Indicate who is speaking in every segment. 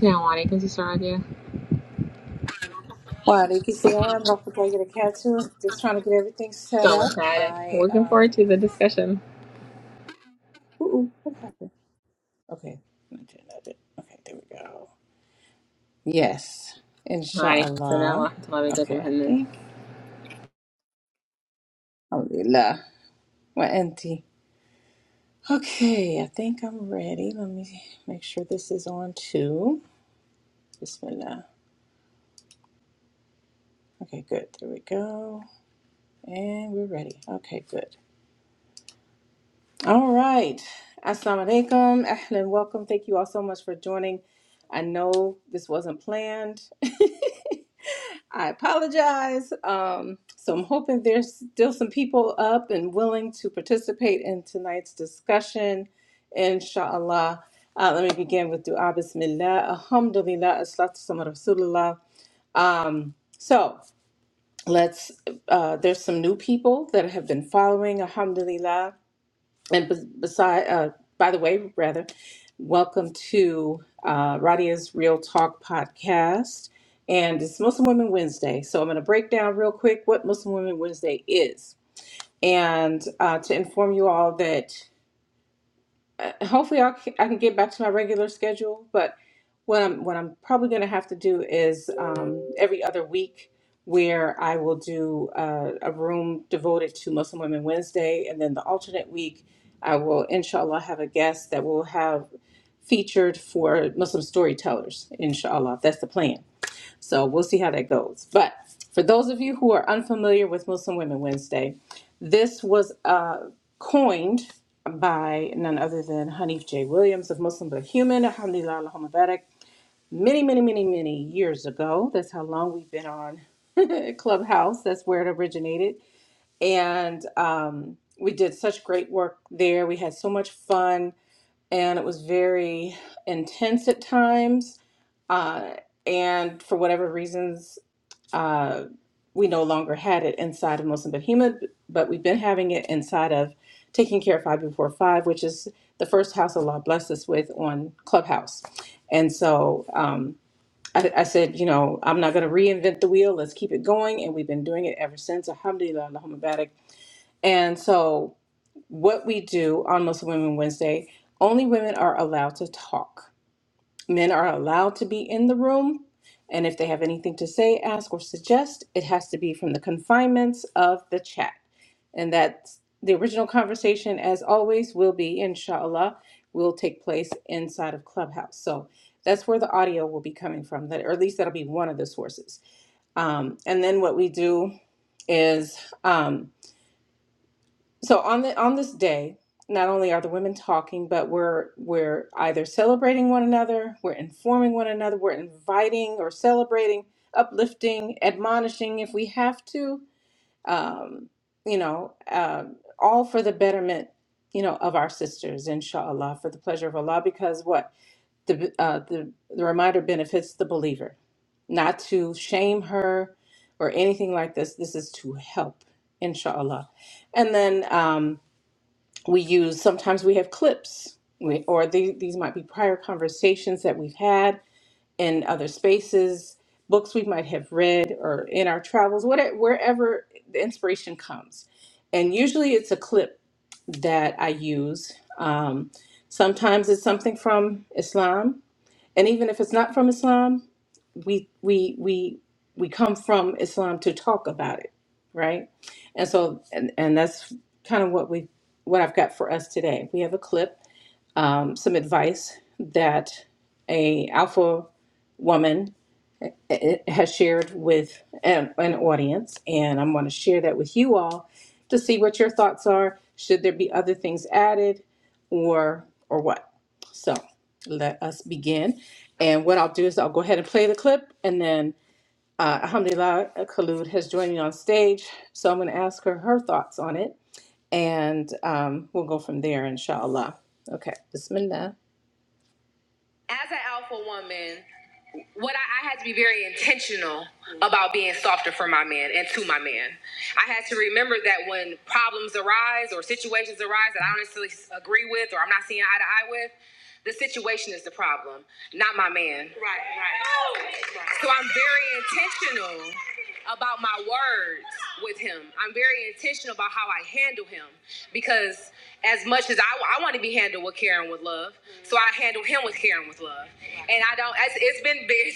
Speaker 1: Assalamu alaikum, Sister Radia.
Speaker 2: Walaikum salam, rahmatullahi wa barakatuh. Just trying to get everything set
Speaker 1: So
Speaker 2: up.
Speaker 1: excited.
Speaker 2: I,
Speaker 1: Looking
Speaker 2: um,
Speaker 1: forward to the discussion.
Speaker 2: ooh, ooh, what happened? Okay, I did, I did. Okay, there we go. Yes,
Speaker 1: Wa Alaikum salam wa
Speaker 2: inshallah.
Speaker 1: rahmatullahi wa barakatuh.
Speaker 2: Okay, I
Speaker 1: Muhammad.
Speaker 2: think. Alhamdulillah. Wa anti. Okay, I think I'm ready. Let me make sure this is on too. Bismillah. Okay, good. There we go. And we're ready. Okay, good. All right. Assalamu alaikum. Ahlan, welcome. Thank you all so much for joining. I know this wasn't planned. I apologize. Um, so I'm hoping there's still some people up and willing to participate in tonight's discussion, inshallah. Uh, let me begin with dua bismillah. Alhamdulillah, as-salatu sama rasulullah. Um, so let's, uh, there's some new people that have been following, alhamdulillah. And bes- beside, uh, by the way, rather, welcome to uh, Radia's Real Talk podcast. And it's Muslim Women Wednesday. So I'm going to break down real quick what Muslim Women Wednesday is. And uh, to inform you all that uh, hopefully I'll, I can get back to my regular schedule. But what I'm what I'm probably going to have to do is um, every other week where I will do uh, a room devoted to Muslim Women Wednesday, and then the alternate week I will inshallah have a guest that will have featured for Muslim storytellers. Inshallah, that's the plan. So we'll see how that goes. But for those of you who are unfamiliar with Muslim Women Wednesday, this was uh, coined by none other than Hanif J. Williams of Muslim But Human, Alhamdulillah, Allahumma barak, many, many, many, many years ago. That's how long we've been on Clubhouse. That's where it originated. And um, we did such great work there. We had so much fun, and it was very intense at times. Uh, and for whatever reasons, uh, we no longer had it inside of Muslim Behemoth, but we've been having it inside of Taking Care of Five Before Five, which is the first house Allah blessed us with on Clubhouse. And so um, I, I said, you know, I'm not going to reinvent the wheel. Let's keep it going. And we've been doing it ever since. Alhamdulillah, Allahumma barak. And so what we do on Muslim Women Wednesday, only women are allowed to talk. Men are allowed to be in the room, and if they have anything to say, ask, or suggest, it has to be from the confinements of the chat. And that's the original conversation, as always, will be, inshallah, will take place inside of Clubhouse. So that's where the audio will be coming from, that, or at least that'll be one of the sources. Um, and then what we do is. um, so on the on this day, not only are the women talking, but we're we're either celebrating one another, we're informing one another, we're inviting or celebrating, uplifting, admonishing if we have to, um, you know, um all for the betterment, you know, of our sisters, inshallah, for the pleasure of Allah. Because what the uh, the the reminder benefits the believer, not to shame her or anything like this. This is to help, inshallah, and then. Um, we use sometimes we have clips we, or the, these might be prior conversations that we've had in other spaces books we might have read or in our travels whatever, wherever the inspiration comes and usually it's a clip that i use um, sometimes it's something from islam and even if it's not from islam we we we we come from Islam to talk about it, right? And so and and that's kind of what we what I've got for us today. We have a clip, um, some advice that a alpha woman eh, has shared with um, an audience, and I'm going to share that with you all to see what your thoughts are. Should there be other things added, or or what? So let us begin. And what I'll do is I'll go ahead and play the clip, and then uh, Alhamdulillah Khalud has joined me on stage, so I'm going to ask her her thoughts on it, and um, we'll go from there, inshallah. Okay, Bismillah. As an alpha woman what I, I had to be very intentional about being softer for my man and to my man. I had to remember that when problems arise or situations arise that I don't necessarily agree with or I'm not seeing eye to eye with, the situation is the problem, not my man. So I'm very intentional about my words with him. I'm very intentional about how I handle him because as much as I, I want to be handled with care and with love, so I handle him with care and with love. And I don't, it's, it's been big,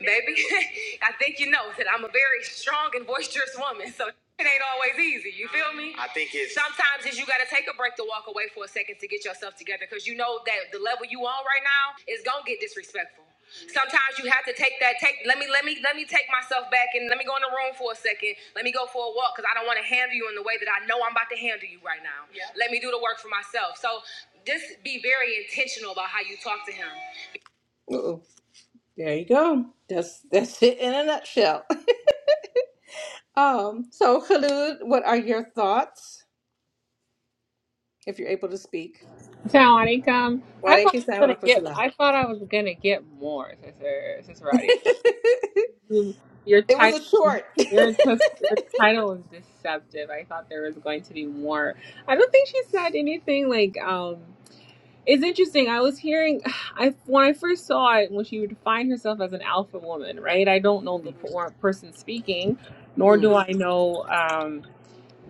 Speaker 2: baby. I think you know that I'm a very strong and boisterous woman. So it ain't always easy. You feel me? I think it's sometimes it's you gotta take a break to walk away for a second to get yourself together because you know that the level you on right now is gonna get disrespectful. Sometimes you have to take that take. Let me let me let me take myself back and let me go in the room for a second. Let me go for a walk because I don't want to handle you in the way that I know I'm about to handle you right now. Yeah. Let me do the work for myself. So just be very intentional about how you talk to him. Ooh, there you go. That's that's it in a nutshell. Um. So Khalid, what are your thoughts if you're able to speak?
Speaker 1: Assalamu alaikum. I
Speaker 2: وعليكم
Speaker 1: thought I was
Speaker 2: السلام
Speaker 1: gonna
Speaker 2: ورحمة
Speaker 1: get
Speaker 2: الله.
Speaker 1: I thought I was gonna get more, Sister Sister Radia. You, your
Speaker 2: It was a
Speaker 1: title
Speaker 2: short.
Speaker 1: your, t- your title is deceptive. I thought there was going to be more. I don't think she said anything like um It's interesting. I was hearing, I when I first saw it, when she would define herself as an alpha woman, right? I don't know the por- person speaking, nor
Speaker 2: Mm,
Speaker 1: do I know um,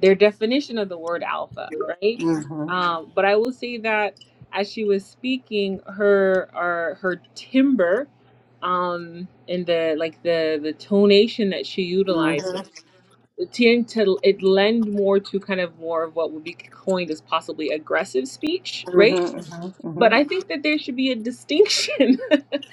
Speaker 1: their definition of the word alpha, right?
Speaker 2: mm,
Speaker 1: Um, but I will say that as she was speaking, her or her timbre, um, and the like the the tonation that she
Speaker 2: mhm,
Speaker 1: utilizes, it tend to it lend more to kind of more of what would be coined as possibly aggressive speech,
Speaker 2: Mhm,
Speaker 1: right?
Speaker 2: mhm,
Speaker 1: But I think that there should be a distinction.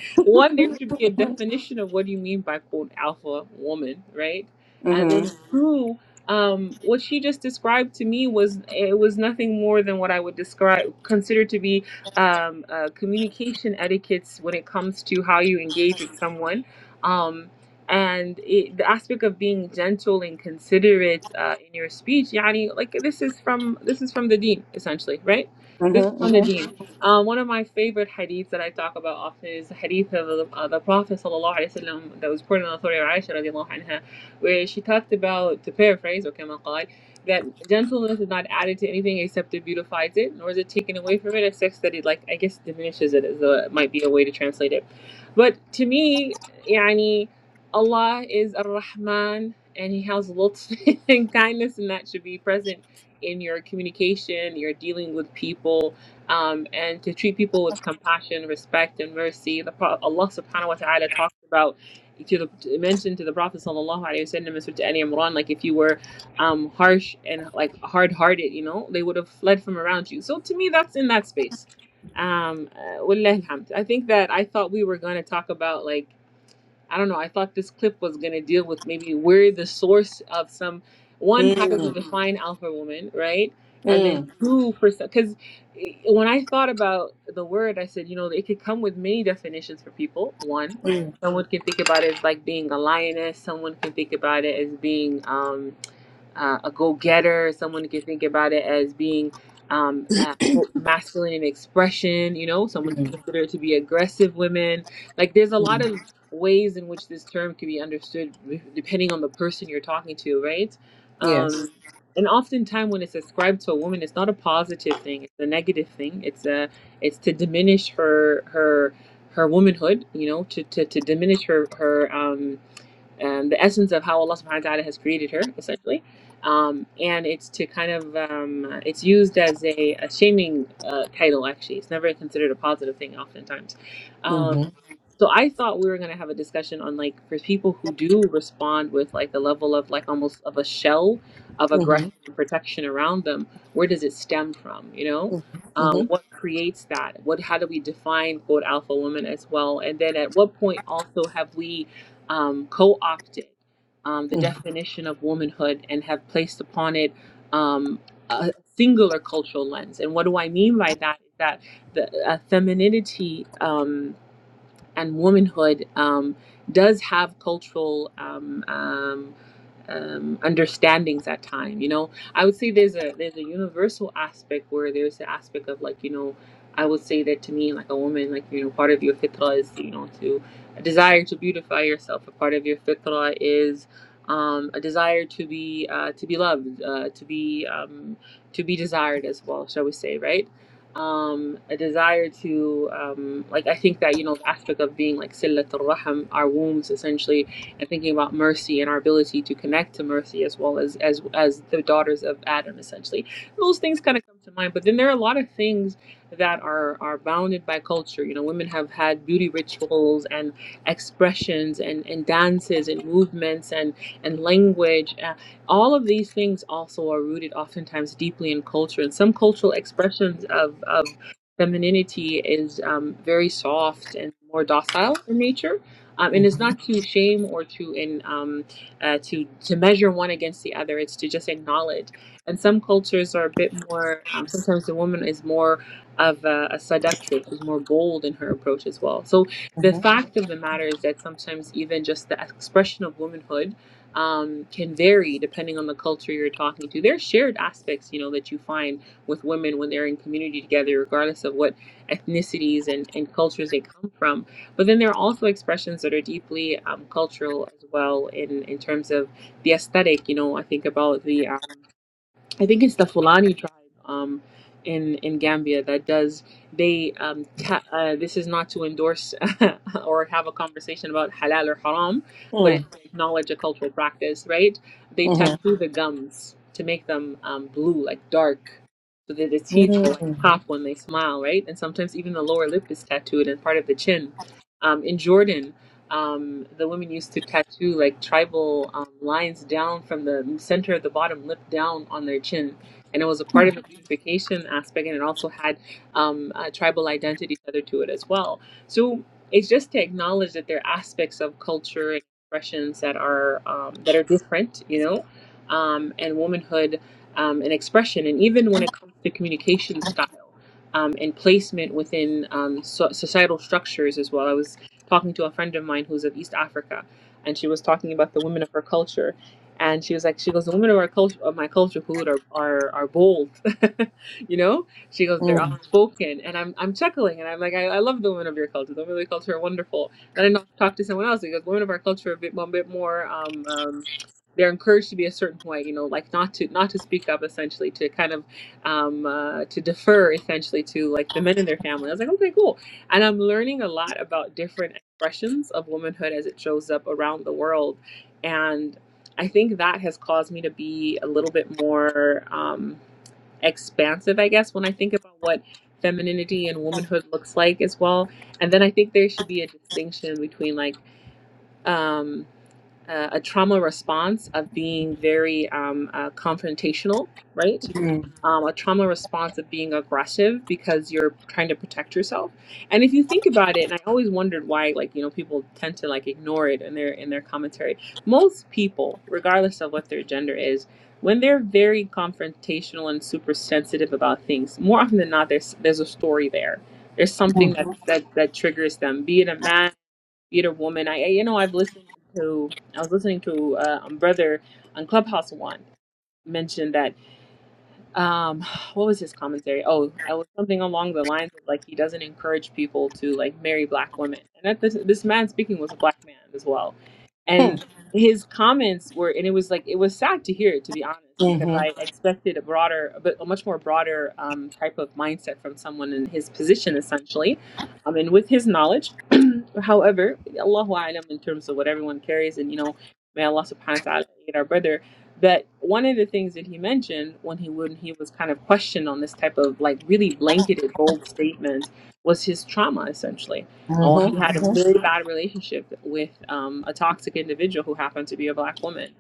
Speaker 1: One, there should be a definition of what do you mean by quote alpha woman, right? And
Speaker 2: mhm,
Speaker 1: then two, um, what she just described to me was it was nothing more than what I would describe consider to be um, uh, communication etiquettes when it comes to how you engage with someone. Um, and it, the aspect of being gentle and considerate uh, in your speech, yani, like this is from this is from the dean essentially, right? This
Speaker 2: mhm,
Speaker 1: is from the
Speaker 2: mhm,
Speaker 1: dean. Uh, one of my favorite hadiths that I talk about often is the hadith of the, uh, the Prophet sallallahu alaihi wasallam that was reported on the authority of Aisha radiallahu anha, where she talked about, to paraphrase, or kama qal, that gentleness is not added to anything except it beautifies it, nor is it taken away from it except that it, like, I guess diminishes it, is a, might be a way to translate it. But to me, yani, Allah is Ar-Rahman, and He has lutf and kindness, and that should be present in your communication, your dealing with people, um, and to treat people with compassion, respect, and mercy. The Pro- Allah Subhanahu wa Taala talks about to the to mention to the Prophet Sallallahu Alaihi Wasallam and Surah Ani Imran, like if you were um, harsh and like hard hearted, you know, they would have fled from around you. So to me, that's in that space. Um, uh, wallah alhamd. I think that I thought we were going to talk about like I don't know. I thought this clip was going to deal with maybe where the source of some one. How do we
Speaker 2: mhm.
Speaker 1: define alpha woman, right? And then
Speaker 2: Mm,
Speaker 1: two for because when I thought about the word, I said, you know, it could come with many definitions for people. One,
Speaker 2: mm,
Speaker 1: someone can think about it as like being a lioness. Someone can think about it as being. um, uh, a go-getter someone who can think about it as being um, uh, masculine in expression you know someone can
Speaker 2: mm,
Speaker 1: consider it to be aggressive women like there's a
Speaker 2: mm.
Speaker 1: lot of ways in which this term can be understood depending on the person you're talking to right
Speaker 2: Yes.
Speaker 1: um, and oftentimes when it's ascribed to a woman it's not a positive thing it's a negative thing it's a it's to diminish her her her womanhood you know to to, to diminish her her um um, the essence of how Allah Subhanahu wa Taala has created her, essentially. Um, and it's to kind of um, it's used as a, a shaming uh, title. Actually, it's never considered a positive thing. Oftentimes, um,
Speaker 2: Mhm,
Speaker 1: so I thought we were gonna have a discussion on like for people who do respond with like the level of like almost of a shell of aggression
Speaker 2: mhm,
Speaker 1: and protection around them. Where does it stem from? You know.
Speaker 2: mhm,
Speaker 1: Um,
Speaker 2: mhm,
Speaker 1: what creates that? What? How do we define quote alpha woman as well? And then at what point also have we um, co opted um, the
Speaker 2: mhm,
Speaker 1: definition of womanhood and have placed upon it um, a singular cultural lens. And what do I mean by that? Is that the uh, femininity. Um, and womanhood um, does have cultural um, um, um, understandings at time. You know, I would say there's a there's a universal aspect where there's the aspect of like you know, I would say that to me like a woman like you know part of your fitra is you know to a desire to beautify yourself. A part of your fitra is um, a desire to be uh, to be loved, uh, to be um, to be desired as well, shall we say, right? um, a desire to um, like I think that you know the aspect of being like sillatul raham, our wombs essentially, and thinking about mercy and our ability to connect to mercy as well as as as the daughters of Adam essentially. Those things kind of come to mind, but then there are a lot of things that are are bounded by culture. You know, women have had beauty rituals and expressions and and dances and movements and and language. uh, all of these things also are rooted oftentimes deeply in culture and some cultural expressions of, of femininity is um, very soft and more docile in nature um, and it's
Speaker 2: mhm,
Speaker 1: not to shame or to in um, uh, to to measure one against the other it's to just acknowledge and some cultures are a bit more um, sometimes the woman is more of a, a seductress is more bold in her approach as well so the
Speaker 2: mhm,
Speaker 1: fact of the matter is that sometimes even just the expression of womanhood um, can vary depending on the culture you're talking to. There's shared aspects, you know, that you find with women when they're in community together, regardless of what ethnicities and, and cultures they come from. But then there are also expressions that are deeply um, cultural as well in, in terms of the aesthetic. You know, I think about the um, I think it's the Fulani tribe um, in in Gambia that does they um, ta- uh, this is not to endorse or have a conversation about halal or haram, but
Speaker 2: mm,
Speaker 1: it's to acknowledge a cultural practice, right? They
Speaker 2: mhm,
Speaker 1: tattoo the gums to make them um, blue, like dark, so that the
Speaker 2: mm, mm,
Speaker 1: teeth
Speaker 2: mm,
Speaker 1: will like pop when they smile, right? And sometimes even the lower lip is tattooed and part of the chin. Um, in Jordan, um, the women used to tattoo like tribal um, lines down from the center of the bottom lip down on their chin. And it was a part of the beautification aspect, and it also had um, a tribal identity tethered to it as well. So it's just to acknowledge that there are aspects of culture and expressions that are um, that are different, you know, um, and womanhood um, and expression, and even when it comes to communication style um, and placement within um, so- societal structures as well. I was talking to a friend of mine who's of East Africa, and she was talking about the women of her culture, and she was like, she goes, the women of our culture, of my culture, Khulud, are are are bold, you know. She goes, they're
Speaker 2: mhm,
Speaker 1: outspoken, and I'm I'm chuckling, and I'm like, I, I love the women of your culture. The women of your culture are wonderful. Then I talk to someone else, He goes, women of our culture are a bit, a bit more. Um, um, they're encouraged to be a certain way, you know, like not to not to speak up, essentially, to kind of um, uh, to defer, essentially, to like the men in their family. I was like, okay, cool and I'm learning a lot about different expressions of womanhood as it shows up around the world. And I think that has caused me to be a little bit more um, expansive, I guess, when I think about what femininity and womanhood looks like as well. And then I think there should be a distinction between like um, uh, a trauma response of being very um, uh, confrontational, right?
Speaker 2: mm, mhm,
Speaker 1: um, a trauma response of being aggressive because you're trying to protect yourself. And if you think about it, and I always wondered why, like you know, people tend to like ignore it in their in their commentary. Most people, regardless of what their gender is, when they're very confrontational and super sensitive about things, more often than not, there's there's a story there. There's something that that that triggers them. Be it a man, be it a woman. I I- you know I've listened to I was listening to uh, um, brother on Clubhouse one mentioned that um what was his commentary oh i was something along the lines of like he doesn't encourage people to like marry black women and that this, this man speaking was a black man as well and his comments were and it was like it was sad to hear to be honest because i expected a broader a, bit, a much more broader um, type of mindset from someone in his position essentially um, and with his knowledge however allahu alam in terms of what everyone carries and you know may allah subhanahu wa ta'ala aid our brother but one of the things that he mentioned when he when he was kind of questioned on this type of like really blanketed bold statement was his trauma essentially.
Speaker 2: mhm,
Speaker 1: Oh, he
Speaker 2: mhm,
Speaker 1: had a very bad relationship with um, a toxic individual who happened to be a black woman,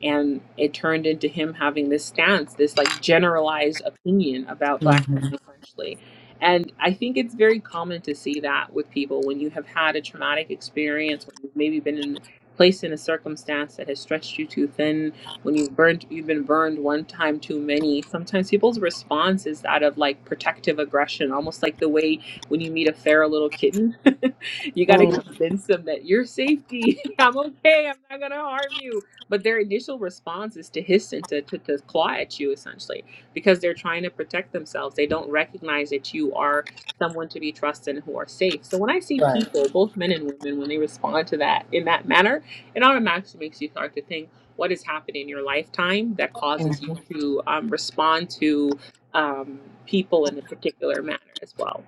Speaker 1: and it turned into him having this stance, this like generalized opinion about black
Speaker 2: mhm. mm.
Speaker 1: women essentially. And I think it's very common to see that with people when you have had a traumatic experience, when you've maybe been in, placed in a circumstance that has stretched you too thin, when you've burned you've been burned one time too many sometimes people's response is that of like protective aggression almost like the way when you meet a feral little kitten you got to convince them that you're safety i'm okay i'm not going to harm you but their initial response is to hiss and to, to, to claw at you essentially because they're trying to protect themselves they don't recognize that you are someone to be trusted and who are safe so when i see
Speaker 2: Right.
Speaker 1: people both men and women when they respond to that in that manner it automatically makes you start to think what has happened in your lifetime that causes you
Speaker 2: Mhm.
Speaker 1: to um, respond to um, people in a particular manner as well.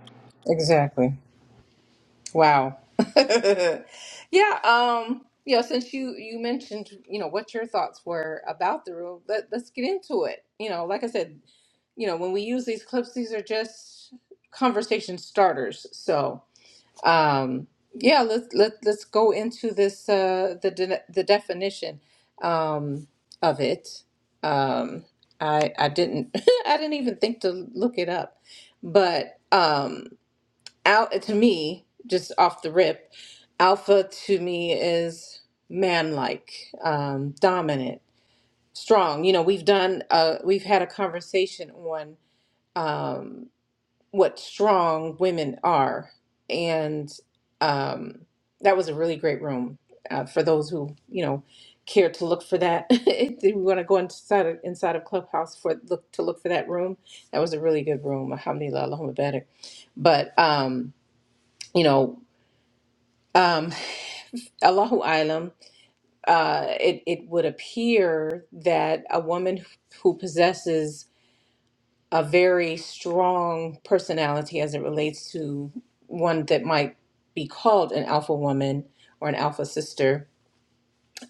Speaker 2: Exactly. Wow. yeah. Um. You know, since you you mentioned, you know, what your thoughts were about the rule, let let's get into it. You know, like I said, you know, when we use these clips, these are just conversation starters. So, um, yeah, let's let let's go into this uh, the de- the definition um, of it. Um, I I didn't I didn't even think to look it up, but. Um, Al to me, just off the rip, alpha to me is manlike, um, dominant, strong. You know, we've done uh we've had a conversation on um what strong women are. And um that was a really great room uh, for those who, you know, care to look for that. if you want to go inside of, inside of Clubhouse for look to look for that room, that was a really good room. Alhamdulillah, Allahumma barik. But um, you know, um, Allahu Alam, uh, it, it would appear that a woman who possesses a very strong personality as it relates to one that might be called an alpha woman or an alpha sister,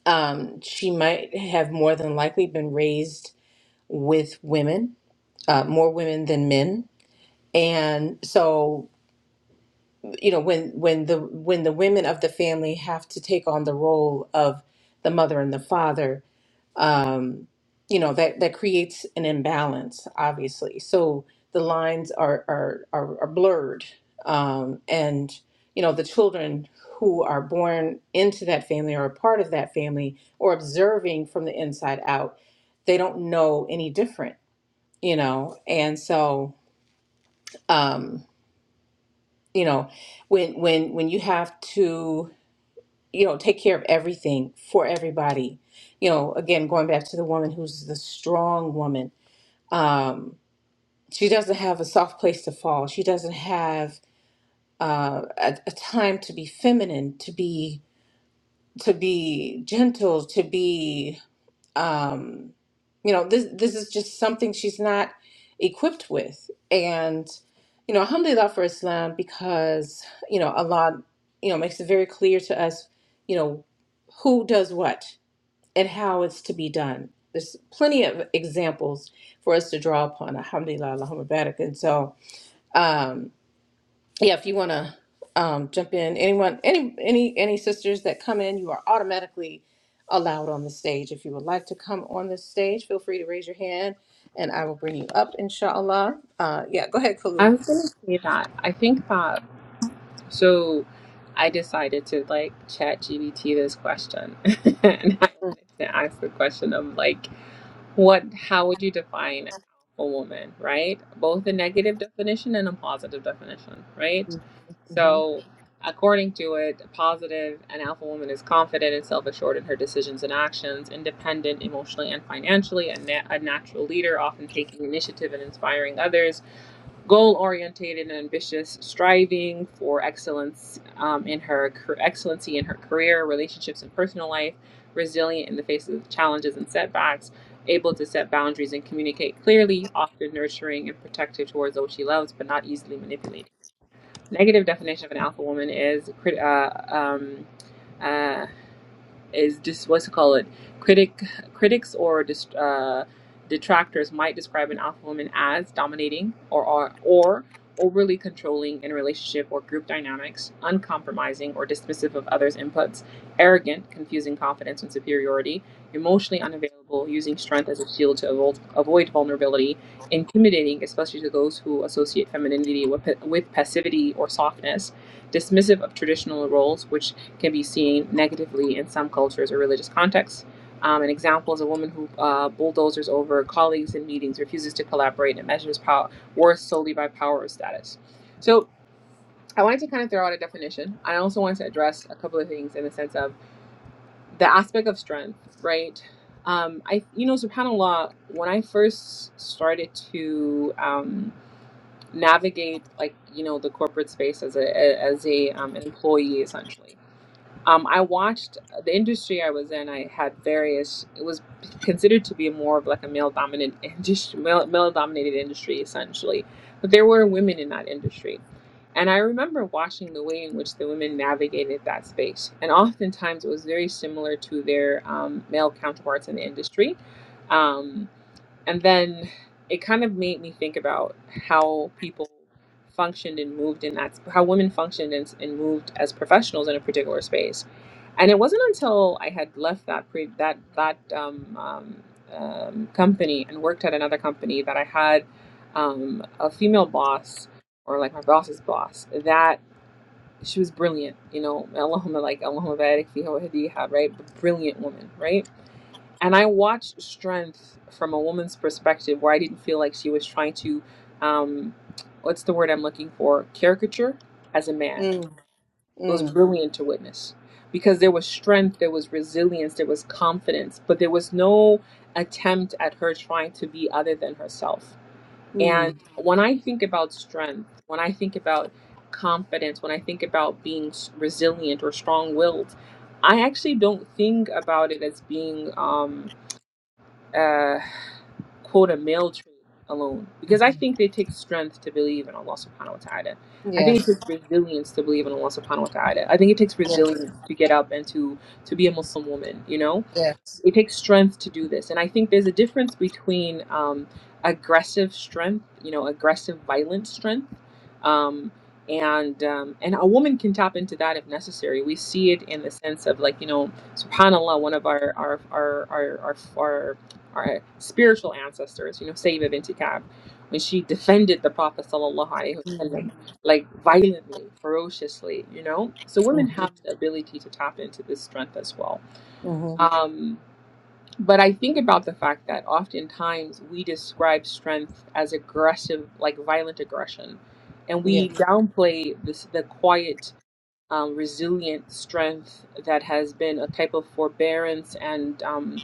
Speaker 2: um, she might have more than likely been raised with women, uh, more women than men. And so, you know, when when the when the women of the family have to take on the role of the mother and the father, um, you know that that creates an imbalance obviously so the lines are are are, are blurred um, and you know the children who are born into that family or a part of that family or observing from the inside out they don't know any different you know and so um you know when when when you have to you know take care of everything for everybody you know again going back to the woman who's the strong woman um, she doesn't have a soft place to fall. She doesn't have uh, a, a time to be feminine, to be to be gentle, to be um, you know this this is just something she's not equipped with. And you know, alhamdulillah for Islam because you know Allah you know makes it very clear to us you know who does what and how it's to be done. There's plenty of examples for us to draw upon. Alhamdulillah, Allahumma barak. And so, um, yeah, if you want to um, jump in, anyone, any, any, any sisters that come in, you are automatically allowed on the stage. If you would like to come on the stage, feel free to raise your hand, and I will bring you up, inshallah. Uh, yeah, go ahead,
Speaker 1: I
Speaker 2: Kalu.
Speaker 1: was going to say that I think that so I decided to like chat GBT this question and I
Speaker 2: Mm,
Speaker 1: wanted to ask the question of like what how would you define a woman right both a negative definition and a positive definition right
Speaker 2: mm, mhm.
Speaker 1: so according to it positive an alpha woman is confident and self-assured in her decisions and actions independent emotionally and financially a, na- a natural leader often taking initiative and inspiring others goal oriented and ambitious, striving for excellence um, in her excellency in her career, relationships, and personal life, resilient in the face of challenges and setbacks, able to set boundaries and communicate clearly, often nurturing and protective towards those she loves, but not easily manipulated. Negative definition of an alpha woman is uh, um, uh, is just what's it called? Critic, critics or dist- uh, detractors might describe an alpha woman as dominating or or or overly controlling in relationship or group dynamics, uncompromising or dismissive of others' inputs, arrogant, confusing confidence and superiority, emotionally unavailable, using strength as a shield to avoid, avoid vulnerability, intimidating, especially to those who associate femininity with, with passivity or softness, dismissive of traditional roles, which can be seen negatively in some cultures or religious contexts. Um, an example is a woman who uh, bulldozers over colleagues in meetings, refuses to collaborate, and measures power worth solely by power or status. So I wanted to kind of throw out a definition. I also wanted to address a couple of things in the sense of the aspect of strength, right? Um, I, you know, Subhanallah. When I first started to um, navigate, like you know, the corporate space as a as a um, an employee, essentially. Um, I watched uh, the industry I was in. I had various. It was considered to be more of like a male dominant industry, male male dominated industry essentially, but there were women in that industry, and I remember watching the way in which the women navigated that space. And oftentimes, it was very similar to their um, male counterparts in the industry. Um, and then it kind of made me think about how people functioned and moved in that, how women functioned and, and moved as professionals in a particular space. And it wasn't until I had left that pre, that that um, um, um, company and worked at another company that I had um, a female boss or like my boss's boss that she was brilliant, you know, Allahumma like Allahumma barik fiha wa hadiha, right? Brilliant woman, right? and I watched strength from a woman's perspective where I didn't feel like she was trying to, um, what's the word I'm looking for? Caricature as a man.
Speaker 2: Mm,
Speaker 1: It was
Speaker 2: mm,
Speaker 1: brilliant to witness because there was strength, there was resilience, there was confidence, but there was no attempt at her trying to be other than herself. And
Speaker 2: mm.
Speaker 1: when I think about strength, when I think about confidence, when I think about being s- resilient or strong willed, I actually don't think about it as being. Um, uh, quote a male trait alone because I think it takes strength to believe in Allah subhanahu wa ta'ala. I think it
Speaker 2: Yes,
Speaker 1: takes resilience to believe in Allah subhanahu wa ta'ala. I think it takes
Speaker 2: yes,
Speaker 1: resilience to get up and to to be a Muslim woman, you know?
Speaker 2: yes.
Speaker 1: It takes strength to do this. And I think there's a difference between um, aggressive strength, you know, aggressive, violent strength. Um, and um, and a woman can tap into that if necessary. We see it in the sense of like you know, Subhanallah, one of our our our our our, our, our spiritual ancestors, you know, Sayyidah binti Ka'b, when she defended the Prophet sallallahu alaihi wasallam
Speaker 2: Mm-hmm.
Speaker 1: like violently, ferociously, you know. So women have the ability to tap into this strength as well.
Speaker 2: Mm-hmm.
Speaker 1: Um, but I think about the fact that oftentimes we describe strength as aggressive, like violent aggression, and we
Speaker 2: Yes.
Speaker 1: downplay this the quiet um, resilient strength that has been a type of forbearance and um,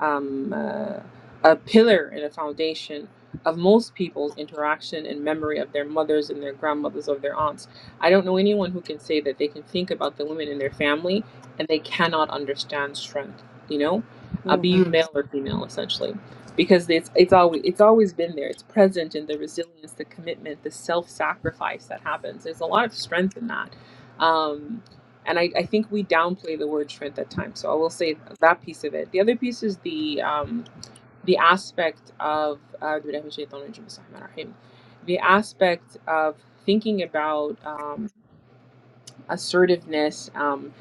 Speaker 1: um, uh, a pillar and a foundation of most people's interaction and memory of their mothers and their grandmothers or their aunts. I don't know anyone who can say that they can think about the women in their family and they cannot understand strength. You know, uh, be you male or female, essentially, because it's it's always it's always been there. It's present in the resilience, the commitment, the self sacrifice that happens. There's a lot of strength in that um, and I, I think we downplay the word strength at times. So I will say that piece of it. The other piece is the um, the aspect of uh, the aspect of thinking about um, assertiveness um,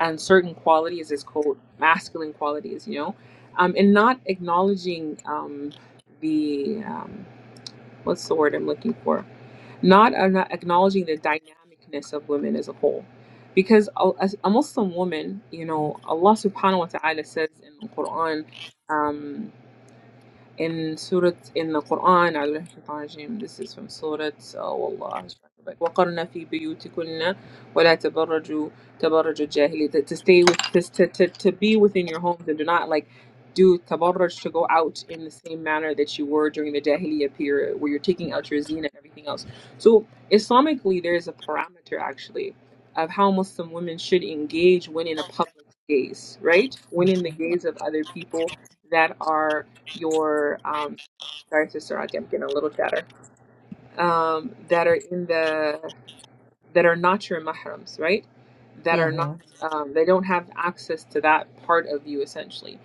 Speaker 1: and certain qualities as quote masculine qualities, you know, um, and not acknowledging um, the um, what's the word I'm looking for? Not, I'm not acknowledging the dynamicness of women as a whole. Because a, as a Muslim woman, you know, Allah subhanahu wa ta'ala says in the Quran, um, in Surah in the Quran أعوذ بالله من الشيطان الرجيم. this is from Surah uh, والله مش فاكرة. وقرن في بيوتكن ولا تبرجوا تبرج الجاهلية to to stay with to, to, to, to be within your homes and do not like do tabarruj to go out in the same manner that you were during the Jahiliyyah period where you're taking out your zina and everything else so Islamically there is a parameter actually of how Muslim women should engage when in a public gaze right when in the
Speaker 2: Mm-hmm.
Speaker 1: gaze of other people that are your um, sorry, sister, Auntie, I'm getting a little chatter um, that are in the that are not your mahrams, right? That are
Speaker 2: hmm
Speaker 1: not, um, they don't have access to that part of you essentially.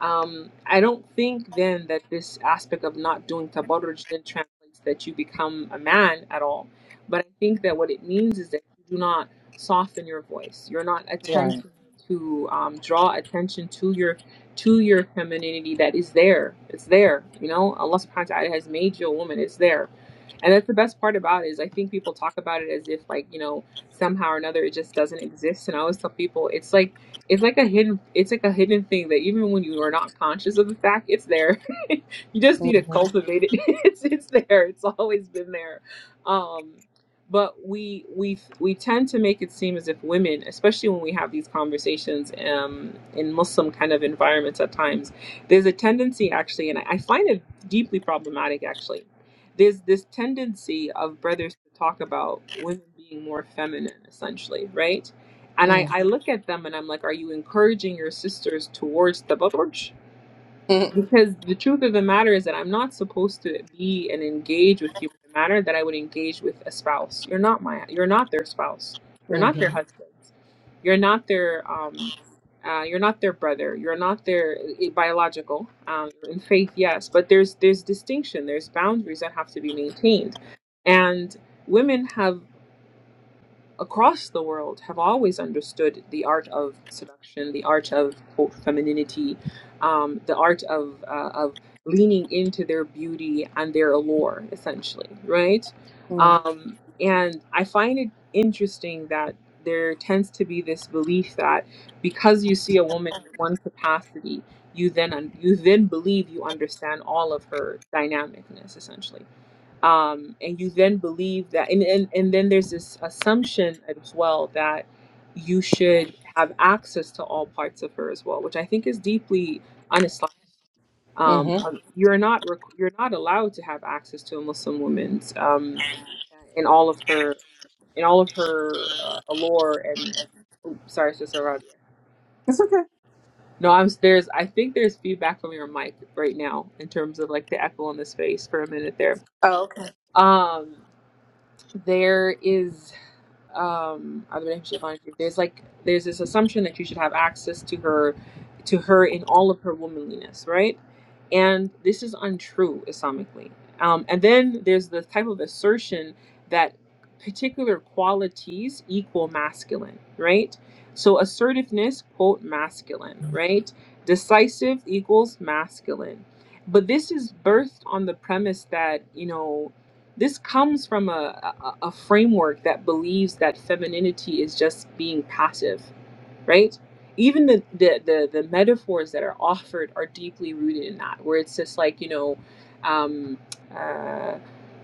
Speaker 1: Um, I don't think then that this aspect of not doing tabarruj then translates that you become a man at all. But I think that what it means is that you do not soften your voice. You're not
Speaker 2: Right.
Speaker 1: attempting to um, draw attention to your to your femininity that is there. It's there. You know, Allah subhanahu wa ta'ala has made you a woman. It's there and that's the best part about it is I think people talk about it as if like, you know, somehow or another it just doesn't exist. And I always tell people it's like it's like a hidden it's like a hidden thing that even when you are not conscious of the fact, it's there. you just need to
Speaker 2: Mm-hmm.
Speaker 1: cultivate it. it's it's there. It's always been there. Um but we we we tend to make it seem as if women, especially when we have these conversations um, in Muslim kind of environments at times, there's a tendency actually, and I I find it deeply problematic actually there's this tendency of brothers to talk about women being more feminine essentially right and I, I
Speaker 2: Mm-hmm.
Speaker 1: look at them and i'm like are you encouraging your sisters towards the Lord? because the truth of the matter is that I'm not supposed to be and engage with you in the manner that I would engage with a spouse. You're not my, you're not their spouse. You're not their
Speaker 2: Mm-hmm.
Speaker 1: husband. You're not their, um, uh, you're not their brother. You're not their i- biological. Um, in faith, yes, but there's there's distinction. There's boundaries that have to be maintained, and women have across the world have always understood the art of seduction, the art of quote, femininity, um, the art of uh, of leaning into their beauty and their allure, essentially, right? Um, and I find it interesting that there tends to be this belief that because you see a woman in one capacity, you then un- you then believe you understand all of her dynamicness, essentially um, and you then believe that and, and and then there's this assumption as well that you should have access to all parts of her as well which i think is deeply un-islamic um,
Speaker 2: Mm-hmm.
Speaker 1: um, you're not requ you're not allowed to have access to a muslim woman's um, in all of her in all of her uh, allure and sorry it's just around here
Speaker 2: It's okay.
Speaker 1: no i'm there's i think there's feedback from your mic right now in terms of like the echo in the space for a minute there
Speaker 2: Oh, okay.
Speaker 1: um there is um at relationship there's like there's this assumption that you should have access to her to her in all of her womanliness right and this is untrue islamically um and then there's the type of assertion that particular qualities equal masculine right so assertiveness quote masculine right decisive equals masculine but this is birthed on the premise that you know this comes from a, a, a framework that believes that femininity is just being passive, right? Even the, the, the, the metaphors that are offered are deeply rooted in that, where it's just like, you know, um, uh,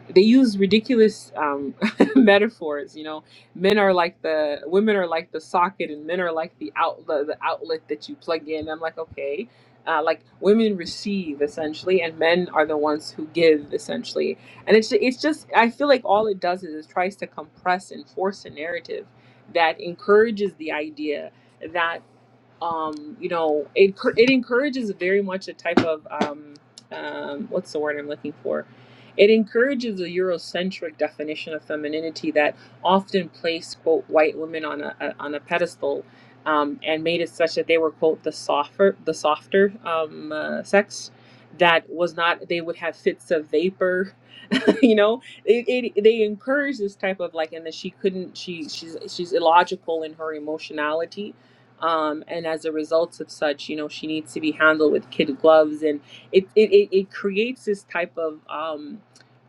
Speaker 1: they use ridiculous um, metaphors. You know, men are like the women are like the socket, and men are like the outlet, the outlet that you plug in. I'm like, okay, uh, like women receive essentially, and men are the ones who give essentially. And it's it's just I feel like all it does is it tries to compress and force a narrative that encourages the idea um, you know, it it encourages very much a type of um, um, what's the word I'm looking for? It encourages a Eurocentric definition of femininity that often placed quote white women on a, a on a pedestal. Um, and made it such that they were quote the softer the softer um, uh, sex that was not they would have fits of vapor you know it, it they encourage this type of like and that she couldn't she she's she's illogical in her emotionality um and as a result of such you know she needs to be handled with kid gloves and it it, it, it creates this type of um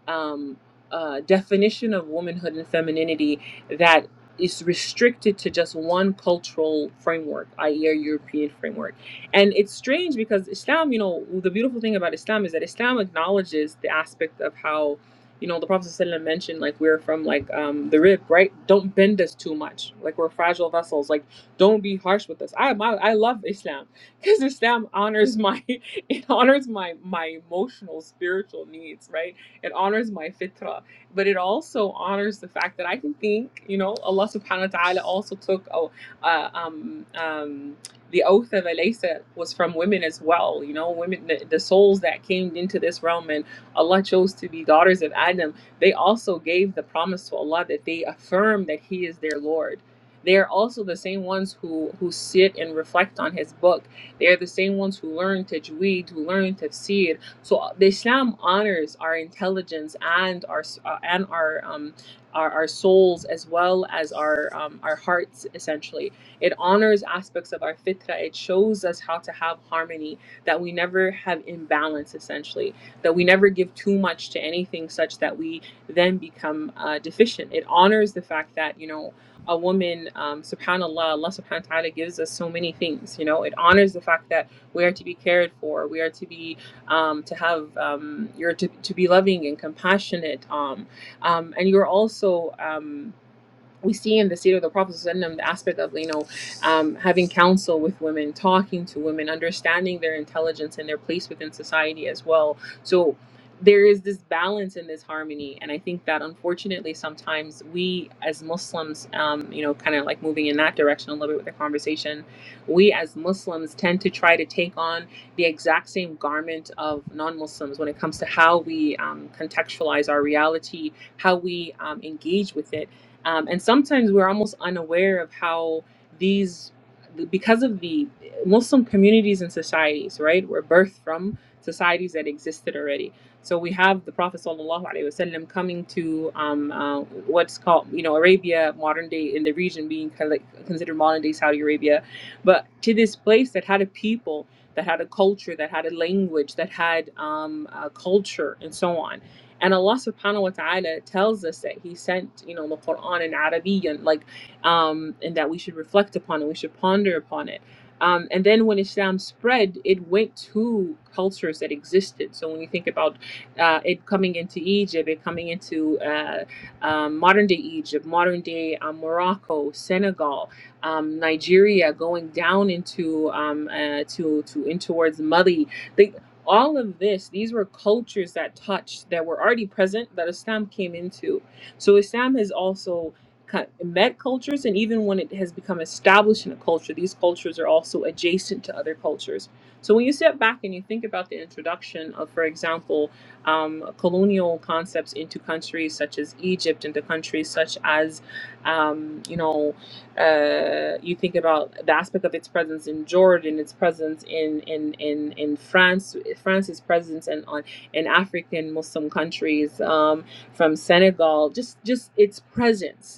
Speaker 1: um, uh, definition of womanhood and femininity that is restricted to just one cultural framework, i.e., a European framework. And it's strange because Islam, you know, the beautiful thing about Islam is that Islam acknowledges the aspect of how, you know, the Prophet ﷺ mentioned, like, we're from, like, um, the rib, right? Don't bend us too much. Like, we're fragile vessels. Like, don't be harsh with us. I, my, I love Islam because Islam honors my, it honors my, my emotional, spiritual needs, right? It honors my fitra, but it also honors the fact that I can think. You know, Allah Subhanahu wa Taala also took oh, uh, um, um, the oath of Elisa was from women as well. You know, women, the, the souls that came into this realm, and Allah chose to be daughters of Adam. They also gave the promise to Allah that they affirm that He is their Lord. They are also the same ones who who sit and reflect on His book. They are the same ones who learn tajweed, who learn tafsir, so uh, the Islam honors our intelligence and our uh, and our um our, our souls as well as our um, our hearts essentially. It honors aspects of our fitra. It shows us how to have harmony that we never have imbalance essentially that we never give too much to anything such that we then become uh, deficient. It honors the fact that you know a woman, um, subhanAllah, Allah subhanahu wa ta'ala gives us so many things. You know, it honors the fact that we are to be cared for, we are to be um, to have um, you're to, to be loving and compassionate um, um, and you're also um, we see in the seed of the prophets and the aspect of you know um, having counsel with women talking to women understanding their intelligence and their place within society as well so there is this balance and this harmony and i think that unfortunately sometimes we as muslims um, you know kind of like moving in that direction a little bit with the conversation we as muslims tend to try to take on the exact same garment of non-muslims when it comes to how we um, contextualize our reality how we um, engage with it um, and sometimes we're almost unaware of how these, because of the Muslim communities and societies, right, were birthed from societies that existed already. So we have the Prophet sallallahu alaihi wasallam coming to um, uh, what's called, you know, Arabia, modern day in the region being kind of like considered modern day Saudi Arabia, but to this place that had a people, that had a culture, that had a language, that had um, a culture, and so on and Allah subhanahu wa ta'ala tells us that He sent, you know, the Quran in Arabian, like, um, and that we should reflect upon it, we should ponder upon it. Um, and then when Islam spread, it went to cultures that existed. So when you think about uh, it coming into Egypt, it coming into uh, um, modern day Egypt, modern day um, Morocco, Senegal, um, Nigeria, going down into um, uh, to to in towards Mali. the, all of this these were cultures that touched that were already present that islam came into so islam has also co- met cultures and even when it has become established in a culture these cultures are also adjacent to other cultures so when you step back and you think about the introduction of for example um, colonial concepts into countries such as egypt into countries such as um, you know uh, you think about the aspect of its presence in Jordan, its presence in in in, in France, France's presence and on in African Muslim countries, um, from Senegal, just just its presence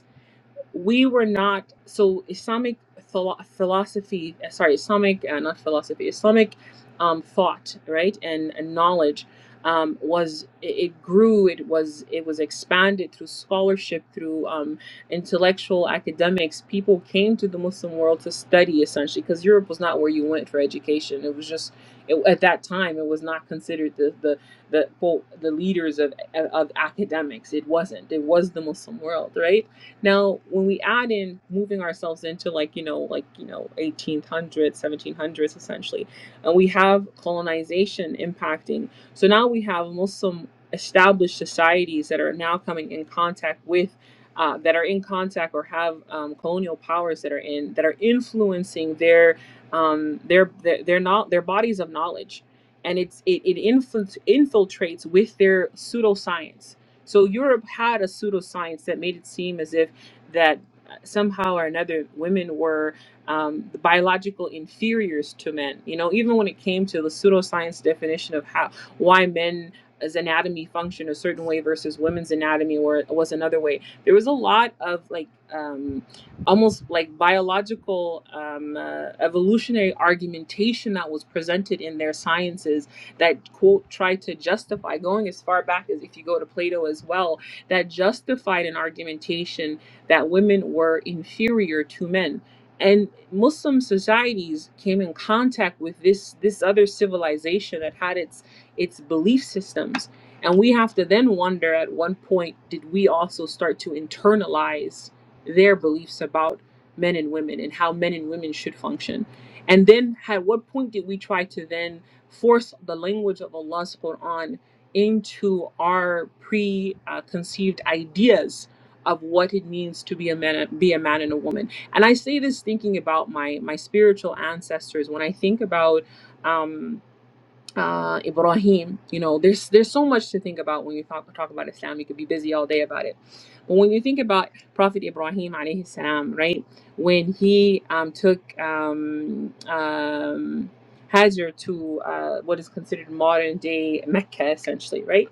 Speaker 1: we were not so islamic philo- philosophy uh, sorry islamic uh, not philosophy islamic um, thought right and, and knowledge um, was it, it grew it was it was expanded through scholarship through um, intellectual academics people came to the muslim world to study essentially because europe was not where you went for education it was just it, at that time it was not considered the the the, quote, the leaders of, of academics it wasn't it was the muslim world right now, when we add in moving ourselves into like, you know, like, you know, 1800s, 1700s essentially, and we have colonization impacting. So now we have Muslim established societies that are now coming in contact with uh, that are in contact or have um, colonial powers that are in that are influencing their um, their their, their not their bodies of knowledge, and it's it, it infil- infiltrates with their pseudoscience. So Europe had a pseudoscience that made it seem as if that somehow or another women were um, the biological inferiors to men you know even when it came to the pseudoscience definition of how why men's anatomy functioned a certain way versus women's anatomy were, was another way there was a lot of like um, almost like biological um, uh, evolutionary argumentation that was presented in their sciences that quote tried to justify going as far back as if you go to plato as well that justified an argumentation that women were inferior to men. And Muslim societies came in contact with this this other civilization that had its its belief systems. And we have to then wonder at one point did we also start to internalize their beliefs about men and women and how men and women should function? And then at what point did we try to then force the language of Allah's Quran into our preconceived ideas of what it means to be a man be a man and a woman and i say this thinking about my my spiritual ancestors when i think about um uh, Ibrahim, you know, there's there's so much to think about when you talk talk about Islam. You could be busy all day about it, but when you think about Prophet Ibrahim alayhi salam, right, when he um, took um, um, Hajar to uh, what is considered modern day Mecca, essentially, right,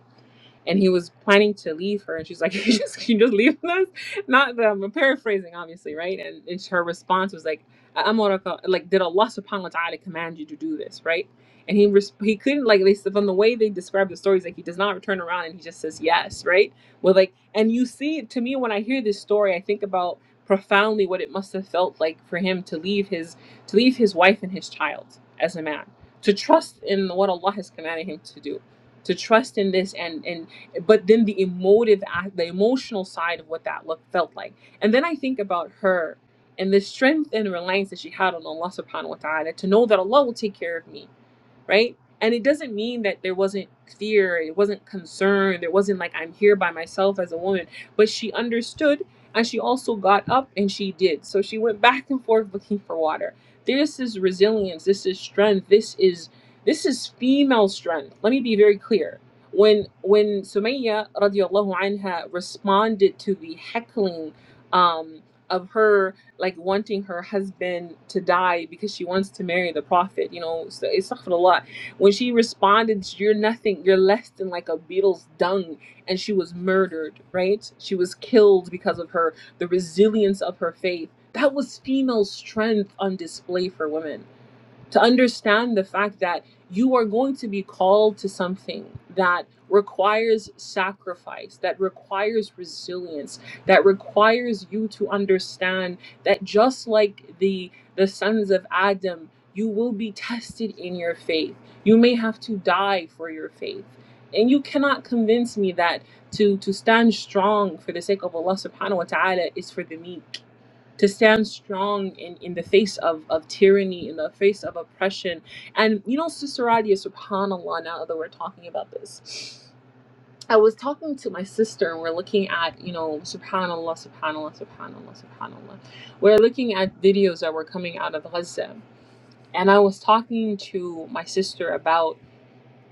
Speaker 1: and he was planning to leave her and she's like you just you just leave us not that i'm paraphrasing obviously right and, and her response was like Amoraka, like did allah subhanahu wa ta'ala command you to do this right and he res- he couldn't like they said from the way they describe the stories like he does not turn around and he just says yes right well like and you see to me when i hear this story i think about profoundly what it must have felt like for him to leave his to leave his wife and his child as a man to trust in what allah has commanded him to do to trust in this and and but then the emotive act the emotional side of what that look felt like and then i think about her and the strength and reliance that she had on allah subhanahu wa ta'ala to know that allah will take care of me right? And it doesn't mean that there wasn't fear, it wasn't concern, there wasn't like I'm here by myself as a woman, but she understood and she also got up and she did. So she went back and forth looking for water. This is resilience, this is strength, this is this is female strength. Let me be very clear. When when Sumayya radiallahu anha responded to the heckling um, of her like wanting her husband to die because she wants to marry the prophet. You know, so it's not a lot. When she responded, "You're nothing. You're less than like a beetle's dung," and she was murdered. Right? She was killed because of her the resilience of her faith. That was female strength on display for women to understand the fact that you are going to be called to something that requires sacrifice, that requires resilience, that requires you to understand that just like the the sons of Adam, you will be tested in your faith. You may have to die for your faith. And you cannot convince me that to to stand strong for the sake of Allah subhanahu wa ta'ala is for the meek to stand strong in, in the face of, of tyranny, in the face of oppression. And you know, Sister Radia, subhanAllah, now that we're talking about this. I was talking to my sister and we're looking at, you know, subhanAllah, subhanAllah, subhanAllah, subhanAllah. We're looking at videos that were coming out of Gaza. And I was talking to my sister about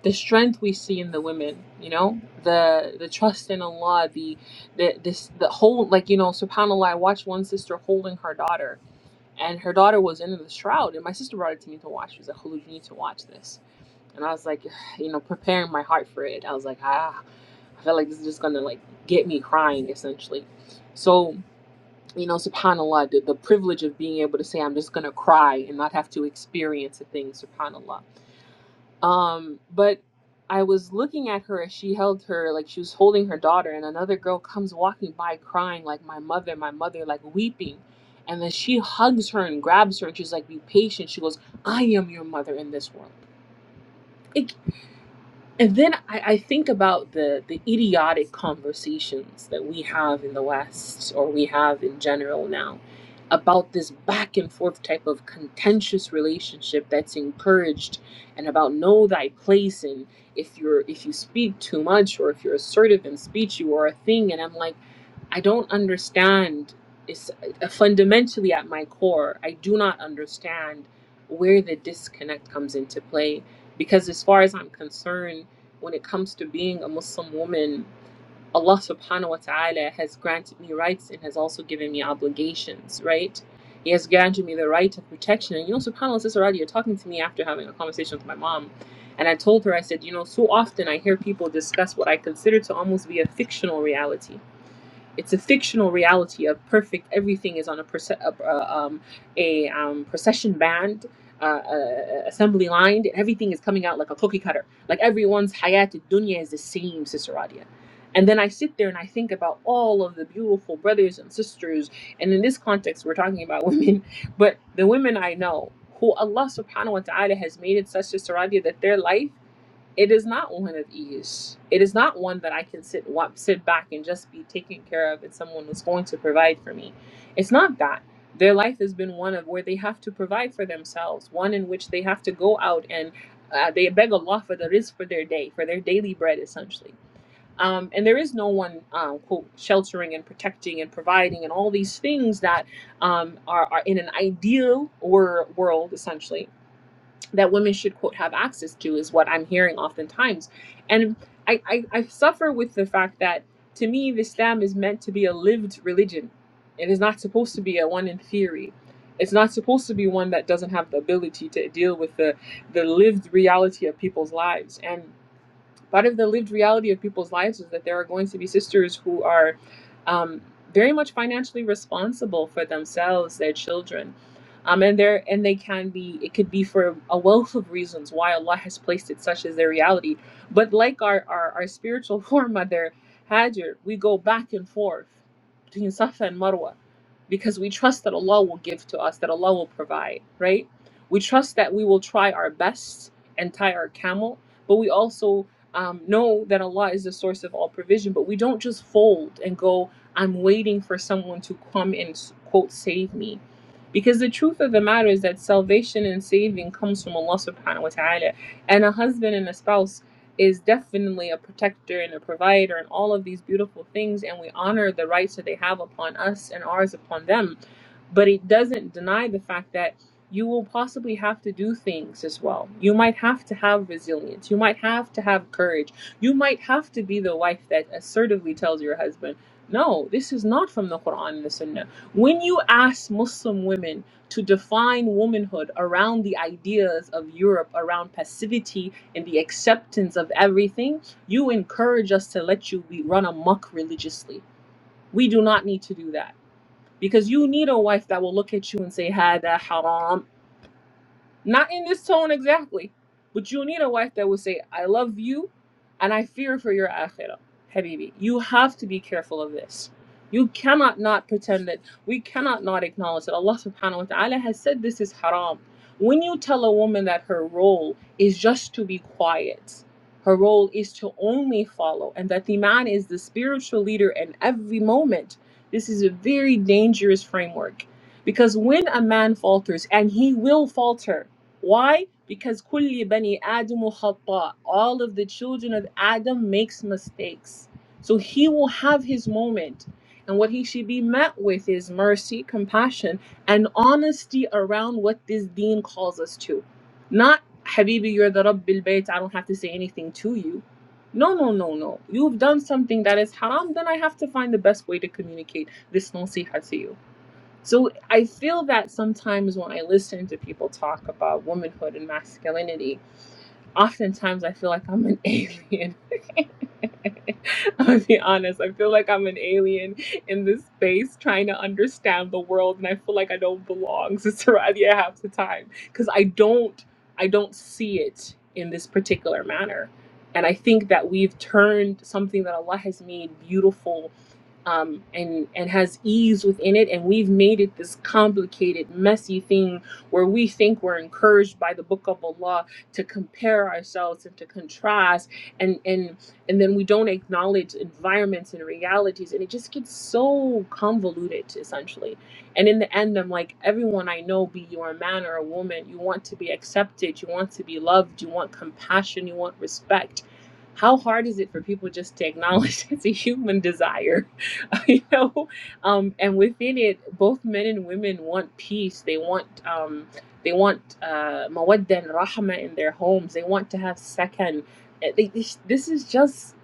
Speaker 1: the strength we see in the women, you know, the the trust in Allah, the the this the whole like, you know, subhanAllah, I watched one sister holding her daughter and her daughter was in the shroud and my sister brought it to me to watch she was like Hulu, you need to watch this and i was like you know preparing my heart for it i was like ah i felt like this is just gonna like get me crying essentially so you know subhanallah the, the privilege of being able to say i'm just gonna cry and not have to experience a thing subhanallah um, but I was looking at her as she held her, like she was holding her daughter, and another girl comes walking by crying, like, my mother, my mother, like weeping. And then she hugs her and grabs her, and she's like, be patient. She goes, I am your mother in this world. It, and then I, I think about the the idiotic conversations that we have in the West or we have in general now about this back and forth type of contentious relationship that's encouraged and about know thy place and if you're if you speak too much or if you're assertive in speech you are a thing and I'm like I don't understand it's uh, fundamentally at my core I do not understand where the disconnect comes into play because as far as I'm concerned when it comes to being a Muslim woman, Allah subhanahu wa ta'ala has granted me rights and has also given me obligations, right? He has granted me the right of protection. And you know, subhanAllah, Sister Radia, you're talking to me after having a conversation with my mom. And I told her, I said, you know, so often I hear people discuss what I consider to almost be a fictional reality it's a fictional reality of perfect everything is on a perce- uh, um, a um, procession band uh, uh, uh, assembly line and everything is coming out like a cookie cutter like everyone's hayat dunya is the same siseradia and then i sit there and i think about all of the beautiful brothers and sisters and in this context we're talking about women but the women i know who allah subhanahu wa ta'ala has made it such siseradia that their life it is not one of ease. It is not one that I can sit wa- sit back and just be taken care of and someone is going to provide for me. It's not that. Their life has been one of where they have to provide for themselves, one in which they have to go out and uh, they beg Allah for the rizq for their day, for their daily bread, essentially. Um, and there is no one, um, quote, sheltering and protecting and providing and all these things that um, are, are in an ideal wor- world, essentially that women should quote have access to is what I'm hearing oftentimes. And I, I, I suffer with the fact that to me the Islam is meant to be a lived religion. It is not supposed to be a one in theory. It's not supposed to be one that doesn't have the ability to deal with the, the lived reality of people's lives. and part of the lived reality of people's lives is that there are going to be sisters who are um, very much financially responsible for themselves, their children, um, and there and they can be. It could be for a wealth of reasons why Allah has placed it such as their reality. But like our our, our spiritual foremother Hajar, we go back and forth between Safa and Marwa because we trust that Allah will give to us, that Allah will provide, right? We trust that we will try our best and tie our camel, but we also um, know that Allah is the source of all provision, but we don't just fold and go, I'm waiting for someone to come and quote, save me. Because the truth of the matter is that salvation and saving comes from Allah subhanahu wa ta'ala. And a husband and a spouse is definitely a protector and a provider and all of these beautiful things. And we honor the rights that they have upon us and ours upon them. But it doesn't deny the fact that you will possibly have to do things as well. You might have to have resilience. You might have to have courage. You might have to be the wife that assertively tells your husband, no, this is not from the Quran and the Sunnah. When you ask Muslim women to define womanhood around the ideas of Europe, around passivity and the acceptance of everything, you encourage us to let you be run amok religiously. We do not need to do that because you need a wife that will look at you and say, Hada haram, not in this tone exactly, but you need a wife that will say, I love you and I fear for your akhirah. Habibi, you have to be careful of this. You cannot not pretend that we cannot not acknowledge that Allah subhanahu wa ta'ala has said this is haram. When you tell a woman that her role is just to be quiet, her role is to only follow, and that the man is the spiritual leader in every moment, this is a very dangerous framework. Because when a man falters, and he will falter, why? Because كل بني آدم خطاء. All of the children of Adam makes mistakes. So he will have his moment. And what he should be met with is mercy, compassion, and honesty around what this deen calls us to. Not, Habibi, you're the Rabb al-Bayt, I don't have to say anything to you. No, no, no, no. You've done something that is haram, then I have to find the best way to communicate this nasiha to you. So I feel that sometimes when I listen to people talk about womanhood and masculinity, oftentimes I feel like I'm an alien i will be honest. I feel like I'm an alien in this space trying to understand the world, and I feel like I don't belong, Sister Radia, half the time because I don't, I don't see it in this particular manner. And I think that we've turned something that Allah has made beautiful um, and and has ease within it, and we've made it this complicated, messy thing where we think we're encouraged by the Book of Allah to compare ourselves and to contrast, and and and then we don't acknowledge environments and realities and it just gets so convoluted essentially and in the end i'm like everyone i know be you a man or a woman you want to be accepted you want to be loved you want compassion you want respect how hard is it for people just to acknowledge it's a human desire you know um, and within it both men and women want peace they want um, they want uh, mawadda and rahma in their homes they want to have sakan uh, they- this this is just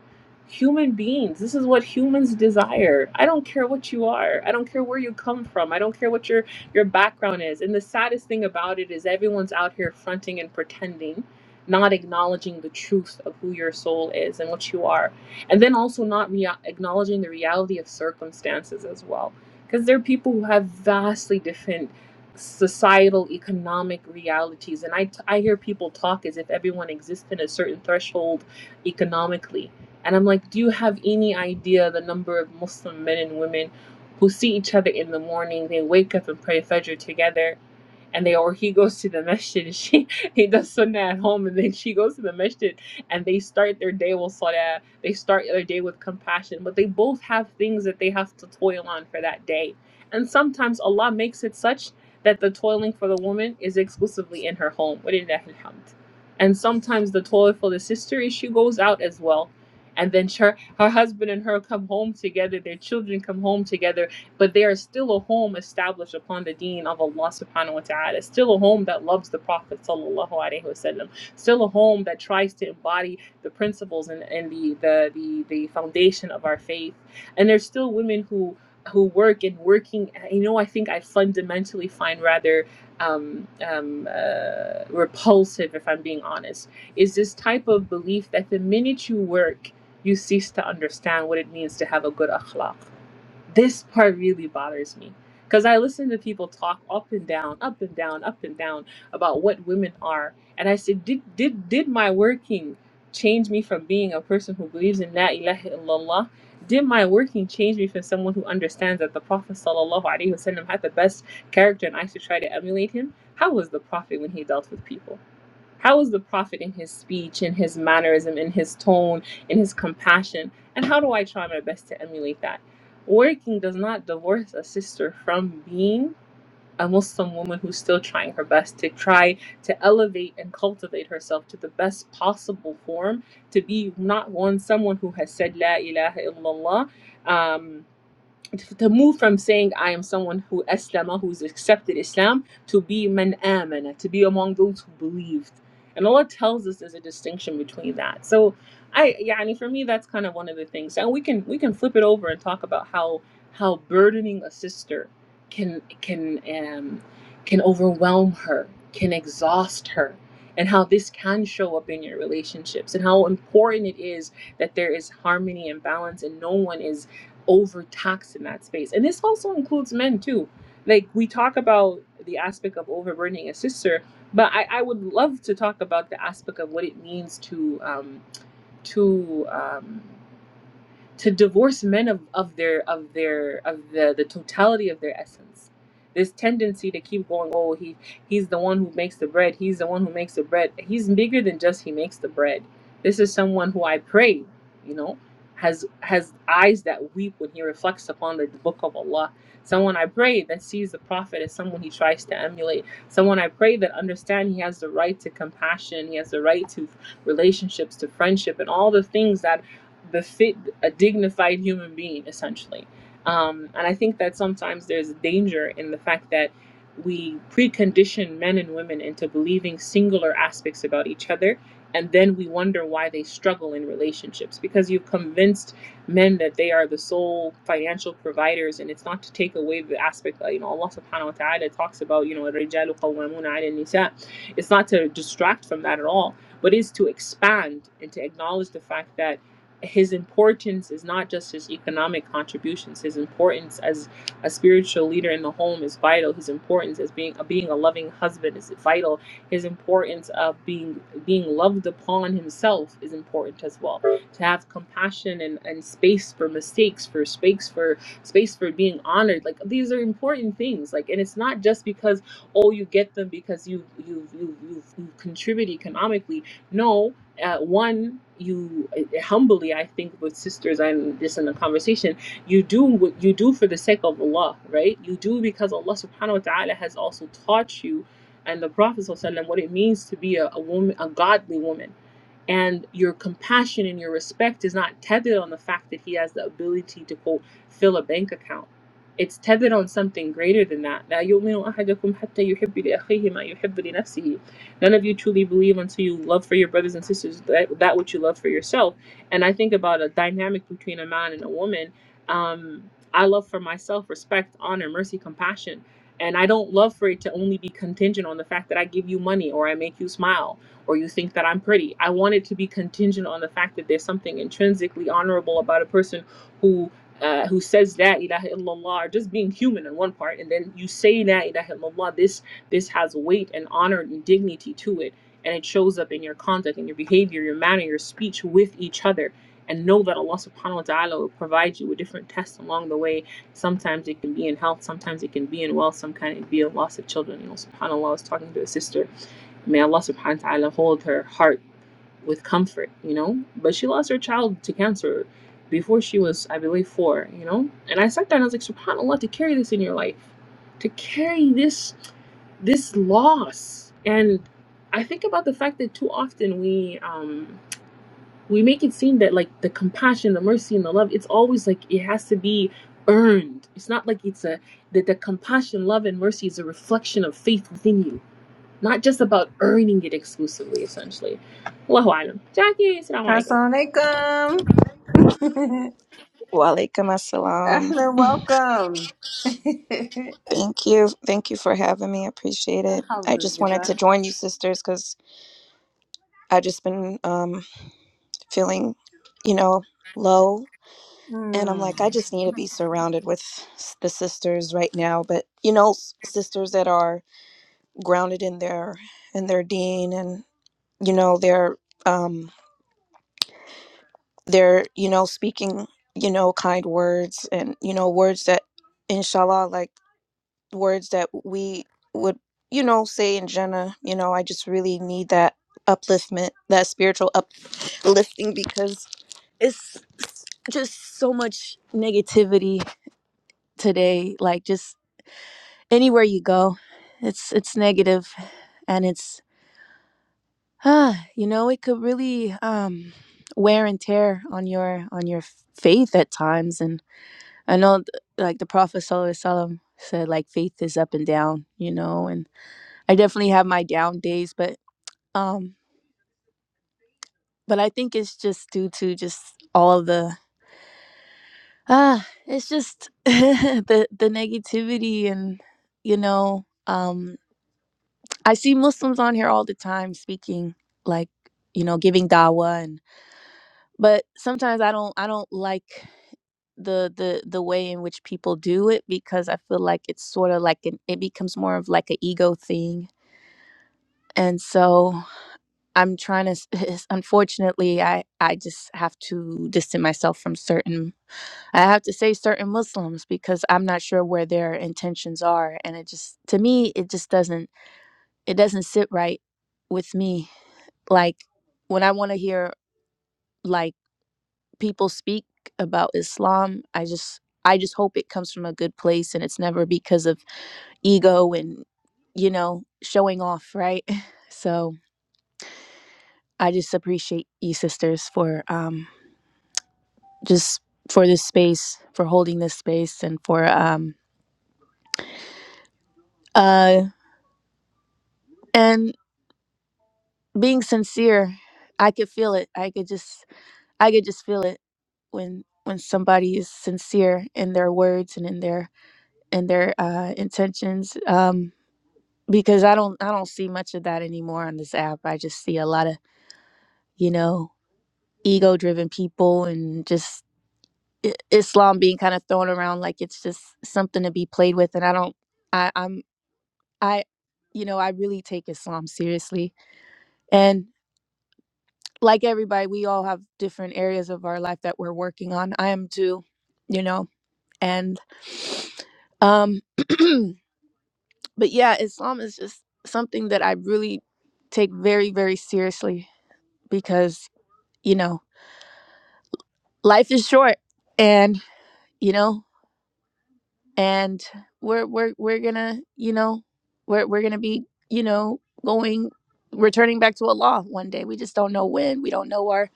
Speaker 1: human beings. This is what humans desire. I don't care what you are. I don't care where you come from. I don't care what your your background is. And the saddest thing about it is everyone's out here fronting and pretending, not acknowledging the truth of who your soul is and what you are. And then also not rea- acknowledging the reality of circumstances as well. Because there are people who have vastly different societal economic realities and I, t- I hear people talk as if everyone exists in a certain threshold economically and i'm like do you have any idea the number of muslim men and women who see each other in the morning they wake up and pray fajr together and they or he goes to the masjid and she he does sunnah at home and then she goes to the masjid and they start their day with salah they start their day with compassion but they both have things that they have to toil on for that day and sometimes Allah makes it such that the toiling for the woman is exclusively in her home وَلِلَّهِ الْحَمْدُ. and sometimes the toil for the sister is she goes out as well and then her, her husband and her come home together their children come home together but there is still a home established upon the deen of Allah subhanahu wa ta'ala, still a home that loves the Prophet sallallahu alaihi wasallam, still a home that tries to embody the principles and, and the, the, the, the foundation of our faith. And there's still women who who work and working, you know, I think I fundamentally find rather um, um, uh, repulsive, if I'm being honest, is this type of belief that the minute you work, you cease to understand what it means to have a good akhlaq this part really bothers me because I listen to people talk up and down, up and down, up and down about what women are, and I said, did did did my working change me from being a person who believes in La ilaha illallah? Did my working change me from someone who understands that the Prophet sallallahu alaihi wasallam had the best character and I should try to emulate him? How was the Prophet when he dealt with people? How is the prophet in his speech, in his mannerism, in his tone, in his compassion? And how do I try my best to emulate that? Working does not divorce a sister from being a Muslim woman who's still trying her best to try to elevate and cultivate herself to the best possible form to be not one someone who has said La ilaha illallah. Um, to move from saying I am someone who Aslama, who's accepted Islam, to be man amana, to be among those who believed. And Allah tells us there's a distinction between that. So I yeah, I mean for me that's kind of one of the things. And we can we can flip it over and talk about how how burdening a sister can can um can overwhelm her, can exhaust her, and how this can show up in your relationships and how important it is that there is harmony and balance and no one is overtaxed in that space. And this also includes men too. Like we talk about the aspect of overburdening a sister, but I, I would love to talk about the aspect of what it means to um, to um, to divorce men of, of their of their of the, the totality of their essence this tendency to keep going oh he he's the one who makes the bread he's the one who makes the bread he's bigger than just he makes the bread this is someone who i pray you know has has eyes that weep when he reflects upon the book of allah someone i pray that sees the prophet as someone he tries to emulate someone i pray that understand he has the right to compassion he has the right to relationships to friendship and all the things that befit a dignified human being, essentially. Um, and I think that sometimes there's a danger in the fact that we precondition men and women into believing singular aspects about each other, and then we wonder why they struggle in relationships because you've convinced men that they are the sole financial providers, and it's not to take away the aspect that you know Allah Subhanahu wa Taala talks about, you know, الرجال قوامون على النساء. It's not to distract from that at all, but is to expand and to acknowledge the fact that his importance is not just his economic contributions. His importance as a spiritual leader in the home is vital. His importance as being of being a loving husband is vital. His importance of being being loved upon himself is important as well. To have compassion and, and space for mistakes, for space for space for being honored. Like these are important things. Like and it's not just because oh you get them because you you you you, you contribute economically. No, uh, one you uh, humbly i think with sisters and this in the conversation you do what you do for the sake of allah right you do because allah subhanahu wa ta'ala has also taught you and the prophet sallallahu alaihi wasallam what it means to be a, a woman a godly woman and your compassion and your respect is not tethered on the fact that he has the ability to, quote, fill a bank account. It's tethered on something greater than that. لا يؤمن أحدكم حتى يحب لأخيه ما يحب لنفسه. None of you truly believe until you love for your brothers and sisters that, that which you love for yourself. And I think about a dynamic between a man and a woman. Um, I love for myself respect, honor, mercy, compassion. And I don't love for it to only be contingent on the fact that I give you money or I make you smile or you think that I'm pretty. I want it to be contingent on the fact that there's something intrinsically honorable about a person who uh, who says that ilaha illallah or just being human in one part, and then you say that ilaha illallah. This this has weight and honor and dignity to it, and it shows up in your conduct and your behavior, your manner, your speech with each other. And know that Allah subhanahu wa ta'ala will provide you with different tests along the way. Sometimes it can be in health, sometimes it can be in wealth, sometimes it can be a loss of children. You know, subhanAllah, I was talking to a sister May Allah subhanahu wa ta'ala hold her heart with comfort, you know? But she lost her child to cancer before she was, I believe, four, you know? And I sat there and I was like, SubhanAllah, to carry this in your life, to carry this this loss. And I think about the fact that too often we um we make it seem that like the compassion, the mercy and the love, it's always like it has to be earned. It's not like it's a that the compassion, love and mercy is a reflection of faith within you not just about earning it exclusively, essentially. Allahu Alam. Jackie, assalamu alaikum.
Speaker 2: Assalamualaikum.
Speaker 3: Walaikum assalam.
Speaker 2: Ahlan, welcome.
Speaker 3: Thank you. Thank you for having me. I appreciate it. I just wanted
Speaker 2: Alhamdulillah.
Speaker 3: to join you sisters because I just been um feeling, you know, low. And I'm like, I
Speaker 2: Mm.
Speaker 3: just need to be surrounded with s- the sisters right now. But you know, s- sisters that are grounded in their in their dean and you know, they're um they're, you know, speaking, you know, kind words and, you know, words that inshallah like words that we would you know say in jenna you know i just really need that upliftment that spiritual uplifting because it's just so much negativity today like just anywhere you go it's it's negative and it's ah you know it could really um wear and tear on your on your faith at times and i know th- like the prophet sallallahu alaihi wasallam said like faith is up and down you know and I definitely have my down days, but um but I think it's just due to just all of the ah it's just the the negativity and you know um I see Muslims on here all the time speaking like you know giving dawah and but sometimes I don't I don't like the the the way in which people do it because I feel like it's sort of like an it becomes more of like an ego thing and so I'm trying to. s- Unfortunately, I I just have to distance myself from certain. I have to say certain Muslims because I'm not sure where their intentions are, and it just to me it just doesn't it doesn't sit right with me. Like when I want to hear like people speak about Islam, I just I just hope it comes from a good place and it's never because of ego and you know showing off, right? So I just appreciate you sisters for um just for this space, for holding this space, and for um uh and being sincere. I could feel it. I could just I could just feel it when when somebody is sincere in their words and in their in their uh, intentions. Um, because I don't I don't see much of that anymore on this app. I just see a lot of you know ego driven people and just I- Islam being kind of thrown around like it's just something to be played with, and I don't. I, I'm I, you know, I really take Islam seriously. And like everybody, we all have different areas of our life that we're working on. I am too, you know, and, um, but yeah, Islam is just something that I really take very, very seriously because, you know, life is short and, you know, and we're we're we're gonna you know we're we're gonna be you know going returning back to Allah one day. We just don't know when. We don't know our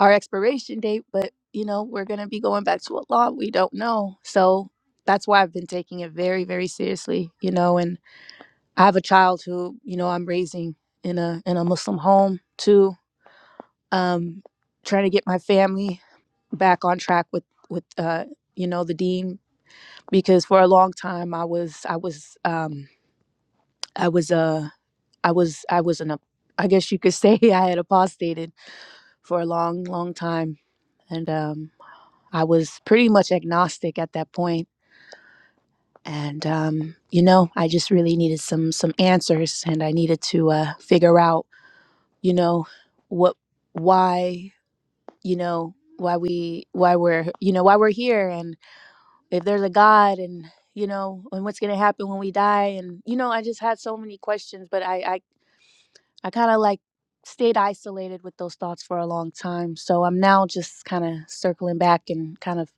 Speaker 3: our expiration date, but you know we're gonna be going back to Allah. We don't know, so that's why I've been taking it very very seriously. You know, and I have a child who you know I'm raising in a in a Muslim home too. Um, trying to get my family back on track with with uh you know the dean because for a long time I was I was um I was a I was I was an ap- I guess you could say I had apostated for a long long time and um I was pretty much agnostic at that point and um you know I just really needed some some answers and I needed to uh figure out you know what why you know why we why we're you know why we're here if there's a God and you know, and what's gonna happen when we die and you know, I just had so many questions, but I I, I kinda like stayed isolated with those thoughts for a long time. So I'm now just kinda circling back and kind of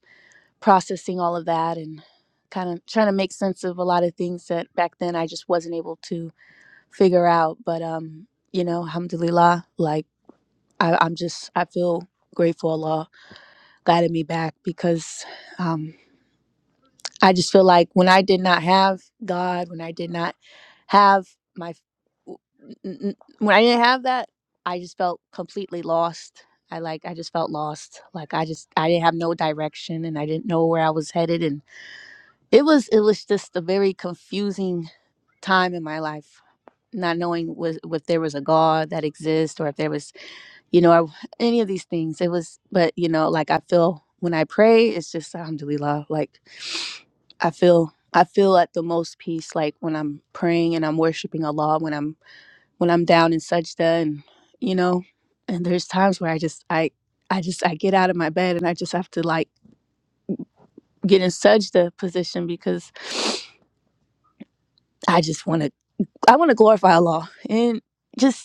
Speaker 3: processing all of that and kind of trying to make sense of a lot of things that back then I just wasn't able to figure out. But um, you know, alhamdulillah, like I, I'm just I feel grateful Allah guided me back because um. I just feel like when I did not have God, when I did not have my, w- n- n- when I didn't have that, I just felt completely lost. I like, I just felt lost. Like I just, I didn't have no direction and I didn't know where I was headed. And it was, it was just a very confusing time in my life, not knowing was, if there was a God that exists or if there was you know, I, any of these things. It was, but you know, like I feel when I pray, it's just alhamdulillah. Like I feel, I feel at the most peace. Like when I'm praying and I'm worshiping Allah, when I'm when I'm down in sajda, and you know, and there's times where I just, I, I just, I get out of my bed and I just have to like get in sajda position because I just want to, I want to glorify Allah and just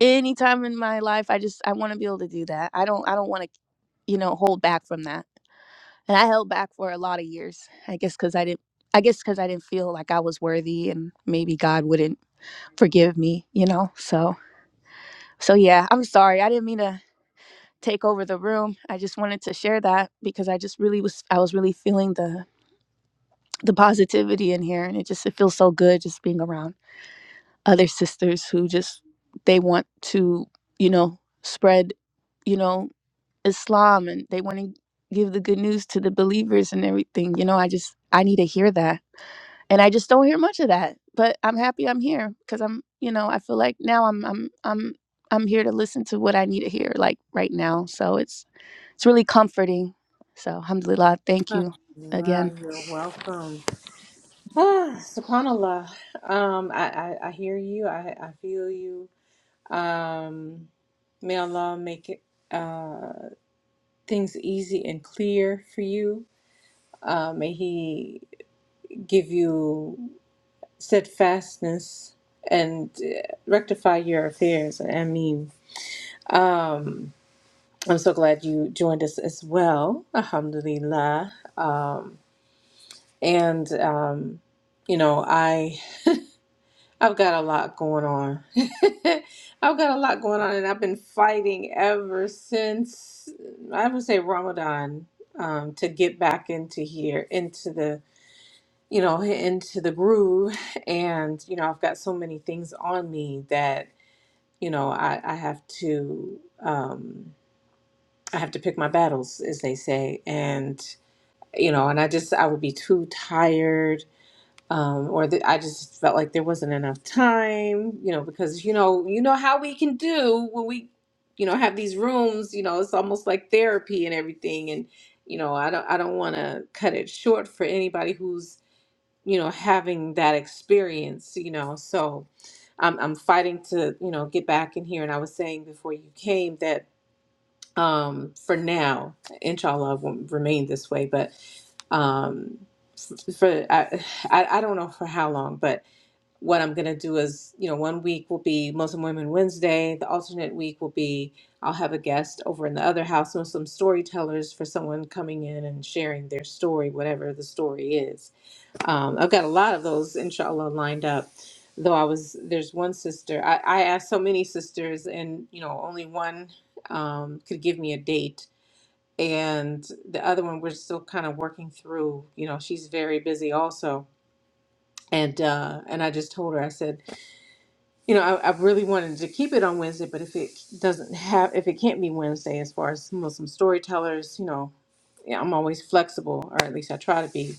Speaker 3: anytime in my life i just i want to be able to do that i don't i don't want to you know hold back from that and i held back for a lot of years i guess because i didn't i guess because i didn't feel like i was worthy and maybe god wouldn't forgive me you know so so yeah i'm sorry i didn't mean to take over the room i just wanted to share that because i just really was i was really feeling the the positivity in here and it just it feels so good just being around other sisters who just they want to you know spread you know Islam and they want to give the good news to the believers and everything. You know, I just I need to hear that. And I just don't hear much of that. But I'm happy I'm here cuz I'm, you know, I feel like now I'm I'm I'm I'm here to listen to what I need to hear like right now. So it's it's really comforting. So alhamdulillah, thank you again.
Speaker 2: Alhamdulillah, You're welcome. Ah, SubhanAllah. Um, I, I, I hear you. I, I feel you. Um, may Allah make it, uh, things easy and clear for you. Uh, may He give you steadfastness and uh, rectify your affairs. I mean, um, I'm so glad you joined us as well. Alhamdulillah. Um, and um, you know, I I've got a lot going on. I've got a lot going on, and I've been fighting ever since I would say Ramadan um, to get back into here, into the you know, into the groove. And, you know, I've got so many things on me that, you know, I, I have to, um, I have to pick my battles, as they say. And, you know, and I just, I would be too tired. Um, or the, I just felt like there wasn't enough time, you know, because, you know, you know how we can do when we, you know, have these rooms, you know, it's almost like therapy and everything. And, you know, I don't, I don't want to cut it short for anybody who's you know, having that experience, you know. So I'm I'm fighting to, you know, get back in here. And I was saying before you came that um for now, inshallah will remain this way, but um for I, I I don't know for how long, but what I'm gonna do is, you know, one week will be Muslim Women Wednesday. The alternate week will be I'll have a guest over in the other house, Muslim storytellers for someone coming in and sharing their story, whatever the story is um, I've got a lot of those, inshallah, lined up. Though I was, there's one sister, I, I asked so many sisters, and, you know, only one um, could give me a date. And the other one, we're still kind of working through, you know, she's very busy also. And uh, and I just told her, I said, you know, I, I really wanted to keep it on Wednesday, but if it doesn't have, if it can't be Wednesday, as far as Muslim storytellers, you know, yeah, I'm always flexible, or at least I try to be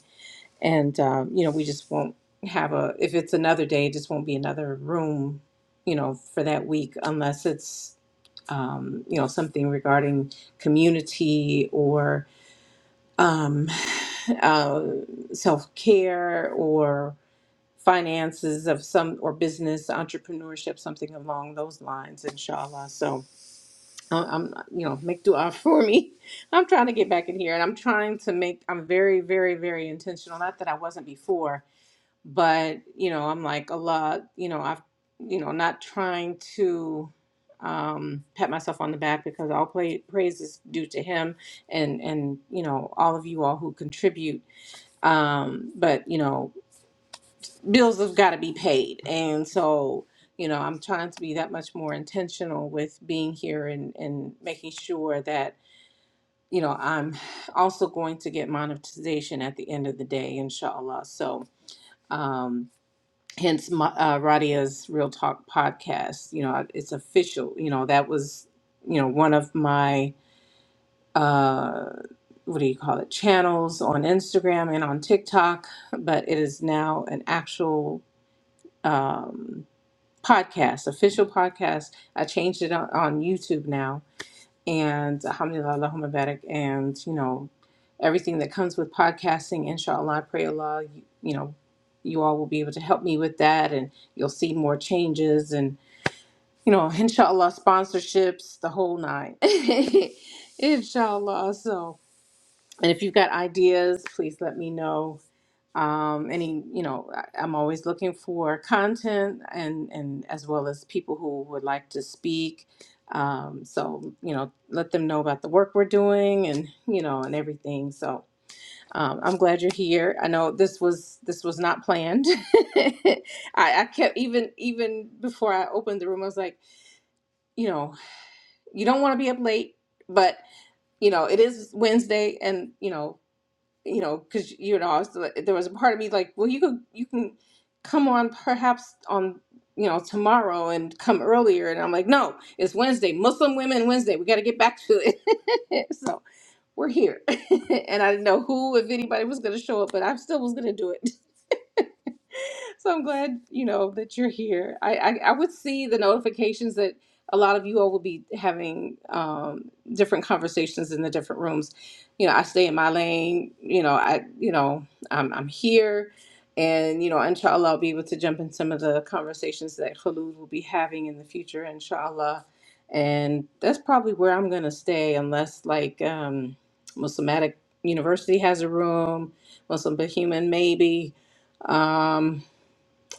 Speaker 2: and um, you know we just won't have a if it's another day it just won't be another room you know for that week unless it's um, you know something regarding community or um, uh, self-care or finances of some or business entrepreneurship something along those lines inshallah so I- i'm you know make dua for me i'm trying to get back in here and i'm trying to make i'm very very very intentional not that i wasn't before but, you know, I'm like, a lot. you know, I've, you know, not trying to um, pat myself on the back because all play, praise is due to him and, and, you know, all of you all who contribute. Um, but, you know, bills have got to be paid. And so, you know, I'm trying to be that much more intentional with being here and, and making sure that, you know, I'm also going to get monetization at the end of the day, inshallah. So, um, hence my, uh, Radia's Real Talk podcast. You know, it's official. You know, that was, you know, one of my, uh, what do you call it, channels on Instagram and on TikTok, but it is now an actual um, podcast, official podcast. I changed it on, on YouTube now and alhamdulillah Allahumma barak and you know everything that comes with podcasting inshallah I pray Allah you, you know you all will be able to help me with that and you'll see more changes and you know inshallah sponsorships the whole nine inshallah so and if you've got ideas please let me know um, any you know I- i'm always looking for content and and as well as people who would like to speak um, so you know let them know about the work we're doing and you know and everything so um, i'm glad you're here i know this was this was not planned I, I kept even even before i opened the room i was like you know you don't want to be up late but you know it is wednesday and you know you know, because you know, I was like- there was a part of me like, well, you could you can come on perhaps on you know tomorrow and come earlier, and I'm like, no, it's Wednesday, Muslim Women Wednesday. We got to get back to it. so we're here, and I didn't know who, if anybody was going to show up, but I still was going to do it. so I'm glad you know that you're here. I, I I would see the notifications that a lot of you all will be having um, different conversations in the different rooms. You know, I stay in my lane. You know, I you know I'm I'm here, and you know, inshallah, I'll be able to jump in some of the conversations that Khalud will be having in the future, inshallah. And that's probably where I'm gonna stay, unless like um, Muslimatic University has a room, Muslim Behuman maybe. Um,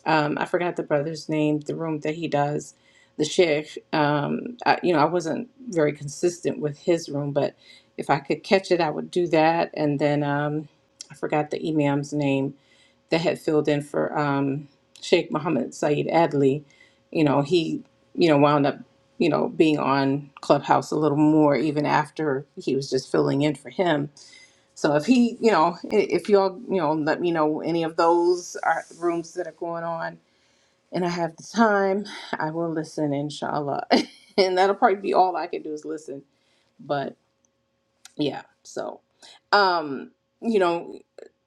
Speaker 2: um, I forgot the brother's name, the room that he does, the sheikh. Um, I, you know, I wasn't very consistent with his room, but if I could catch it, I would do that. And then um, I forgot the imam's name that had filled in for um, Sheikh Mohammed Saeed Adli. You know, he, you know, wound up, you know, being on Clubhouse a little more even after he was just filling in for him. So if he, you know, i- if y'all, you know, let me know any of those are rooms that are going on and I have the time, I will listen, inshallah. and that'll probably be all I can do is listen. But yeah, so, um, you know,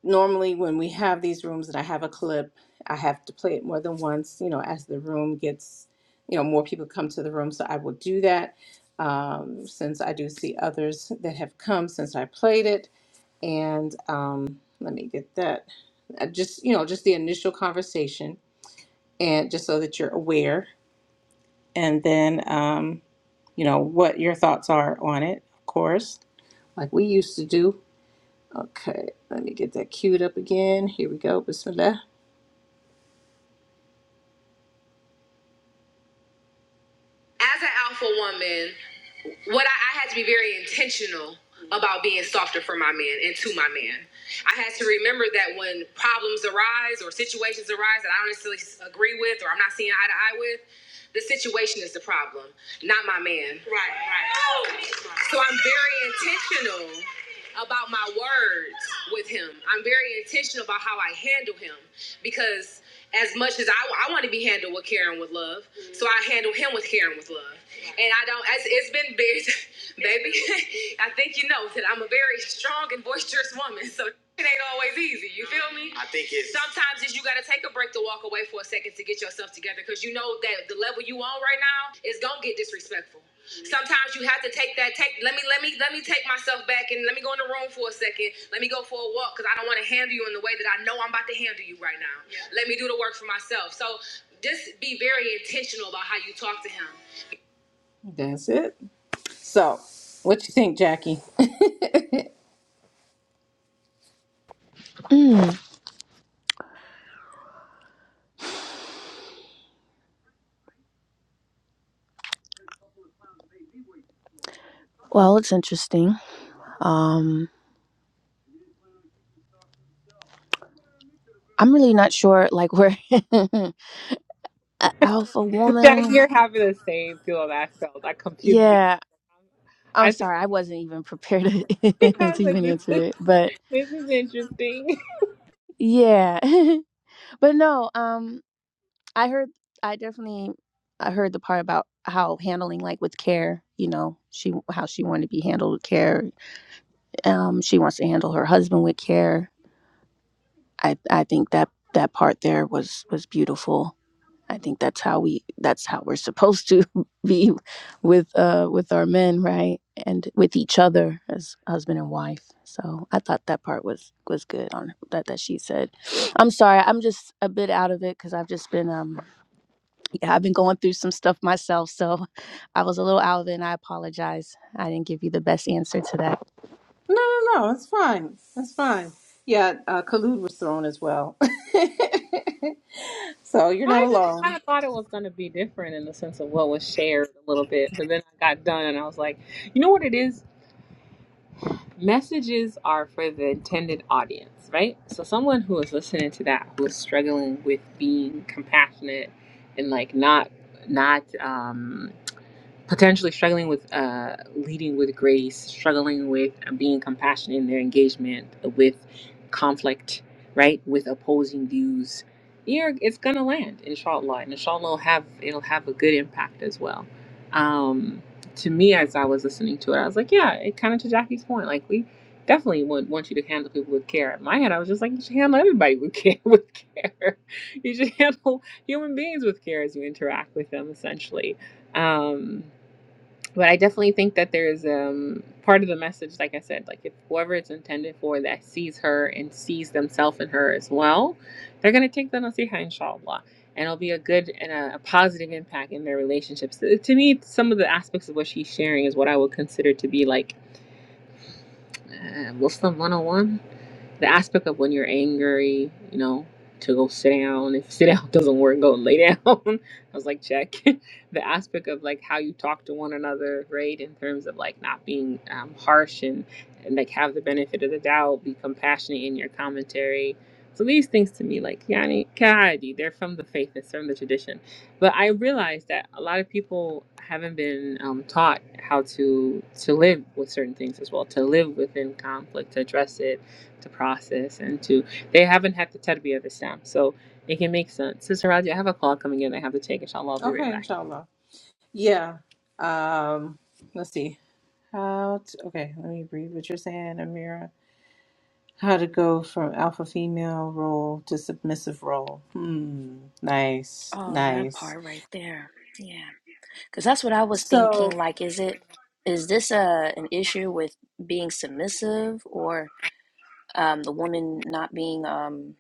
Speaker 2: normally when we have these rooms and I have a clip, I have to play it more than once, you know, as the room gets, you know, more people come to the room. So I will do that um, since I do see others that have come since I played it. And um, let me get that. Uh, Just, you know, just the initial conversation and just so that you're aware and then um, you know what your thoughts are on it, of course. Like we used to do. Okay, let me get that queued up again. Here we go. Bismillah. As an alpha woman, what I, I had to be very intentional about being softer for my men and to my men. I had to remember that when problems arise or situations arise that I don't necessarily agree with or I'm not seeing eye to eye with, the situation is the problem, not my man. So I'm very intentional about my words with him. I'm very intentional about how I handle him because as much as I, I want to be handled with care and with love, mm-hmm. so I handle him with care and with love. Yeah. And I don't, it's, it's been big, baby. I think you know that I'm a very strong and boisterous woman, so it ain't always easy. You feel me? I think it's sometimes it's you got to take a break to walk away for a second to get yourself together because you know that the level you on right now is gonna get disrespectful. Sometimes you have to take that take let me let me let me take myself back and let me go in the room for a second. Let me go for a walk because I don't want to handle you in the way that I know I'm about to handle you right now. Yeah. Let me do the work for myself. So just be very intentional about how you talk to him. That's it. So what you think, Jackie?
Speaker 3: Mm, well, it's interesting. Um I'm really not sure like where a alpha
Speaker 1: Jack,
Speaker 3: woman.
Speaker 1: you're having the same feel that I felt. I computed it.
Speaker 3: Yeah, I'm
Speaker 1: I think
Speaker 3: sorry, I wasn't even prepared to,
Speaker 1: I was
Speaker 3: to
Speaker 1: like,
Speaker 3: even
Speaker 1: this
Speaker 3: answer
Speaker 1: is
Speaker 3: it, but
Speaker 1: this is interesting.
Speaker 3: yeah, but no, um, I heard, I definitely, I heard the part about how handling like with care, you know, she how she wanted to be handled with care. Um, she wants to handle her husband with care. I I think that that part there was was beautiful I think that's how we that's how we're supposed to be with uh with our men, right? And with each other as husband and wife. So I thought that part was was good on that that she said. I'm sorry, I'm just a bit out of it cuz I've just been um yeah, I've been going through some stuff myself, so I was a little out of it and I apologize. I didn't give you the best answer to that.
Speaker 2: No, no, no. It's fine. It's fine. Yeah, uh, Khalid was thrown as well. so you're not
Speaker 1: I just kind
Speaker 2: alone.
Speaker 1: of thought it was going to be different in the sense of what was shared a little bit, but then I got done and I was like, you know what it is? Messages are for the intended audience, right? So someone who is listening to that who is struggling with being compassionate and like not not um potentially struggling with uh, leading with grace, struggling with uh, being compassionate in their engagement with conflict, right? With opposing views, you're, it's gonna land, inshallah, and inshallah it'll have it'll have a good impact as well. Um, to me, as I was listening to it, I was like, yeah, it kind of to Jackie's point, like we definitely would want you to handle people with care. In my head, I was just like, you should handle everybody with care. With care, you should handle human beings with care as you interact with them, essentially. Um, but I definitely think that there's um part of the message, like I said, like if whoever it's intended for that sees her and sees themselves in her as well, they're gonna take the nasiha inshallah. And it'll be a good and a, a positive impact in their relationships. To to me, some of the aspects of what she's sharing is what I would consider to be like uh, Muslim 101 the aspect of when you're angry, you know, to go sit down. If sit down doesn't work, go lay down. I was like, check. the aspect of like how you talk to one another, right? In terms of like not being um, harsh and, and like have the benefit of the doubt, be compassionate in your commentary. So these things to me, like Yani Kahadi, they're from the faith, it's from the tradition. But I realized that a lot of people haven't been um, taught how to to live with certain things as well, to live within conflict, to address it, to process and to they haven't had to tell the other stamp so it can make sense sister radia i have a call coming in i have to take inshallah i'll be right
Speaker 2: Okay,
Speaker 1: back
Speaker 2: inshallah. Yeah. Um, let's see. How to, okay, let me read what you're saying, Amira. How to go from alpha female role to submissive role. Hmm. Nice.
Speaker 3: Oh, that
Speaker 2: Nice.
Speaker 3: part right there. Yeah. Because that's what I was thinking.
Speaker 2: So,
Speaker 3: Like, is it, is this a, an issue with being submissive or? um, the woman not being um,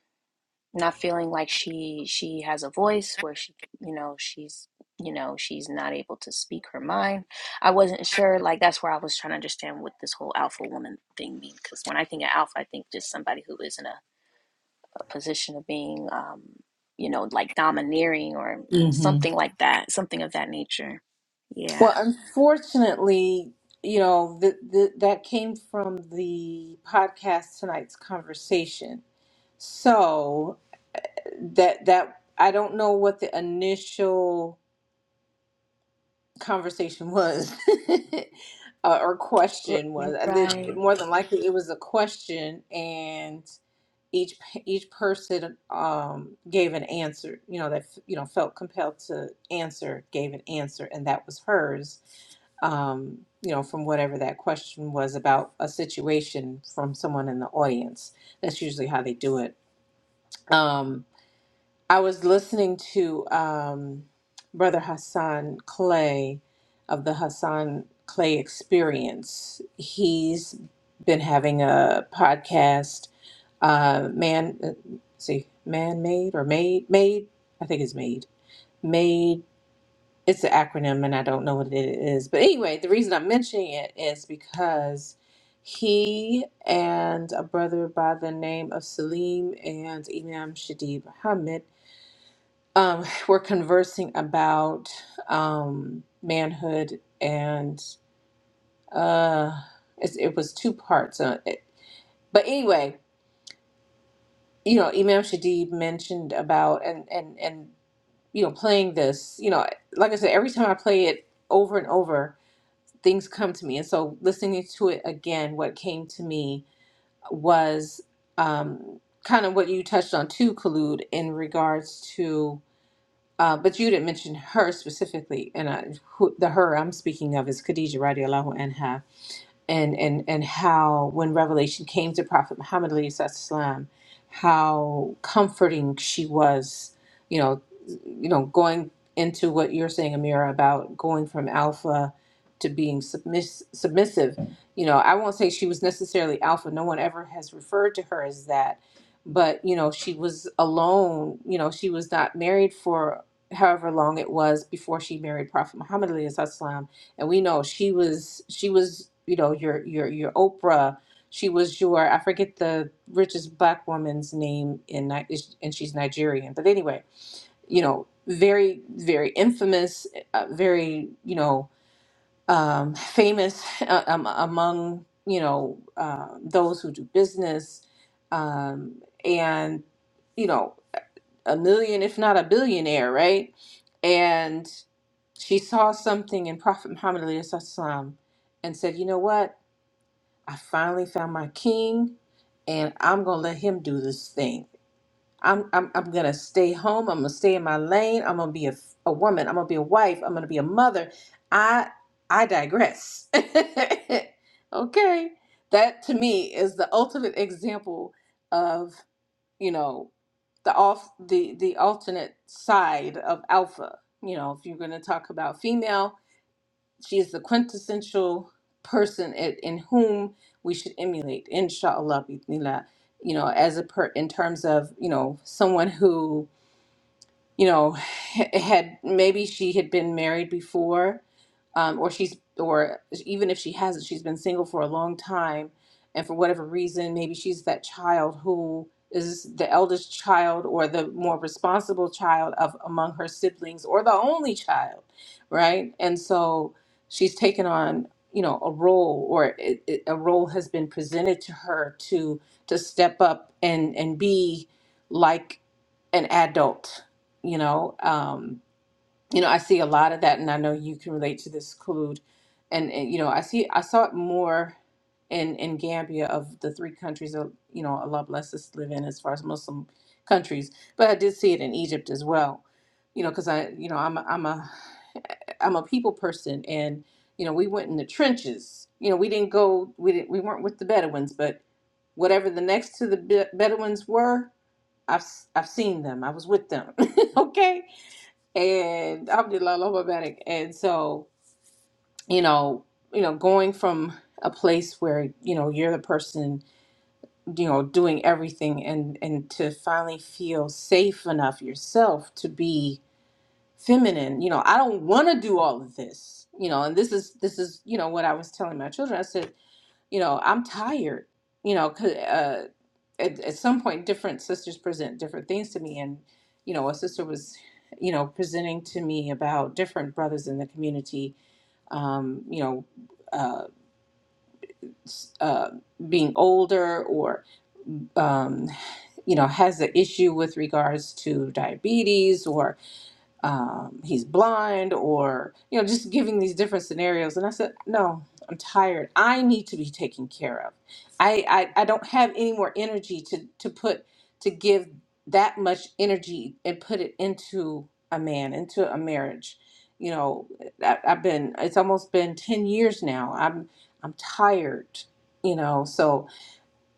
Speaker 3: not feeling like she she has a voice where she you know she's you know she's not able to speak her mind i wasn't sure like that's where i was trying to understand what this whole alpha woman thing means because when i think of alpha i think just somebody who is in a, a position of being um, you know like domineering or
Speaker 2: Mhm.
Speaker 3: something like that something of that nature yeah
Speaker 2: well, unfortunately, you know, th- th- that came from the podcast tonight's conversation. So, that that I don't know what the initial conversation was uh, or question was
Speaker 3: R-
Speaker 2: I did
Speaker 3: right
Speaker 2: more than likely it was a question and each each person um, gave an answer you know that you know felt compelled to answer gave an answer and that was hers um, you know from whatever that question was about a situation from someone in the audience that's usually how they do it Um. I was listening to um, Brother Hassan Clay of the Hassan Clay Experience. He's been having a podcast, uh, man, uh, see, man made or made made. I think it's made made. It's an acronym, and I don't know what it is. But anyway, the reason I'm mentioning it is because he and a brother by the name of Salim and Imam Shadib Hamid um, we're conversing about um, manhood and uh, it, it was two parts. Uh, it, but anyway, you know, Imam Shadid mentioned about and and and you know playing this. You know, like I said, every time I play it over and over, things come to me. And so listening to it again, what came to me was um, kind of what you touched on too, Kalud, in regards to. Uh, but you didn't mention her specifically, and I, who, the her I'm speaking of is Khadija radiallahu anha and and and how when revelation came to prophet muhammad alayhi salam how comforting she was you know you know going into what you're saying amira about going from alpha to being submiss- submissive you know i won't say she was necessarily alpha no one ever has referred to her as that but you know she was alone you know she was not married for however long it was before she married prophet muhammad alayhi salam, and we know she was she was you know your your your Oprah. She was your I forget the richest black woman's name in Ni- is- and she's Nigerian. But anyway, you know, very very infamous, uh, very you know um, famous uh, um, among you know uh, those who do business, um, and you know a million if not a billionaire, right? And she saw something in Prophet Muhammad alayhi salam, and said, You know what? I finally found my king and I'm gonna let him do this thing. I'm I'm, I'm gonna stay home. I'm gonna stay in my lane. I'm gonna be a, a woman. I'm gonna be a wife. I'm gonna be a mother. I I digress. okay, that to me is the ultimate example of you know the off the the alternate side of alpha. You know, if you're gonna talk about female. She is the quintessential person at, in whom we should emulate, inshallah, bismillah, you know, as a per, in terms of, you know, someone who you know, h- had maybe she had been married before, um, or she's, or even if she hasn't, she's been single for a long time, and for whatever reason, maybe she's that child who is the eldest child or the more responsible child of among her siblings or the only child, right? And so she's taken on, you know, a role, or it, it, a role has been presented to her to to step up and and be like an adult you know um you know i see a lot of that and i know you can relate to this Claude. and, and you know i see i saw it more in in gambia of the three countries that you know allah bless us to live in as far as muslim countries but i did see it in egypt as well you know because i you know i'm a, i'm a i'm a people person and you know we went in the trenches you know we didn't go we didn't we weren't with the bedouins but whatever the next to the Be- bedouins were I've I've seen them. I was with them. okay and Alhamdulillah, Allah Mubarak. And so, you know, you know, going from a place where you know you're the person, you know, doing everything, and and to finally feel safe enough yourself to be feminine. You know, I don't want to do all of this. You know, and this is this is you know what I was telling my children. I said you know, I'm tired, you know, 'cause, uh, at, at some point, different sisters present different things to me. And, you know, a sister was, you know, presenting to me about different brothers in the community, um, you know, uh, s- uh, being older or, um, you know, has an issue with regards to diabetes or um, he's blind or you know just giving these different scenarios and i said no i'm tired i need to be taken care of i i, I don't have any more energy to to put to give that much energy and put it into a man into a marriage you know I, i've been it's almost been 10 years now i'm i'm tired you know so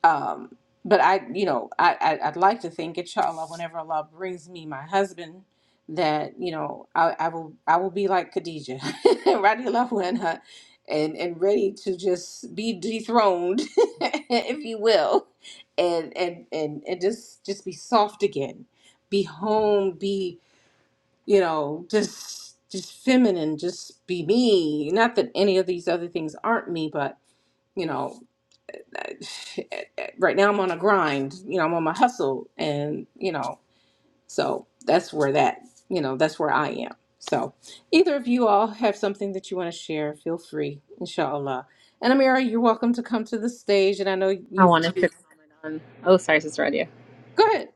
Speaker 2: um, but I, you know, I, I I'd like to think, inshallah, whenever Allah brings me my husband, that you know, I, I will I will be like Khadija, radiallahu anha, and and ready to just be dethroned, if you will, and and and and just just be soft again, be home, be you know, just just feminine, just be me. Not that any of these other things aren't me, but you know uh, right now I'm on a grind, you know, I'm on my hustle and, you know, so that's where that, you know, that's where I am. So either of you all have something that you want to share, feel free, inshallah. And Amira, you're welcome to come to the stage and I know
Speaker 1: i
Speaker 2: you've
Speaker 1: wanted to
Speaker 2: you-
Speaker 1: comment on oh sorry sister radia
Speaker 2: go ahead.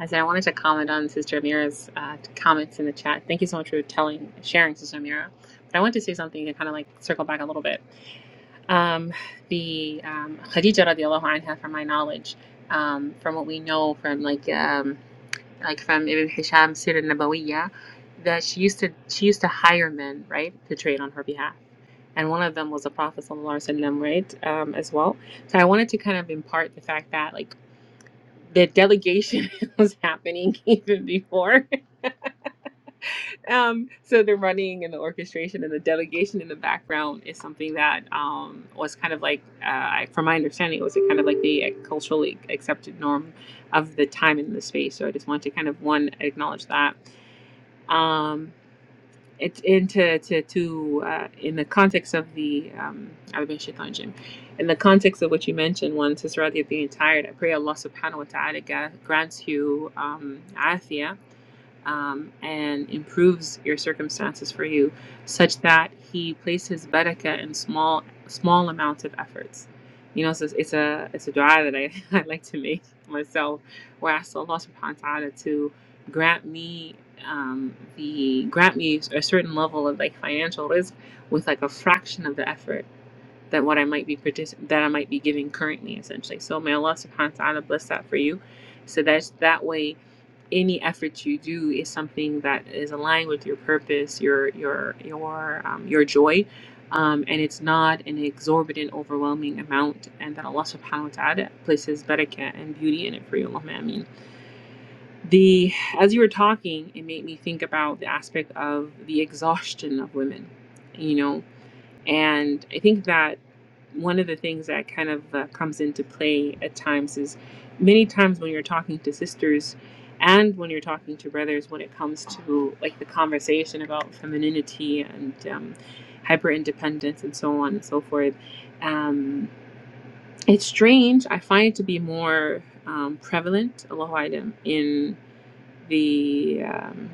Speaker 1: i said i wanted to comment on sister amira's uh, comments in the chat thank you so much for telling sharing sister amira but i want to say something to kind of like circle back a little bit um, the um, khadija radiallahu anha from my knowledge um, from what we know from like um, like from Ibn Hisham Sirah Nabawiyah, that she used to she used to hire men, right, to trade on her behalf. And one of them was the Prophet Sallallahu Alaihi Wasallam, right, um, as well. So I wanted to kind of impart the fact that like the delegation was happening even before. Um, so the running and the orchestration and the delegation in the background is something that um, was kind of like, uh, I- from my understanding, it was kind of like the culturally accepted norm of the time and the space. So I just wanted to kind of one acknowledge that. Um, it into to to uh, in the context of the um Arabic Shaitan Jim, in the context of what you mentioned, once Sister Radia being tired, I pray Allah Subhanahu wa Taala gra- grants you um, afia um, and improves your circumstances for you, such that He places barakah in small small amounts of efforts. You know, so it's, it's a it's a dua that I, I like to make myself, where I ask Allah Subhanahu wa Taala to grant me um, the grant me a certain level of like financial risk with like a fraction of the effort that what I might be partic- that I might be giving currently, essentially. So may Allah Subhanahu wa Taala bless that for you, so that that way any effort you do is something that is aligned with your purpose, your your your um, your joy, um, and it's not an exorbitant, overwhelming amount. And that Allah Subhanahu wa Taala places barakah and beauty in it for you, Allahumma Ameen. The as you were talking, it made me think about the aspect of the exhaustion of women. You know, and I think that one of the things that kind of uh, comes into play at times is many times when you're talking to sisters and when you're talking to brothers, when it comes to like the conversation about femininity and um, hyper independence and so on and so forth, um, it's strange. I find it to be more um, prevalent, Allahu Alam, in the. um,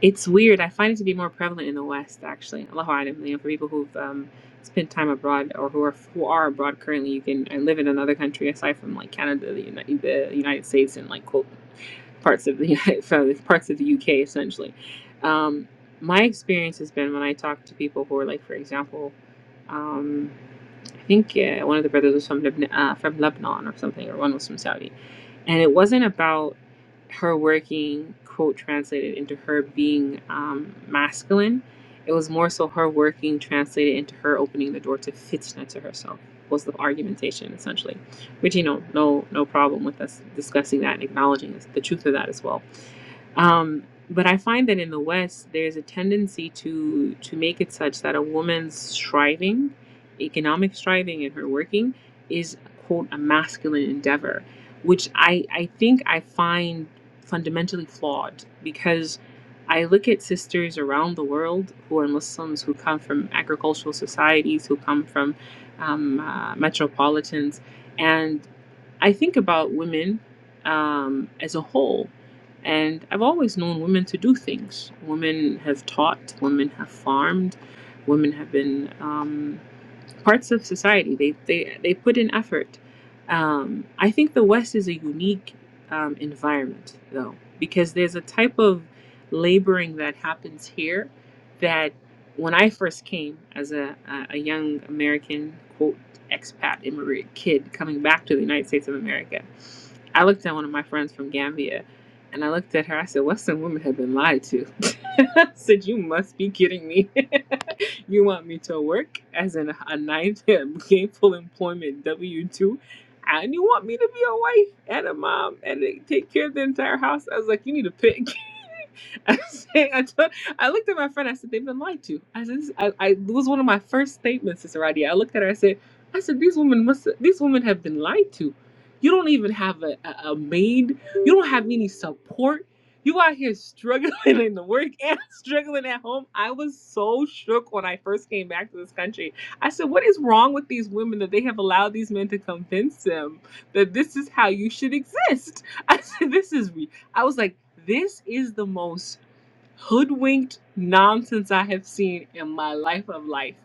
Speaker 1: It's weird. I find it to be more prevalent in the West, actually. Allah Alam, you know, for people who've um, spent time abroad or who are who are abroad currently, you can uh, live in another country aside from like Canada, the, Uni- the United States, and like quote, parts of the United, sorry, parts of the UK, essentially. Um, my experience has been when I talk to people who are like, for example, um, I think uh, one of the brothers was from Lebanon, uh, from Lebanon or something, or one was from Saudi, and it wasn't about her working quote translated into her being um, masculine. It was more so her working translated into her opening the door to fitna to herself was the argumentation essentially, which you know no no problem with us discussing that and acknowledging the truth of that as well. Um, but I find that in the West, there's a tendency to to make it such that a woman's striving, economic striving in her working, is quote a masculine endeavor, which I I think I find fundamentally flawed because I look at sisters around the world who are Muslims who come from agricultural societies who come from um, uh, metropolitans. I think about women um, as a whole, and I've always known women to do things. Women have taught, women have farmed, women have been um, parts of society. They, they, they put in effort. Um, I think the West is a unique um, environment, though, because there's a type of laboring that happens here that when I first came as a, a a young American, quote expat immigrant kid coming back to the United States of America. I looked at one of my friends from Gambia and I looked at her. I said, Western women have been lied to. I said, You must be kidding me. you want me to work as an, a ninth gainful employment W 2? And you want me to be a wife and a mom and take care of the entire house? I was like, You need a pick. I, said, I, told, I looked at my friend. I said, "They've been lied to." I said, this, "I, I it was one of my first statements, Sister Radia." I looked at her. I said, "I said these women must. These women have been lied to. You don't even have a, a, a maid. You don't have any support. You out here struggling in the work and struggling at home." I was so shook when I first came back to this country. I said, "What is wrong with these women that they have allowed these men to convince them that this is how you should exist?" I said, "This is ridiculous." I was like, this is the most hoodwinked nonsense I have seen in my life of life.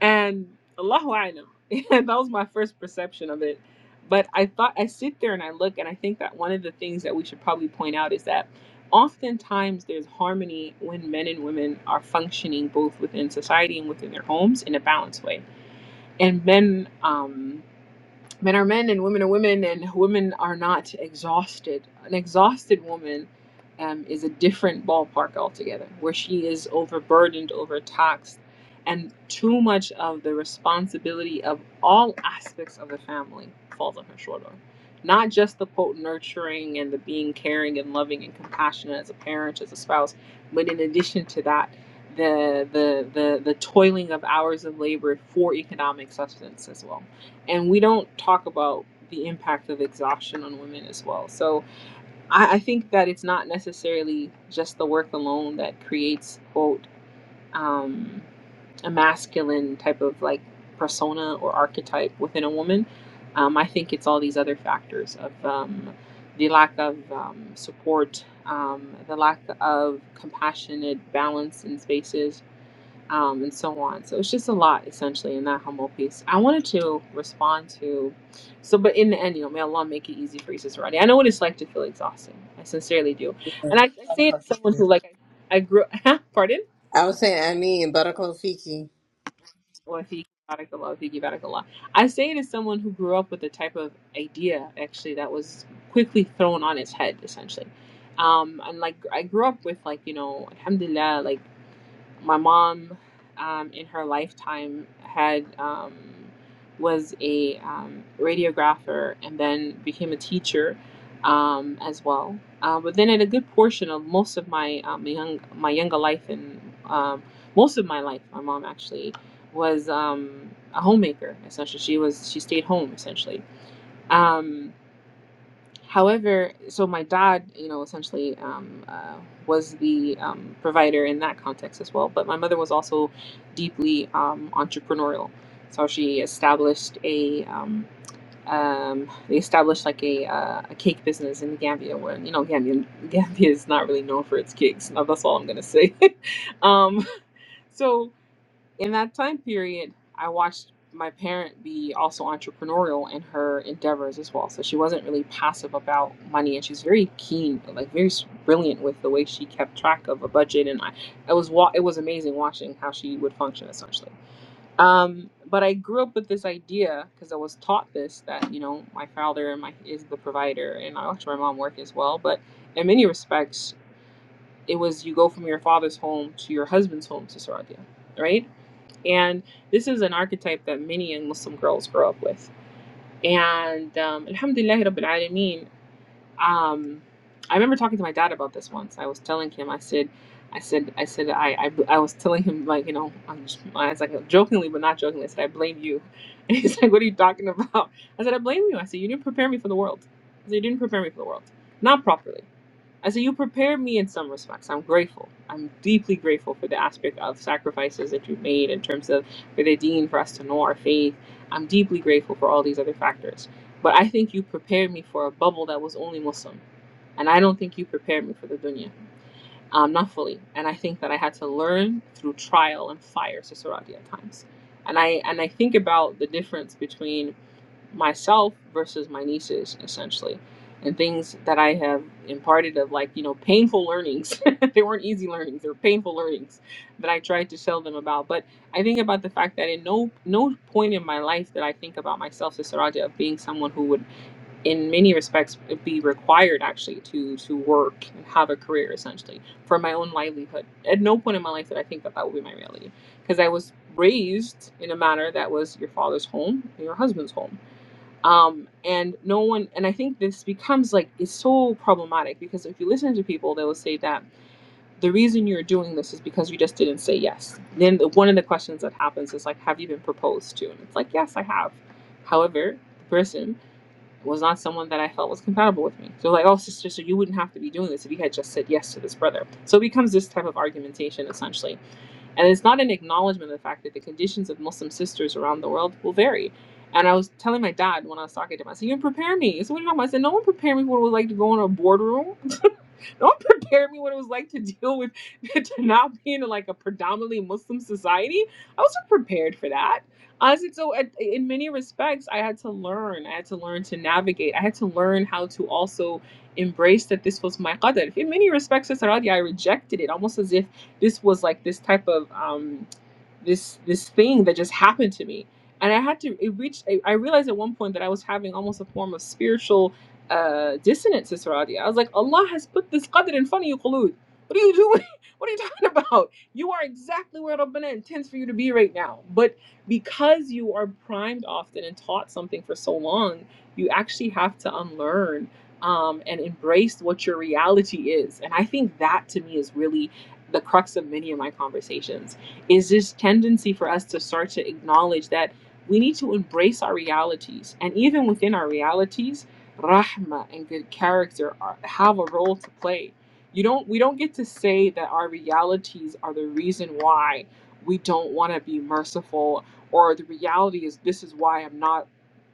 Speaker 1: And Allahu Alam. And that was my first perception of it. But I thought, I sit there and I look, and I think that one of the things that we should probably point out is that oftentimes there's harmony when men and women are functioning both within society and within their homes in a balanced way. And men, um, men are men and women are women and women are not exhausted an exhausted woman um, is a different ballpark altogether where she is overburdened overtaxed and too much of the responsibility of all aspects of the family falls on her shoulder not just the quote nurturing and the being caring and loving and compassionate as a parent as a spouse but in addition to that the the the, the toiling of hours of labor for economic sustenance as well and we don't talk about the impact of exhaustion on women as well. So I, I think that it's not necessarily just the work alone that creates quote um, a masculine type of like persona or archetype within a woman. Um, I think it's all these other factors of um, the lack of um, support, um, the lack of compassionate balance in spaces, um, and so on. So it's just a lot, essentially, in that humble piece. I wanted to respond to, so, but in the end, you know, may Allah make it easy for you, Sister Rodney. I know what it's like to feel exhausted. I sincerely do. And I, I say it as someone who, like, I, I grew, pardon?
Speaker 2: I was saying, I mean, Barakallahu Fiki.
Speaker 1: Well, if you barakallah, if you barakallah. I say it as someone who grew up with a type of idea, actually, that was quickly thrown on its head, essentially. Um, and like I grew up with like you know alhamdulillah like my mom um, in her lifetime had um, was a um, radiographer and then became a teacher um, as well. Uh, but then, at a good portion of most of my um, young my younger life and um, most of my life, my mom actually was um, a homemaker. Essentially, she was she stayed home essentially. Um, However, so my dad, you know, essentially um, uh, was the um, provider in that context as well. But my mother was also deeply um, entrepreneurial. So she established a um, um, they established like a uh, a cake business in Gambia, where you know Gambia Gambia is not really known for its cakes. Now, that's all I'm gonna say. um, so in that time period, I watched my parent be also entrepreneurial in her endeavors as well. So she wasn't really passive about money, and she's very keen, like very s- brilliant with the way she kept track of a budget. And I, it was wa- it was amazing watching how she would function essentially. Um, but I grew up with this idea because I was taught this that you know my father and my is the provider, and I watched my mom work as well. But in many respects, it was you go from your father's home to your husband's home to Sarabia, right? And this is an archetype that many young Muslim girls grow up with. And um, Alhamdulillah Rabbil Alameen, um, I remember talking to my dad about this once. I was telling him, I said, I said, I said, I, I, I was telling him, like, you know, I'm just, I was like, jokingly, but not jokingly, I said, I blame you. And he's like, what are you talking about? I said, I blame you. I said, you didn't prepare me for the world. I said, you didn't prepare me for the world. Not properly. And so you prepared me in some respects. I'm grateful. I'm deeply grateful for the aspect of sacrifices that you made in terms of for the dean for us to know our faith. I'm deeply grateful for all these other factors. But I think you prepared me for a bubble that was only Muslim. And I don't think you prepared me for the dunya. Um, not fully. And I think that I had to learn through trial and fire, Sisarati at times. And I and I think about the difference between myself versus my nieces essentially and things that i have imparted of like you know painful learnings they weren't easy learnings they were painful learnings that i tried to tell them about but i think about the fact that in no no point in my life that i think about myself as saraja of being someone who would in many respects be required actually to to work and have a career essentially for my own livelihood at no point in my life that i think that that would be my reality because i was raised in a manner that was your father's home and your husband's home um and no one and i think this becomes like it's so problematic because if you listen to people they will say that the reason you're doing this is because you just didn't say yes then the, one of the questions that happens is like have you been proposed to and it's like yes i have however the person was not someone that i felt was compatible with me so like oh sister so you wouldn't have to be doing this if you had just said yes to this brother so it becomes this type of argumentation essentially and it's not an acknowledgement of the fact that the conditions of Muslim sisters around the world will vary. And I was telling my dad when I was talking to him, I said, You didn't prepare me. So what are you talking about? I said, No one prepared me when we like to go in a boardroom. Don't prepare me what it was like to deal with to not being in like a predominantly Muslim society. I wasn't prepared for that. Honestly, so at, in many respects, I had to learn. I had to learn to navigate. I had to learn how to also embrace that this was my qadr. In many respects, as Saradi, I rejected it almost as if this was like this type of. Um, this this thing that just happened to me and i had to it reached i, I realized at one point that i was having almost a form of spiritual uh dissonance Saradia. i was like allah has put this qadr in front of you Qulud. what are you doing what are you talking about you are exactly where rabbana intends for you to be right now but because you are primed often and taught something for so long you actually have to unlearn um, and embrace what your reality is and i think that to me is really the crux of many of my conversations is this tendency for us to start to acknowledge that we need to embrace our realities. And even within our realities, rahma and good character are, have a role to play. You don't we don't get to say that our realities are the reason why we don't want to be merciful or the reality is this is why I'm not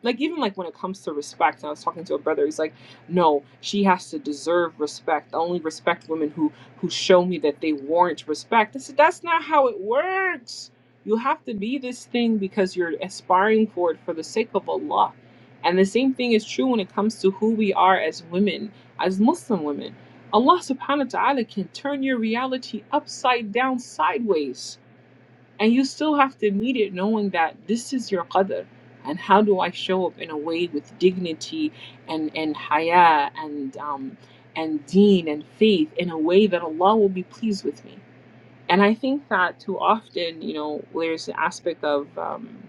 Speaker 1: like even like when it comes to respect, and I was talking to a brother, he's like, no, she has to deserve respect. I only respect women who who show me that they warrant respect. I said, that's not how it works. You have to be this thing because you're aspiring for it for the sake of Allah. And the same thing is true when it comes to who we are as women, as Muslim women. Allah subhanahu wa ta'ala can turn your reality upside down sideways and you still have to meet it knowing that this is your qadr. And how do I show up in a way with dignity and, and haya and, um, and deen and faith in a way that Allah will be pleased with me? And I think that too often, you know, there's an aspect of. um,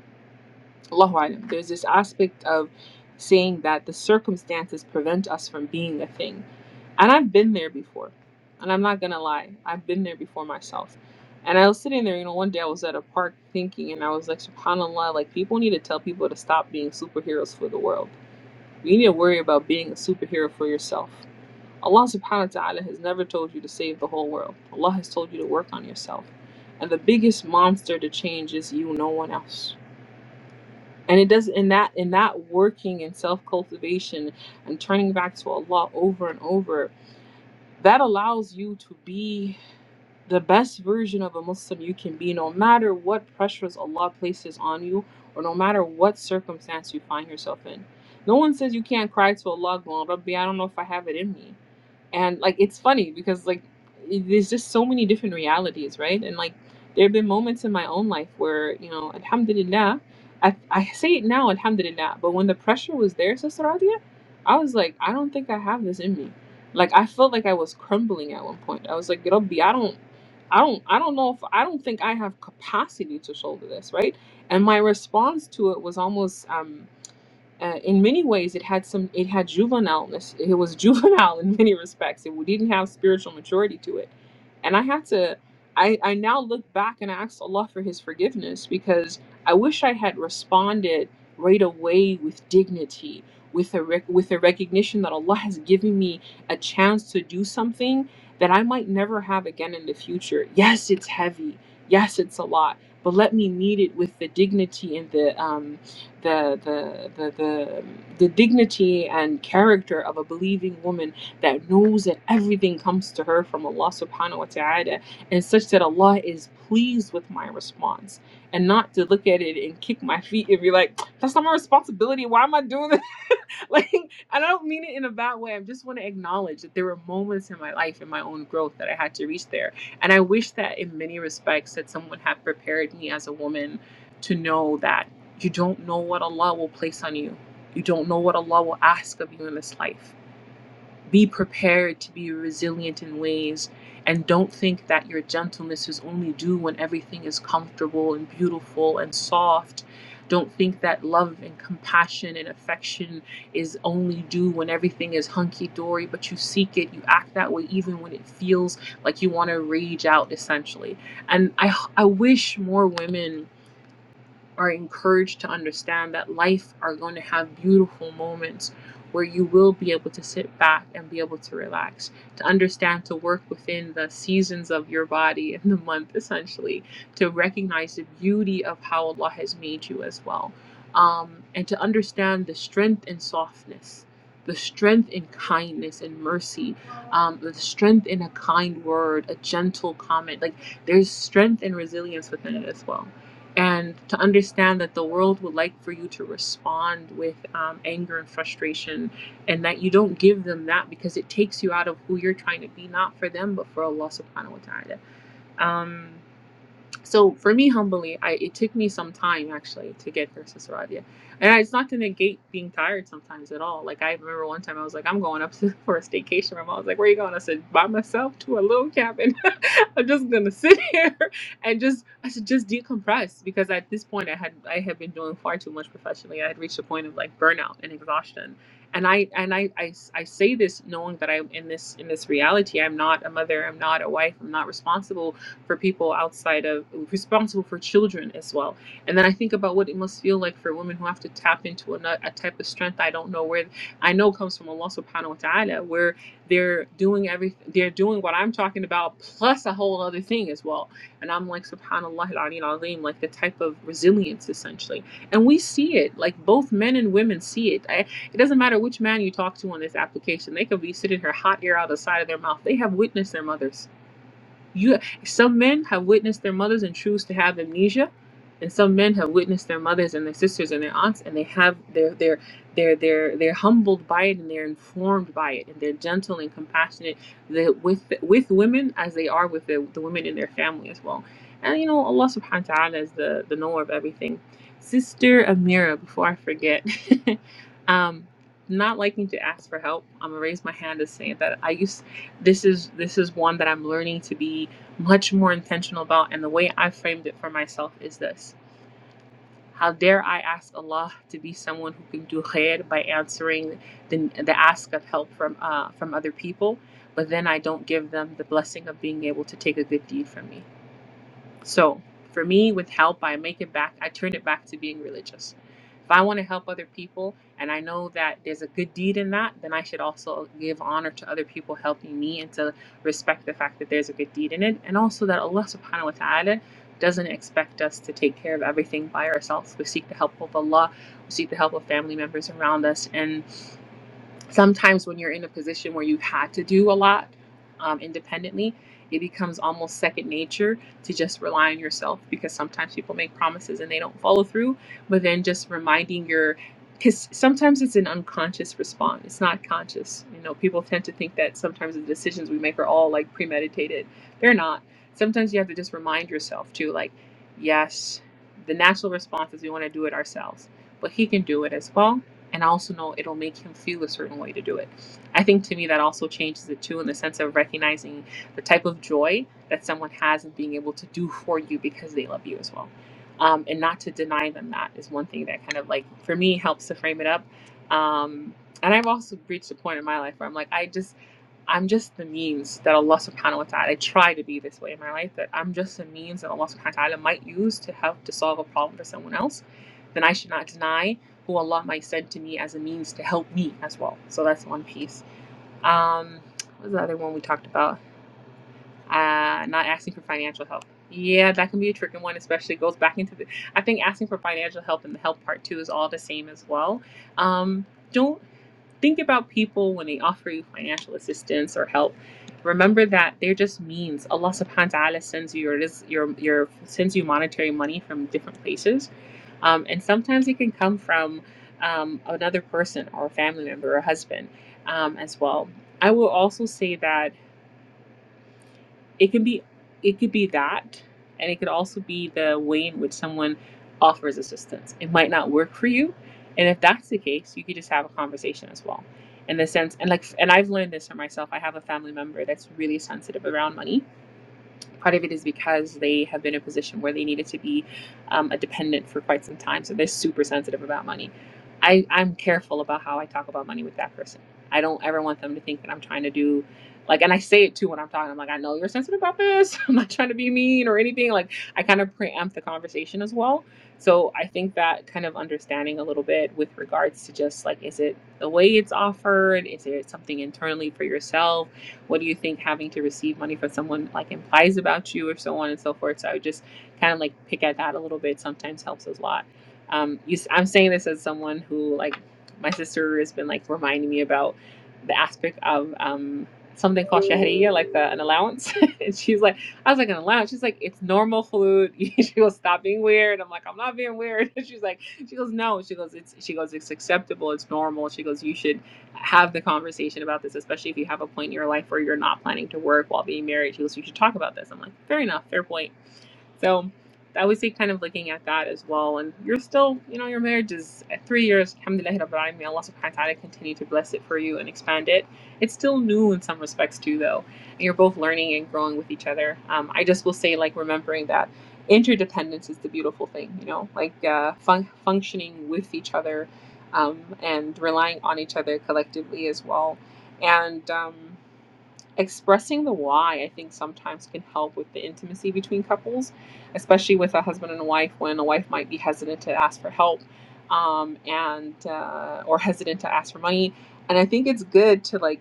Speaker 1: Allahu Alam. There's this aspect of saying that the circumstances prevent us from being a thing. And I've been there before. And I'm not gonna lie, I've been there before myself. And I was sitting there, you know, one day I was at a park thinking and I was like, SubhanAllah, like people need to tell people to stop being superheroes for the world. You need to worry about being a superhero for yourself. Allah subhanahu wa ta'ala has never told you to save the whole world. Allah has told you to work on yourself. And the biggest monster to change is you, no one else and it does in that in that working and self-cultivation and turning back to allah over and over that allows you to be the best version of a muslim you can be no matter what pressures allah places on you or no matter what circumstance you find yourself in no one says you can't cry to allah going, Rabbi, i don't know if i have it in me and like it's funny because like i- there's just so many different realities right and like there have been moments in my own life where you know alhamdulillah i, I say it now alhamdulillah but when the pressure was there sister Radia, i was like i don't think i have this in me like i felt like i was crumbling at one point i was like Rabbi, i don't i don't i don't know if i don't think i have capacity to shoulder this right and my response to it was almost um uh, in many ways it had some it had juvenileness it was juvenile in many respects it didn't have spiritual maturity to it and i had to i i now look back and I ask allah for his forgiveness because i wish i had responded right away with dignity with a rec- with a recognition that allah has given me a chance to do something that i might never have again in the future yes it's heavy yes it's a lot but let me meet it with the dignity and the um, the the the the, the dignity and character of a believing woman that knows that everything comes to her from Allah subhanahu wa ta'ala and such that Allah is pleased with my response and not to look at it and kick my feet and be like that's not my responsibility why am I doing this like I don't mean it in a bad way. I just want to acknowledge that there were moments in my life in my own growth that I had to reach there. And I wish that in many respects that someone had prepared me as a woman to know that you don't know what Allah will place on you. You don't know what Allah will ask of you in this life. Be prepared to be resilient in ways and don't think that your gentleness is only due when everything is comfortable and beautiful and soft. Don't think that love and compassion and affection is only due when everything is hunky dory, but you seek it, you act that way even when it feels like you want to rage out essentially. And I I wish more women are encouraged to understand that life are going to have beautiful moments where you will be able to sit back and be able to relax, to understand to work within the seasons of your body and the month, essentially, to recognize the beauty of how Allah has made you as well, um, and to understand the strength in softness. The strength in kindness and mercy, um, the strength in a kind word, a gentle comment. Like there's strength and resilience within it as well and to understand that the world would like for you to respond with um, anger and frustration, and that you don't give them that because it takes you out of who you're trying to be, not for them, but for Allah subhanahu wa ta'ala. Um, so for me humbly I, it took me some time actually to get versus Radia. and I, it's not to negate being tired sometimes at all like i remember one time i was like i'm going up to, for a staycation my mom was like where are you going i said by myself to a little cabin i'm just gonna sit here and just i said just decompress because at this point i had i had been doing far too much professionally i had reached a point of like burnout and exhaustion and I and I, I, I say this knowing that I'm in this in this reality. I'm not a mother. I'm not a wife. I'm not responsible for people outside of responsible for children as well and then i think about what it must feel like for women who have to tap into a, a type of strength i don't know where i know comes from allah subhanahu wa ta'ala where they're doing everything they're doing what i'm talking about plus a whole other thing as well and i'm like subhanallah al-ali al-azim like the type of resilience essentially and we see it like both men and women see it I, it doesn't matter which man you talk to on this application they could be sitting here hot air out the side of their mouth they have witnessed their mothers you some men have witnessed their mothers and choose to have amnesia, and some men have witnessed their mothers and their sisters and their aunts, and they have they're they're they're they're they're humbled by it and they're informed by it and they're gentle and compassionate the, with with women as they are with the, the women in their family as well. And you know Allah Subhanahu wa Taala is the the knower of everything. Sister Amira, before I forget, um, not liking to ask for help, I'm gonna raise my hand to say that I used this is this is one that I'm learning to be much more intentional about and the way I framed it for myself is this how dare I ask Allah to be someone who can do khair by answering the, the ask of help from uh, from other people but then I don't give them the blessing of being able to take a good deed from me so for me, with help, I make it back, I turn it back to being religious. If I want to help other people and I know that there's a good deed in that, then I should also give honor to other people helping me and to respect the fact that there's a good deed in it. And also that Allah subhanahu wa ta'ala doesn't expect us to take care of everything by ourselves. We seek the help of Allah, we seek the help of family members around us. and sometimes when you're in a position where you've had to do a lot um, independently, it becomes almost second nature to just rely on yourself because sometimes people make promises and they don't follow through. But then just reminding your, because sometimes it's an unconscious response, it's not conscious. You know, people tend to think that sometimes the decisions we make are all like premeditated. They're not. Sometimes you have to just remind yourself too, like, yes, the natural response is we want to do it ourselves, but he can do it as well and I also know it'll make him feel a certain way to do it. I think to me that also changes it too in the sense of recognizing the type of joy that someone has in being able to do for you because they love you as well. Um, and not to deny them that is one thing that kind of like for me helps to frame it up. Um, and I've also reached a point in my life where I'm like, I just I'm just the means that Allah subhanahu wa ta'ala I try to be this way in my life, that I'm just a means that Allah subhanahu wa ta'ala might use to help to solve a problem for someone else. Then I should not deny who Allah might send to me as a means to help me as well. So that's one piece. Um, what was the other one we talked about? Uh, not asking for financial help. Yeah, that can be a tricky one, especially goes back into the. I think asking for financial help and the help part too is all the same as well. Um, don't think about people when they offer you financial assistance or help. Remember that they're just means. Allah subhanahu wa ta'ala sends you your, your, your sends you monetary money from different places. Um, and sometimes it can come from um, another person or a family member or a husband um, as well. I will also say that it can be it could be that and it could also be the way in which someone offers assistance it might not work for you and if that's the case you could just have a conversation as well in the sense and like and i've learned this for myself i have a family member that's really sensitive around money Part of it is because they have been in a position where they needed to be um, a dependent for quite some time, so they're super sensitive about money. I, I'm careful about how I talk about money with that person. I don't ever want them to think that I'm trying to do like, and I say it too when I'm talking. I'm like, I know you're sensitive about this. I'm not trying to be mean or anything. Like, I kind of preempt the conversation as well. So I think that kind of understanding a little bit with regards to just like, is it the way it's offered? Is it something internally for yourself? what do you think having to receive money from someone like implies about you or so on and so forth so i would just kind of like pick at that a little bit sometimes helps a lot um, you, s- i'm saying this as someone who like my sister has been like reminding me about the aspect of um, something called shahriya like the, an allowance and she's like i was like an allowance she's like it's normal food she goes stop being weird i'm like i'm not being weird she's like she goes no she goes it's she goes it's acceptable it's normal she goes you should have the conversation about this, especially if you have a point in your life where you're not planning to work while being married. She goes, You should talk about this. I'm like, Fair enough, fair point. So I would say kind of looking at that as well. And you're still, you know, your marriage is at three years, alhamdulillah, Rabbil Alamin, may Allah subhanahu wa ta'ala continue to bless it for you and expand it. It's still new in some respects too, though. And you're both learning and growing with each other. Um, I just will say, like, remembering that interdependence is the beautiful thing, you know, like uh, fun- functioning with each other um, and relying on each other collectively as well. And, um, expressing the why i think sometimes can help with the intimacy between couples especially with a husband and a wife when a wife might be hesitant to ask for help um, and uh, or hesitant to ask for money and i think it's good to like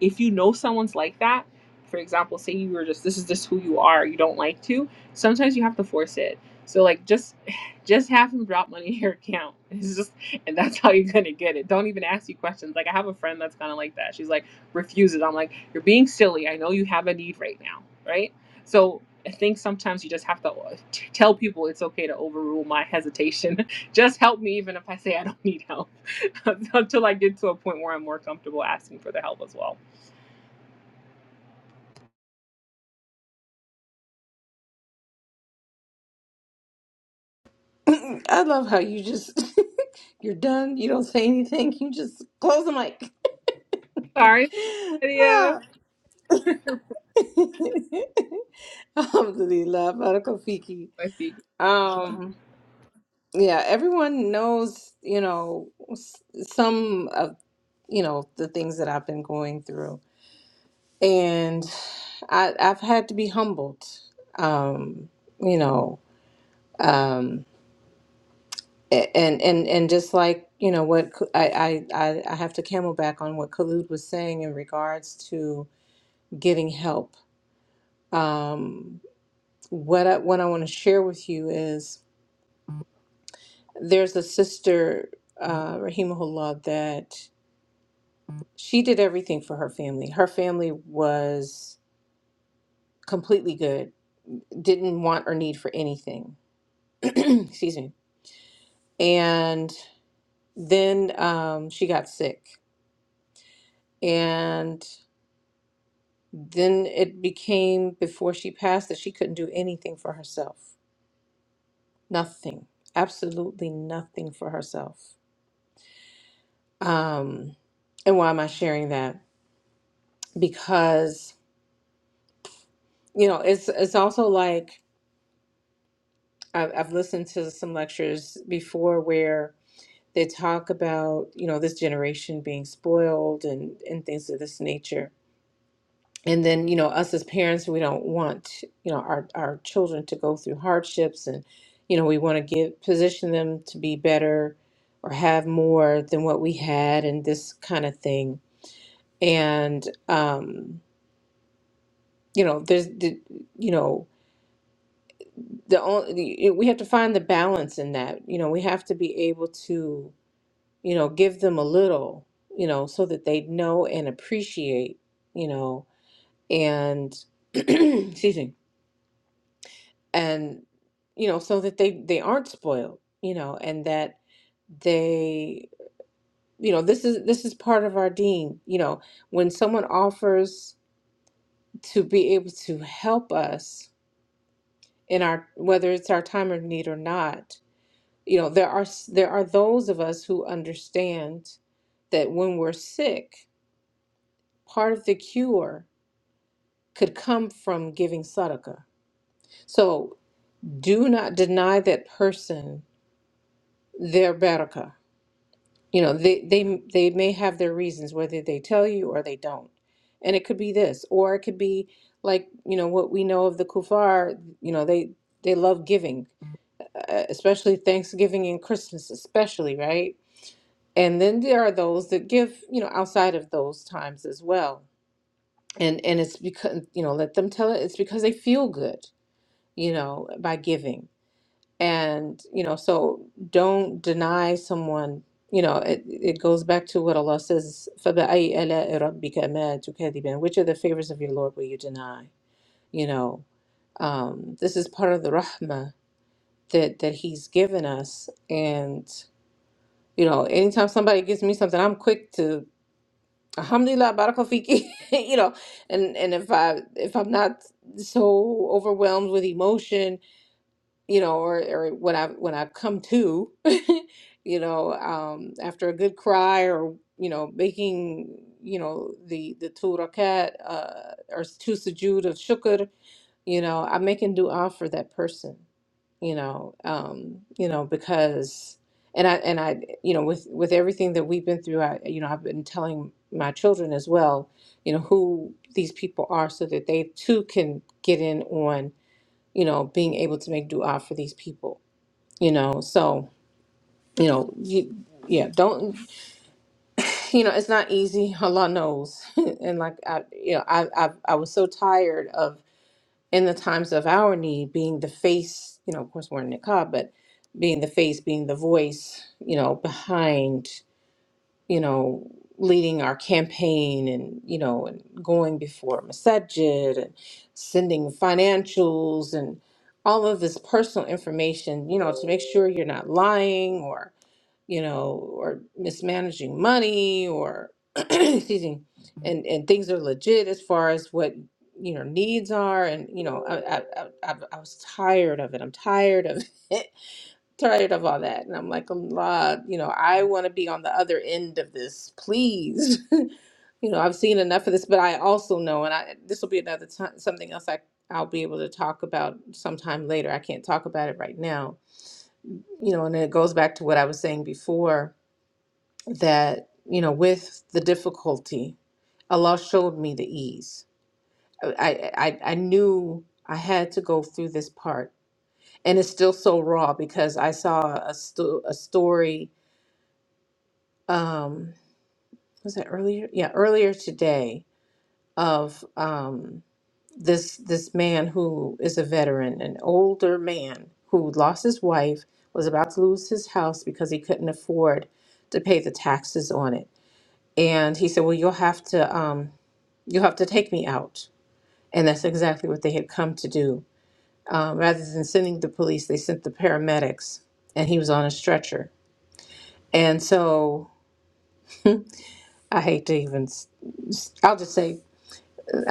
Speaker 1: if you know someone's like that for example say you were just this is just who you are you don't like to sometimes you have to force it so like just just have them drop money in your account it's just and that's how you're gonna get it don't even ask you questions like i have a friend that's kind of like that she's like refuse it. I'm like, you're being silly. I know you have a need right now, right? So I think sometimes you just have to uh, t- tell people it's okay to overrule my hesitation. just help me, even if I say I don't need help, until I get to a point where I'm more comfortable asking for the help as well.
Speaker 2: I love how you just you're done, you don't say anything, you just close the mic.
Speaker 1: Sorry, Lydia.
Speaker 2: Ah. Alhamdulillah, Barakal
Speaker 1: My feet.
Speaker 2: Um, yeah, everyone knows, you know, s- some of, you know, the things that I've been going through. And I, I've had to be humbled, um, you know, um, a- and, and, and just like, you know, what K- I, I, I I have to camelback on what Khalid was saying in regards to getting help. Um, what I, what I want to share with you is there's a sister, uh, Rahimahullah, that she did everything for her family. Her family was completely good, didn't want or need for anything. Excuse me. And then um, she got sick. And then it became before she passed that she couldn't do anything for herself. Nothing. Absolutely nothing for herself. Um, and why am I sharing that? Because, you know, it's it's also like I've, I've listened to some lectures before where They talk about, you know, this generation being spoiled and, and things of this nature. And then, you know, us as parents, we don't want, you know, our, our children to go through hardships and, you know, we want to give position them to be better or have more than what we had and this kind of thing. And um, you know, there's the, you know, the only we have to find the balance in that. You know, we have to be able to you know, give them a little, you know, so that they know and appreciate, you know, and excuse me, and you know, so that they they aren't spoiled, you know, and that they, you know, this is this is part of our dean, you know, when someone offers to be able to help us in our whether it's our time of need or not, you know, there are s- there are those of us who understand that when we're sick, part of the cure could come from giving sadaqah. So do not deny that person their barakah. You know, they, they, they may have their reasons, whether they tell you or they don't. And it could be this, or it could be like, you know, what we know of the kuffar. you know, they, they love giving, uh, especially Thanksgiving and Christmas, especially, right? And then there are those that give, you know, outside of those times as well. And, and it's because, you know, let them tell it, it's because they feel good, you know, by giving and you know so don't deny someone you know it, it goes back to what allah says فَبِأَيِّ آلَاءِ رَبِّكَ مَا تُكَذِّبَانِ? which are the favors of your lord will you deny you know um, this is part of the rahmah that that he's given us and you know anytime somebody gives me something i'm quick to alhamdulillah barakafiki you know and and if i if i'm not so overwhelmed with emotion you know, or, or when I when I come to, you know, um, after a good cry or you know, making you know the the two rakat uh, or two sujood of shukr, you know, I'm making du'a for that person, you know, um, you know, because and I and I you know with with everything that we've been through, I you know I've been telling my children as well, you know, who these people are, so that they too can get in on you know, being able to make dua for these people, you know. So, you know, you, yeah, don't, you know, it's not easy. Allah knows. and like, I, you know, I, I, I was so tired of in the times of our need being the face, you know, of course we're in niqab, but being the face, being the voice, you know, behind you know, leading our campaign and, you know, and going before Masajid and sending financials and all of this personal information, you know, to make sure you're not lying or, you know, or mismanaging money or, excuse me, and, and things are legit as far as what, you know, needs are. And, you know, I, I, I, I I was tired of it. I'm tired of it tired of all that. And I'm like, Allah, you know, I want to be on the other end of this, please. you know, I've seen enough of this, but I also know, and I this will be another time, something else I I'll be able to talk about sometime later. I can't talk about it right now. You know, and it goes back to what I was saying before that you know, with the difficulty, Allah showed me the ease. I I I I knew I had to go through this part, and it's still so raw because I saw a sto- a story um was it earlier yeah earlier today of um this this man who is a veteran an older man who lost his wife was about to lose his house because he couldn't afford to pay the taxes on it and he said well you'll have to um you'll have to take me out and that's exactly what they had come to do um, rather than sending the police they sent the paramedics and he was on a stretcher and so i hate to even s- I'll just say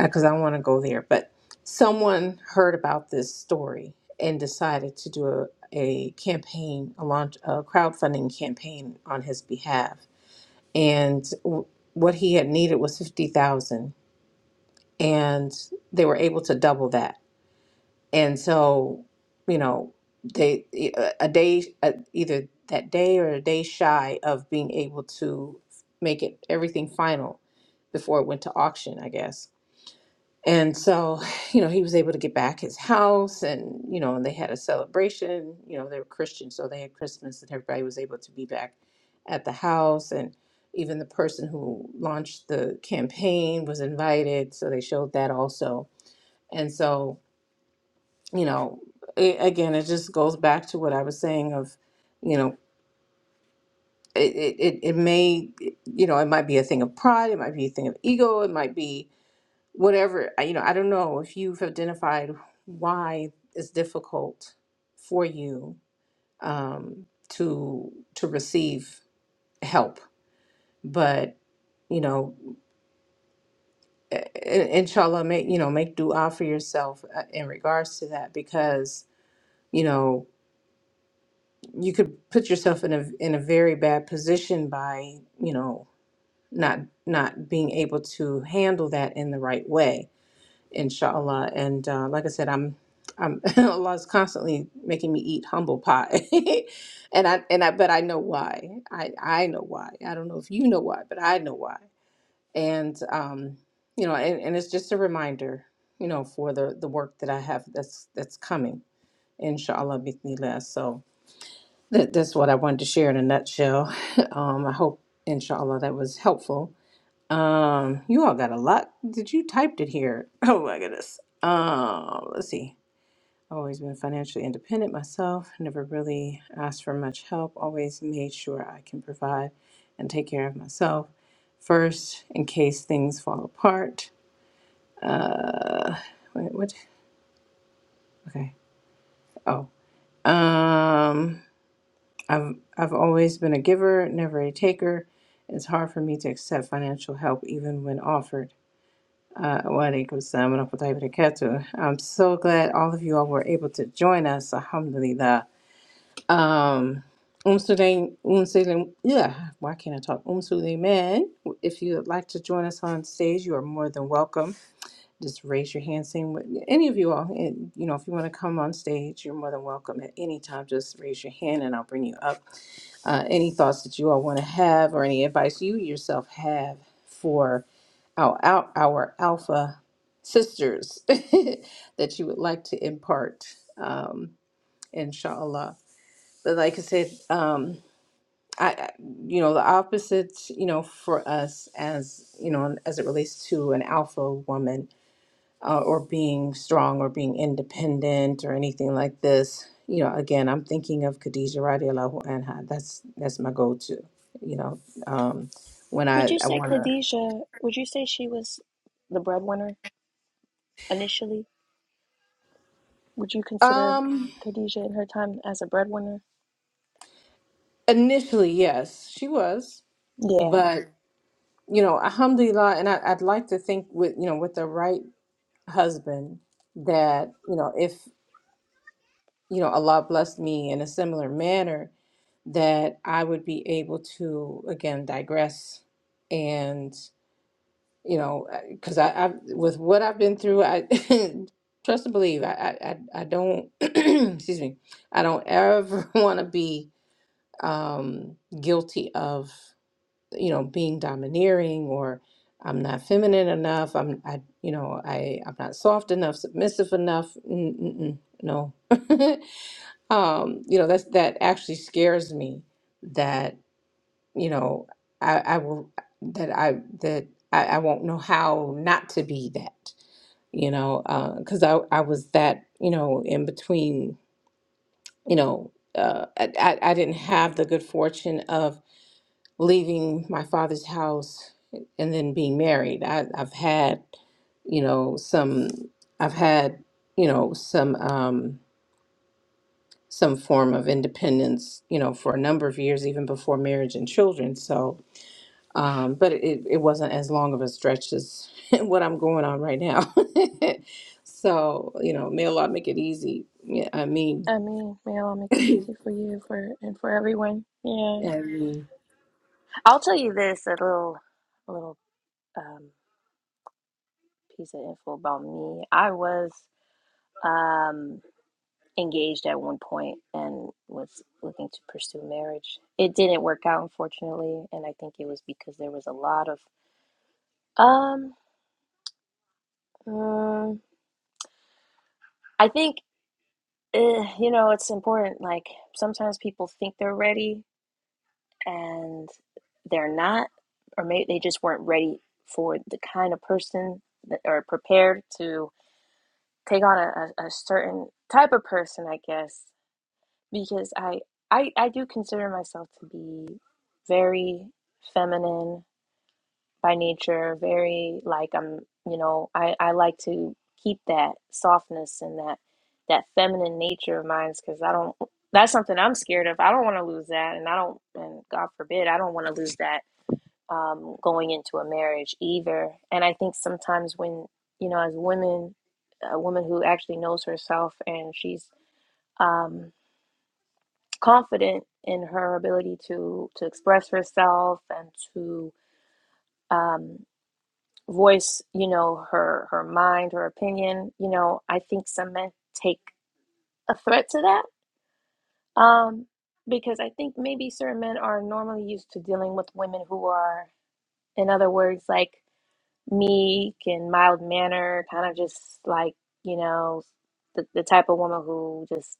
Speaker 2: because I want to go there, but someone heard about this story and decided to do a, a campaign, a launch, a crowdfunding campaign on his behalf. And w- what he had needed was 50,000 and they were able to double that. And so, you know, they a a day a, either that day or a day shy of being able to make it everything final before it went to auction, I guess and so, you know, he was able to get back his house and, you know, and they had a celebration. You know, they were Christian, so they had Christmas and everybody was able to be back at the house. And even the person who launched the campaign was invited. So they showed that also. And so, you know, it, again, it just goes back to what I was saying of, you know, it, it, it it may, you know, it might be a thing of pride, it might be a thing of ego, it might be whatever I- you know i don't know if you've identified why it's difficult for you um, to to receive help but you know i- i- inshallah make you know make dua for yourself uh, in regards to that because you know you could put yourself in a in a very bad position by you know not not being able to handle that in the right way inshallah and uh, like i said i'm i'm allah's constantly making me eat humble pie and i and i but i know why i i know why i don't know if you know why but i know why and um you know and, and it's just a reminder you know for the the work that i have that's that's coming inshallah bithnillah so that, that's what i wanted to share in a nutshell um i hope inshallah that was helpful um, you all got a lot that you typed in here. Oh my goodness. Um, let's see. I've always been financially independent myself, never really asked for much help, always made sure I can provide and take care of myself first in case things fall apart. Uh, wait, what? Okay. Oh. Um, I've, I've always been a giver, never a taker. It's hard for me to accept financial help even when offered. Uh, Waalaikumsalam warahmatullahi wabarakatuh. I'm so glad all of you all were able to join us. Alhamdulillah. Um, Um Sulaim, Um Sulaim, yeah, why can't I talk? Um Sulaiman, if you would like to join us on stage, you are more than welcome. Just raise your hand, same with any of you all. And, you know, if you want to come on stage, you're more than welcome at any time. Just raise your hand and I'll bring you up uh, any thoughts that you all want to have or any advice you yourself have for our, our, our alpha sisters that you would like to impart um, inshallah but like i said um, I, I- you know the opposite you know for us as you know as it relates to an alpha woman uh, or being strong or being independent or anything like this. You know, again, I'm thinking of Khadija radiallahu anha. That's that's my go-to. You know, um, when I
Speaker 3: would you
Speaker 2: I
Speaker 3: say
Speaker 2: want to.
Speaker 3: khadijah would you say she was the breadwinner initially Would you consider
Speaker 2: Um,
Speaker 3: Khadijah in her time as a breadwinner?
Speaker 2: initially, yes, she was, but you know, alhamdulillah, and I, I'd like to think with you know with the right husband that you know if you know Allah blessed me in a similar manner that I would be able to again digress you know, because I, I with what I've been through, I trust and believe. I I I I don't excuse me. I don't ever want to be um guilty of you know being domineering or I'm not feminine enough. I'm I you know I I'm not soft enough, submissive enough. Mm, mm, mm, no, um, you know that's that actually scares me. That you know, I, I will that I that I, I won't know how not to be that, you know, because I I was that you know in between, you know, uh, I I I didn't have the good fortune of leaving my father's house and then being married. I I've had, you know, some I've had you know some um some form of independence you know for a number of years even before marriage and children so um, but it, it wasn't as long of a stretch as what I'm going on right now. so you know, may Allah make it easy. Yeah, I mean,
Speaker 3: I mean, may Allah make it easy for you for and for everyone. Yeah.
Speaker 2: and
Speaker 3: I'll tell you this, a little a little um piece of info about me. I was um engaged at one point and was looking to pursue marriage. It didn't work out unfortunately, and I think it was because there was a lot of um mm, I think eh, you know, it's important like sometimes people think they're ready and they're not, or maybe they just weren't ready for the kind of person that, or prepared to take on a, a, a certain type of person, I guess, because I, I, I do consider myself to be very feminine by nature, very like I'm, you know, I, I like to keep that softness and that, that feminine nature of mine because I don't, that's something I'm scared of. I don't want to lose that. And I don't, and God forbid, I don't want to lose that um, going into a marriage either. And I think sometimes when, you know, as women, a woman who actually knows herself and she's um, confident in her ability to to express herself and to um, voice, you know, her her mind, her opinion, you know, I think some men take a threat to that. Um, because I think maybe certain men are normally used to dealing with women who are, in other words, like meek and mild manner, kind of just like, you know, the, the type of woman who just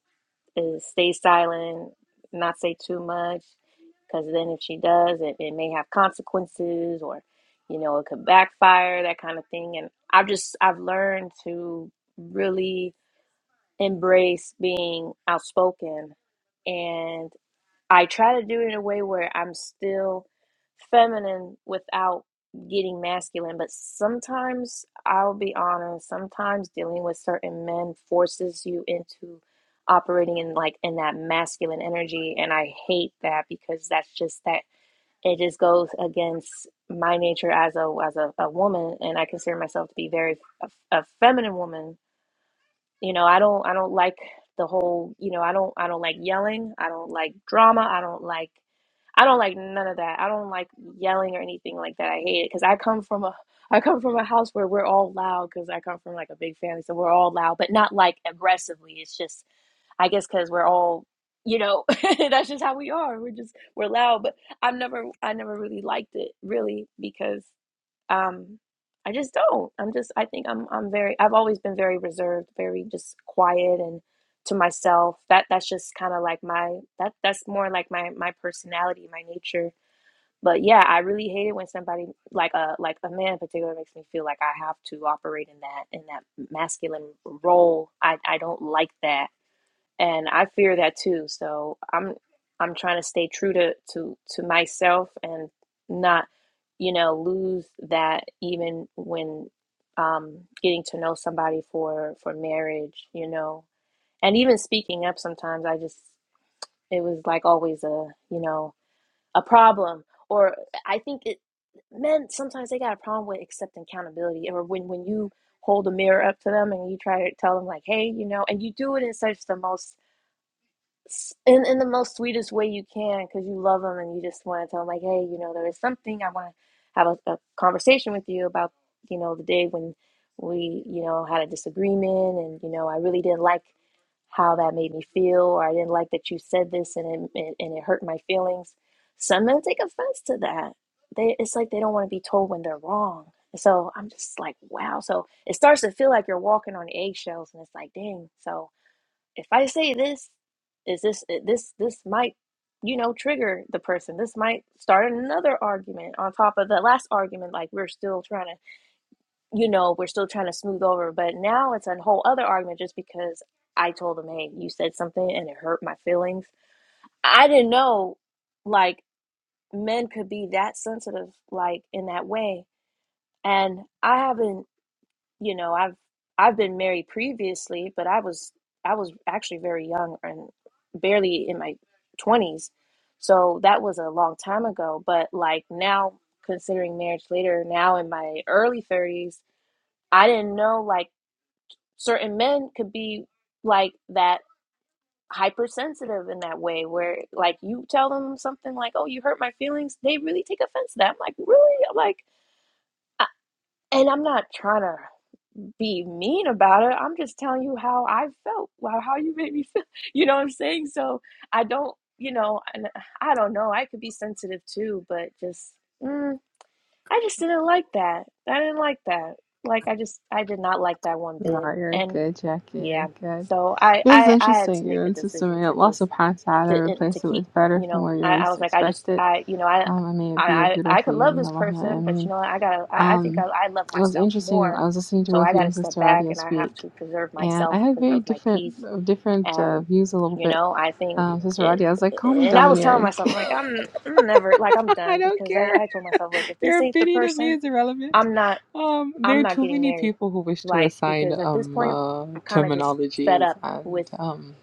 Speaker 3: is, stay silent, not say too much, because then if she does, it, it may have consequences or, you know, it could backfire, that kind of thing. And I've just, I've learned to really embrace being outspoken and. I try to do it in a way where I'm still feminine without getting masculine, but sometimes I'll be honest, sometimes dealing with certain men forces you into operating in like in that masculine energy and I hate that because that's just that it just goes against my nature as a as a, a woman and I consider myself to be very a, a feminine woman you know i don't i don't like the whole you know i don't i don't like yelling i don't like drama i don't like i don't like none of that i don't like yelling or anything like that i hate it because i come from a i come from a house where we're all loud because i come from like a big family so we're all loud but not like aggressively it's just i guess because we're all you know that's just how we are we're just we're loud but i've never i never really liked it really because um I just don't. I'm just I think I'm I'm very I've always been very reserved, very just quiet and to myself. That that's just kind of like my that that's more like my my personality, my nature. But yeah, I really hate it when somebody like a like a man in particular makes me feel like I have to operate in that in that masculine role. I I don't like that and I fear that too. So I'm I'm trying to stay true to to to myself and not, you know, lose that even when um getting to know somebody for for marriage, you know. And even speaking up sometimes I just it was like always a, you know, a problem or I think it men sometimes they got a problem with accepting accountability or when when you hold a mirror up to them and you try to tell them like, "Hey, you know," and you do it in such the most in, in the most sweetest way you can because you love them and you just want to tell them like hey you know there is something i want to have a, a conversation with you about you know the day when we you know had a disagreement and you know i really didn't like how that made me feel or i didn't like that you said this and it, it, and it hurt my feelings some men take offense to that they it's like they don't want to be told when they're wrong so i'm just like wow so it starts to feel like you're walking on eggshells and it's like dang so if I say this, is this eh, this this might you know trigger the person. This might start another argument on top of the last argument. Like we're still trying to you know we're still trying to smooth over, but now it's a whole other argument just because I told them, hey, you said something and it hurt my feelings. I didn't know like men could be that sensitive like in that way, and I haven't you know i've i've been married previously but i was i was actually very young and barely in my 20s so that was a long time ago but like now considering marriage later now in my early 30s i didn't know like certain men could be like that hypersensitive in that way where like you tell them something like oh you hurt my feelings they really take offense to that i'm like really i'm like I, and i'm not trying to be mean about it. I'm just telling you how I felt, wow, how you made me feel. You know what I'm saying? So I don't, you know, and I don't know. I could be sensitive too, but just, mm, I just didn't like that. I didn't like that. Like I just, I did not like that one
Speaker 1: No,
Speaker 3: bit.
Speaker 1: you're
Speaker 3: And
Speaker 1: good, Jackie.
Speaker 3: yeah,
Speaker 1: You're good.
Speaker 3: so I,
Speaker 1: It was
Speaker 3: I, I had to
Speaker 1: interesting. Your
Speaker 3: make the
Speaker 1: immune system
Speaker 3: decision
Speaker 1: may
Speaker 3: to
Speaker 1: have lost a
Speaker 3: just
Speaker 1: pants out
Speaker 3: to
Speaker 1: or
Speaker 3: eh, to
Speaker 1: replace it
Speaker 3: keep
Speaker 1: with better
Speaker 3: you
Speaker 1: from
Speaker 3: know
Speaker 1: where you
Speaker 3: I, I
Speaker 1: least
Speaker 3: was like I just
Speaker 1: expect it.
Speaker 3: I you know I
Speaker 1: Um, and may it
Speaker 3: I
Speaker 1: be a
Speaker 3: I I
Speaker 1: beautiful
Speaker 3: could love
Speaker 1: union,
Speaker 3: this
Speaker 1: Allahumma
Speaker 3: person but
Speaker 1: ameen.
Speaker 3: you know I gotta I, I think I,
Speaker 1: Um,
Speaker 3: I love
Speaker 1: it was
Speaker 3: myself
Speaker 1: interesting.
Speaker 3: more
Speaker 1: I was listening to
Speaker 3: so I
Speaker 1: both you
Speaker 3: gotta
Speaker 1: and
Speaker 3: step
Speaker 1: Sister
Speaker 3: back
Speaker 1: Radia
Speaker 3: and I have
Speaker 1: speak,
Speaker 3: to preserve
Speaker 1: and I
Speaker 3: myself
Speaker 1: had very
Speaker 3: preserve my
Speaker 1: different
Speaker 3: peace
Speaker 1: uh, different uh,
Speaker 3: and
Speaker 1: views a little
Speaker 3: you
Speaker 1: bit.
Speaker 3: know I think
Speaker 1: Um, Sister
Speaker 3: it,
Speaker 1: Radia, I was like, call me
Speaker 3: and I was telling
Speaker 1: domineering.
Speaker 3: myself like I'm, I'm never like I'm
Speaker 1: I
Speaker 3: done
Speaker 1: don't
Speaker 3: because I,
Speaker 1: care.
Speaker 3: I told myself look if
Speaker 1: Your
Speaker 3: this ain't the
Speaker 1: opinion of me
Speaker 3: person
Speaker 1: is irrelevant.
Speaker 3: I'm not
Speaker 1: Um, there
Speaker 3: I'm
Speaker 1: are
Speaker 3: not
Speaker 1: too
Speaker 3: getting
Speaker 1: many
Speaker 3: married
Speaker 1: people who wish to
Speaker 3: like
Speaker 1: assign
Speaker 3: because at this
Speaker 1: um,
Speaker 3: point
Speaker 1: uh,
Speaker 3: I'm kind of just fed
Speaker 1: terminologies
Speaker 3: up
Speaker 1: and
Speaker 3: with
Speaker 1: um,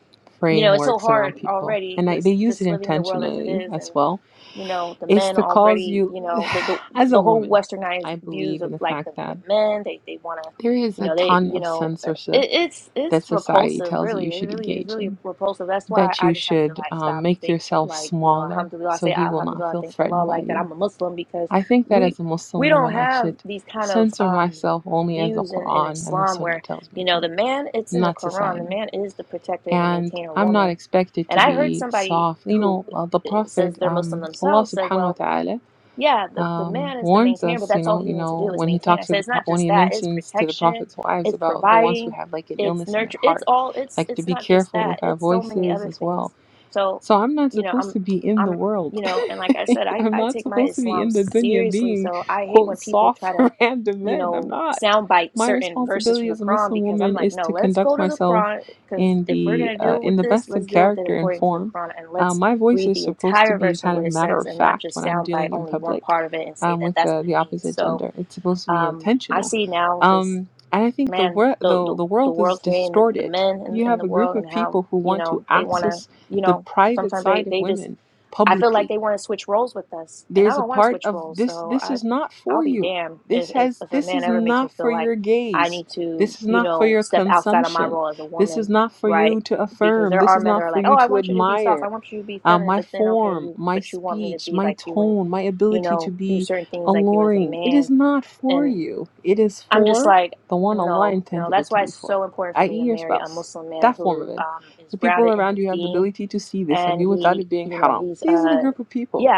Speaker 3: you know it's so
Speaker 1: frameworks around
Speaker 3: hard
Speaker 1: people,
Speaker 3: already
Speaker 1: and I, they
Speaker 3: lis-
Speaker 1: use it
Speaker 3: just living in the world as it
Speaker 1: intentionally
Speaker 3: is
Speaker 1: as
Speaker 3: and
Speaker 1: well.
Speaker 3: you know the
Speaker 1: It's
Speaker 3: men
Speaker 1: to cause
Speaker 3: already
Speaker 1: you,
Speaker 3: you know the the,
Speaker 1: as a
Speaker 3: the whole
Speaker 1: woman,
Speaker 3: westernized
Speaker 1: I
Speaker 3: views
Speaker 1: believe in
Speaker 3: of
Speaker 1: the
Speaker 3: like the,
Speaker 1: fact
Speaker 3: the
Speaker 1: that
Speaker 3: men they they want to
Speaker 1: There is
Speaker 3: you
Speaker 1: a
Speaker 3: know they
Speaker 1: ton
Speaker 3: you
Speaker 1: of
Speaker 3: know uh,
Speaker 1: censorship
Speaker 3: it, it's
Speaker 1: that
Speaker 3: it's
Speaker 1: society
Speaker 3: repulsive
Speaker 1: tells you
Speaker 3: really
Speaker 1: you
Speaker 3: it
Speaker 1: should
Speaker 3: really is
Speaker 1: engage
Speaker 3: really
Speaker 1: in,
Speaker 3: repulsive that's why
Speaker 1: that
Speaker 3: i
Speaker 1: you
Speaker 3: just have to
Speaker 1: should
Speaker 3: like
Speaker 1: um,
Speaker 3: stop and
Speaker 1: make
Speaker 3: think
Speaker 1: yourself
Speaker 3: like you know
Speaker 1: smaller
Speaker 3: alhamdulillah I
Speaker 1: so
Speaker 3: say
Speaker 1: he will not
Speaker 3: alhamdulillah
Speaker 1: feel
Speaker 3: thank allah
Speaker 1: threatened by
Speaker 3: like that
Speaker 1: you.
Speaker 3: i'm a muslim because
Speaker 1: I think that
Speaker 3: we
Speaker 1: as a
Speaker 3: we
Speaker 1: Muslim
Speaker 3: don't
Speaker 1: woman, I
Speaker 3: have
Speaker 1: should
Speaker 3: these kind of
Speaker 1: censor
Speaker 3: um
Speaker 1: myself only as the
Speaker 3: views in, in
Speaker 1: Quran and the
Speaker 3: islam
Speaker 1: Sunnah
Speaker 3: where
Speaker 1: tells me
Speaker 3: you know
Speaker 1: to,
Speaker 3: the man it's in the
Speaker 1: not
Speaker 3: quran the
Speaker 1: society.
Speaker 3: man is the protector and the
Speaker 1: And
Speaker 3: maintainer of
Speaker 1: I'm not
Speaker 3: woman
Speaker 1: expected
Speaker 3: and
Speaker 1: to
Speaker 3: i heard
Speaker 1: be
Speaker 3: somebody
Speaker 1: soft. You
Speaker 3: who
Speaker 1: know, uh, the
Speaker 3: says
Speaker 1: Prophet,
Speaker 3: they're Muslim
Speaker 1: um, Allah
Speaker 3: themselves said,
Speaker 1: subhanahu wa
Speaker 3: well,
Speaker 1: ta'ala,
Speaker 3: yeah, the, the
Speaker 1: um,
Speaker 3: man is the
Speaker 1: warns
Speaker 3: maintainer, but
Speaker 1: us, you
Speaker 3: that's all
Speaker 1: know,
Speaker 3: he
Speaker 1: you
Speaker 3: needs to
Speaker 1: know,
Speaker 3: do is
Speaker 1: when he
Speaker 3: maintain. I
Speaker 1: talks to
Speaker 3: said,
Speaker 1: the
Speaker 3: it's
Speaker 1: pro-
Speaker 3: not
Speaker 1: when
Speaker 3: just
Speaker 1: he
Speaker 3: that, it's
Speaker 1: mentions to the
Speaker 3: protection,
Speaker 1: prophet's wives
Speaker 3: it's
Speaker 1: about the ones who
Speaker 3: providing,
Speaker 1: have like an
Speaker 3: it's
Speaker 1: illness in their
Speaker 3: nurture, it's
Speaker 1: heart,
Speaker 3: all, it's,
Speaker 1: like to
Speaker 3: it's
Speaker 1: be
Speaker 3: not just
Speaker 1: careful
Speaker 3: that,
Speaker 1: with our
Speaker 3: it's so many
Speaker 1: voices
Speaker 3: other
Speaker 1: as
Speaker 3: things.
Speaker 1: well
Speaker 3: So,
Speaker 1: so I'm not
Speaker 3: you know,
Speaker 1: supposed
Speaker 3: I'm,
Speaker 1: to be in the
Speaker 3: I'm,
Speaker 1: world.
Speaker 3: you know, and like I said, I,
Speaker 1: I'm
Speaker 3: I
Speaker 1: not
Speaker 3: take my
Speaker 1: supposed to be
Speaker 3: Islam
Speaker 1: in the dunya
Speaker 3: seriously.
Speaker 1: being,
Speaker 3: So I hate
Speaker 1: quote,
Speaker 3: when people
Speaker 1: soft
Speaker 3: try to,
Speaker 1: for random
Speaker 3: you
Speaker 1: men. I'm
Speaker 3: know,
Speaker 1: not.
Speaker 3: soundbite
Speaker 1: My
Speaker 3: certain verses from
Speaker 1: responsibility
Speaker 3: the
Speaker 1: as a
Speaker 3: Quran
Speaker 1: Muslim
Speaker 3: because I'm
Speaker 1: woman
Speaker 3: like,
Speaker 1: is
Speaker 3: no,
Speaker 1: to
Speaker 3: let's go
Speaker 1: conduct
Speaker 3: to the
Speaker 1: myself
Speaker 3: Quran because
Speaker 1: in
Speaker 3: if we're
Speaker 1: the
Speaker 3: going to
Speaker 1: uh,
Speaker 3: deal
Speaker 1: in
Speaker 3: with
Speaker 1: the
Speaker 3: this,
Speaker 1: best of
Speaker 3: let's deal with it
Speaker 1: character and
Speaker 3: according to the
Speaker 1: form.
Speaker 3: Quran and
Speaker 1: Uh,
Speaker 3: let's
Speaker 1: my voice
Speaker 3: read
Speaker 1: is
Speaker 3: the
Speaker 1: supposed to
Speaker 3: entire
Speaker 1: be
Speaker 3: verse and
Speaker 1: kind
Speaker 3: what
Speaker 1: of
Speaker 3: it
Speaker 1: matter
Speaker 3: says
Speaker 1: of
Speaker 3: and not
Speaker 1: fact
Speaker 3: just
Speaker 1: when I'm
Speaker 3: sound bite
Speaker 1: dealing in
Speaker 3: only one
Speaker 1: public
Speaker 3: part of it and say
Speaker 1: um,
Speaker 3: that
Speaker 1: with
Speaker 3: that's
Speaker 1: uh,
Speaker 3: what
Speaker 1: the
Speaker 3: it means.
Speaker 1: opposite
Speaker 3: So
Speaker 1: gender. It's supposed to be
Speaker 3: um, I
Speaker 1: intentional,
Speaker 3: see now just
Speaker 1: um, and I think the
Speaker 3: man,
Speaker 1: world
Speaker 3: the
Speaker 1: the,
Speaker 3: the,
Speaker 1: the
Speaker 3: the
Speaker 1: world is
Speaker 3: world today and the, the
Speaker 1: distorted.
Speaker 3: men in,
Speaker 1: You
Speaker 3: in
Speaker 1: have
Speaker 3: the
Speaker 1: a group
Speaker 3: world
Speaker 1: of
Speaker 3: and how,
Speaker 1: people who
Speaker 3: you
Speaker 1: want to
Speaker 3: know, they want to,
Speaker 1: access
Speaker 3: you
Speaker 1: the
Speaker 3: know,
Speaker 1: private
Speaker 3: sometimes they,
Speaker 1: side of
Speaker 3: they just,
Speaker 1: women
Speaker 3: I feel like
Speaker 1: publicly
Speaker 3: they want to switch roles with us, and I
Speaker 1: there's a
Speaker 3: don't want to
Speaker 1: part
Speaker 3: switch
Speaker 1: of
Speaker 3: roles.
Speaker 1: this
Speaker 3: So
Speaker 1: this
Speaker 3: I,
Speaker 1: is not
Speaker 3: I'll
Speaker 1: for
Speaker 3: be
Speaker 1: you
Speaker 3: damned if,
Speaker 1: this
Speaker 3: if
Speaker 1: has
Speaker 3: if a
Speaker 1: this
Speaker 3: man
Speaker 1: is
Speaker 3: ever makes me
Speaker 1: not for
Speaker 3: feel like
Speaker 1: your
Speaker 3: I
Speaker 1: gaze
Speaker 3: need to,
Speaker 1: this is
Speaker 3: you
Speaker 1: not for
Speaker 3: know,
Speaker 1: your
Speaker 3: step outside of my
Speaker 1: consumption
Speaker 3: role as a
Speaker 1: this is
Speaker 3: woman,
Speaker 1: not for
Speaker 3: right?
Speaker 1: you to
Speaker 3: Because
Speaker 1: affirm
Speaker 3: there
Speaker 1: this
Speaker 3: are
Speaker 1: is
Speaker 3: men that
Speaker 1: not
Speaker 3: are
Speaker 1: for
Speaker 3: like,
Speaker 1: you
Speaker 3: oh, I
Speaker 1: to
Speaker 3: want you to be soft,
Speaker 1: admire
Speaker 3: I want you to be
Speaker 1: uh,
Speaker 3: feminine,
Speaker 1: my
Speaker 3: but then okay,
Speaker 1: form,
Speaker 3: you,
Speaker 1: my
Speaker 3: but you want me to
Speaker 1: speech,
Speaker 3: be
Speaker 1: my
Speaker 3: like you and,
Speaker 1: tone, my
Speaker 3: you
Speaker 1: ability to
Speaker 3: know, do
Speaker 1: be
Speaker 3: certain things like you as a
Speaker 1: alluring. It is
Speaker 3: man,
Speaker 1: not for
Speaker 3: and
Speaker 1: you. It is
Speaker 3: I'm just
Speaker 1: for
Speaker 3: like,
Speaker 1: the one Allah
Speaker 3: no, no.
Speaker 1: intended it
Speaker 3: That's
Speaker 1: to
Speaker 3: why
Speaker 1: be
Speaker 3: it's
Speaker 1: for,
Speaker 3: so important
Speaker 1: i.e.,
Speaker 3: for me to
Speaker 1: your
Speaker 3: marry a
Speaker 1: spouse.
Speaker 3: Muslim man
Speaker 1: That form of
Speaker 3: who
Speaker 1: it.
Speaker 3: um, is
Speaker 1: The people
Speaker 3: grounded in
Speaker 1: around
Speaker 3: his
Speaker 1: you have the
Speaker 3: deen,
Speaker 1: ability to see this of
Speaker 3: and
Speaker 1: you without it
Speaker 3: he,
Speaker 1: being
Speaker 3: you know,
Speaker 1: haram.
Speaker 3: he's
Speaker 1: These are the
Speaker 3: uh,
Speaker 1: group of people.
Speaker 3: yeah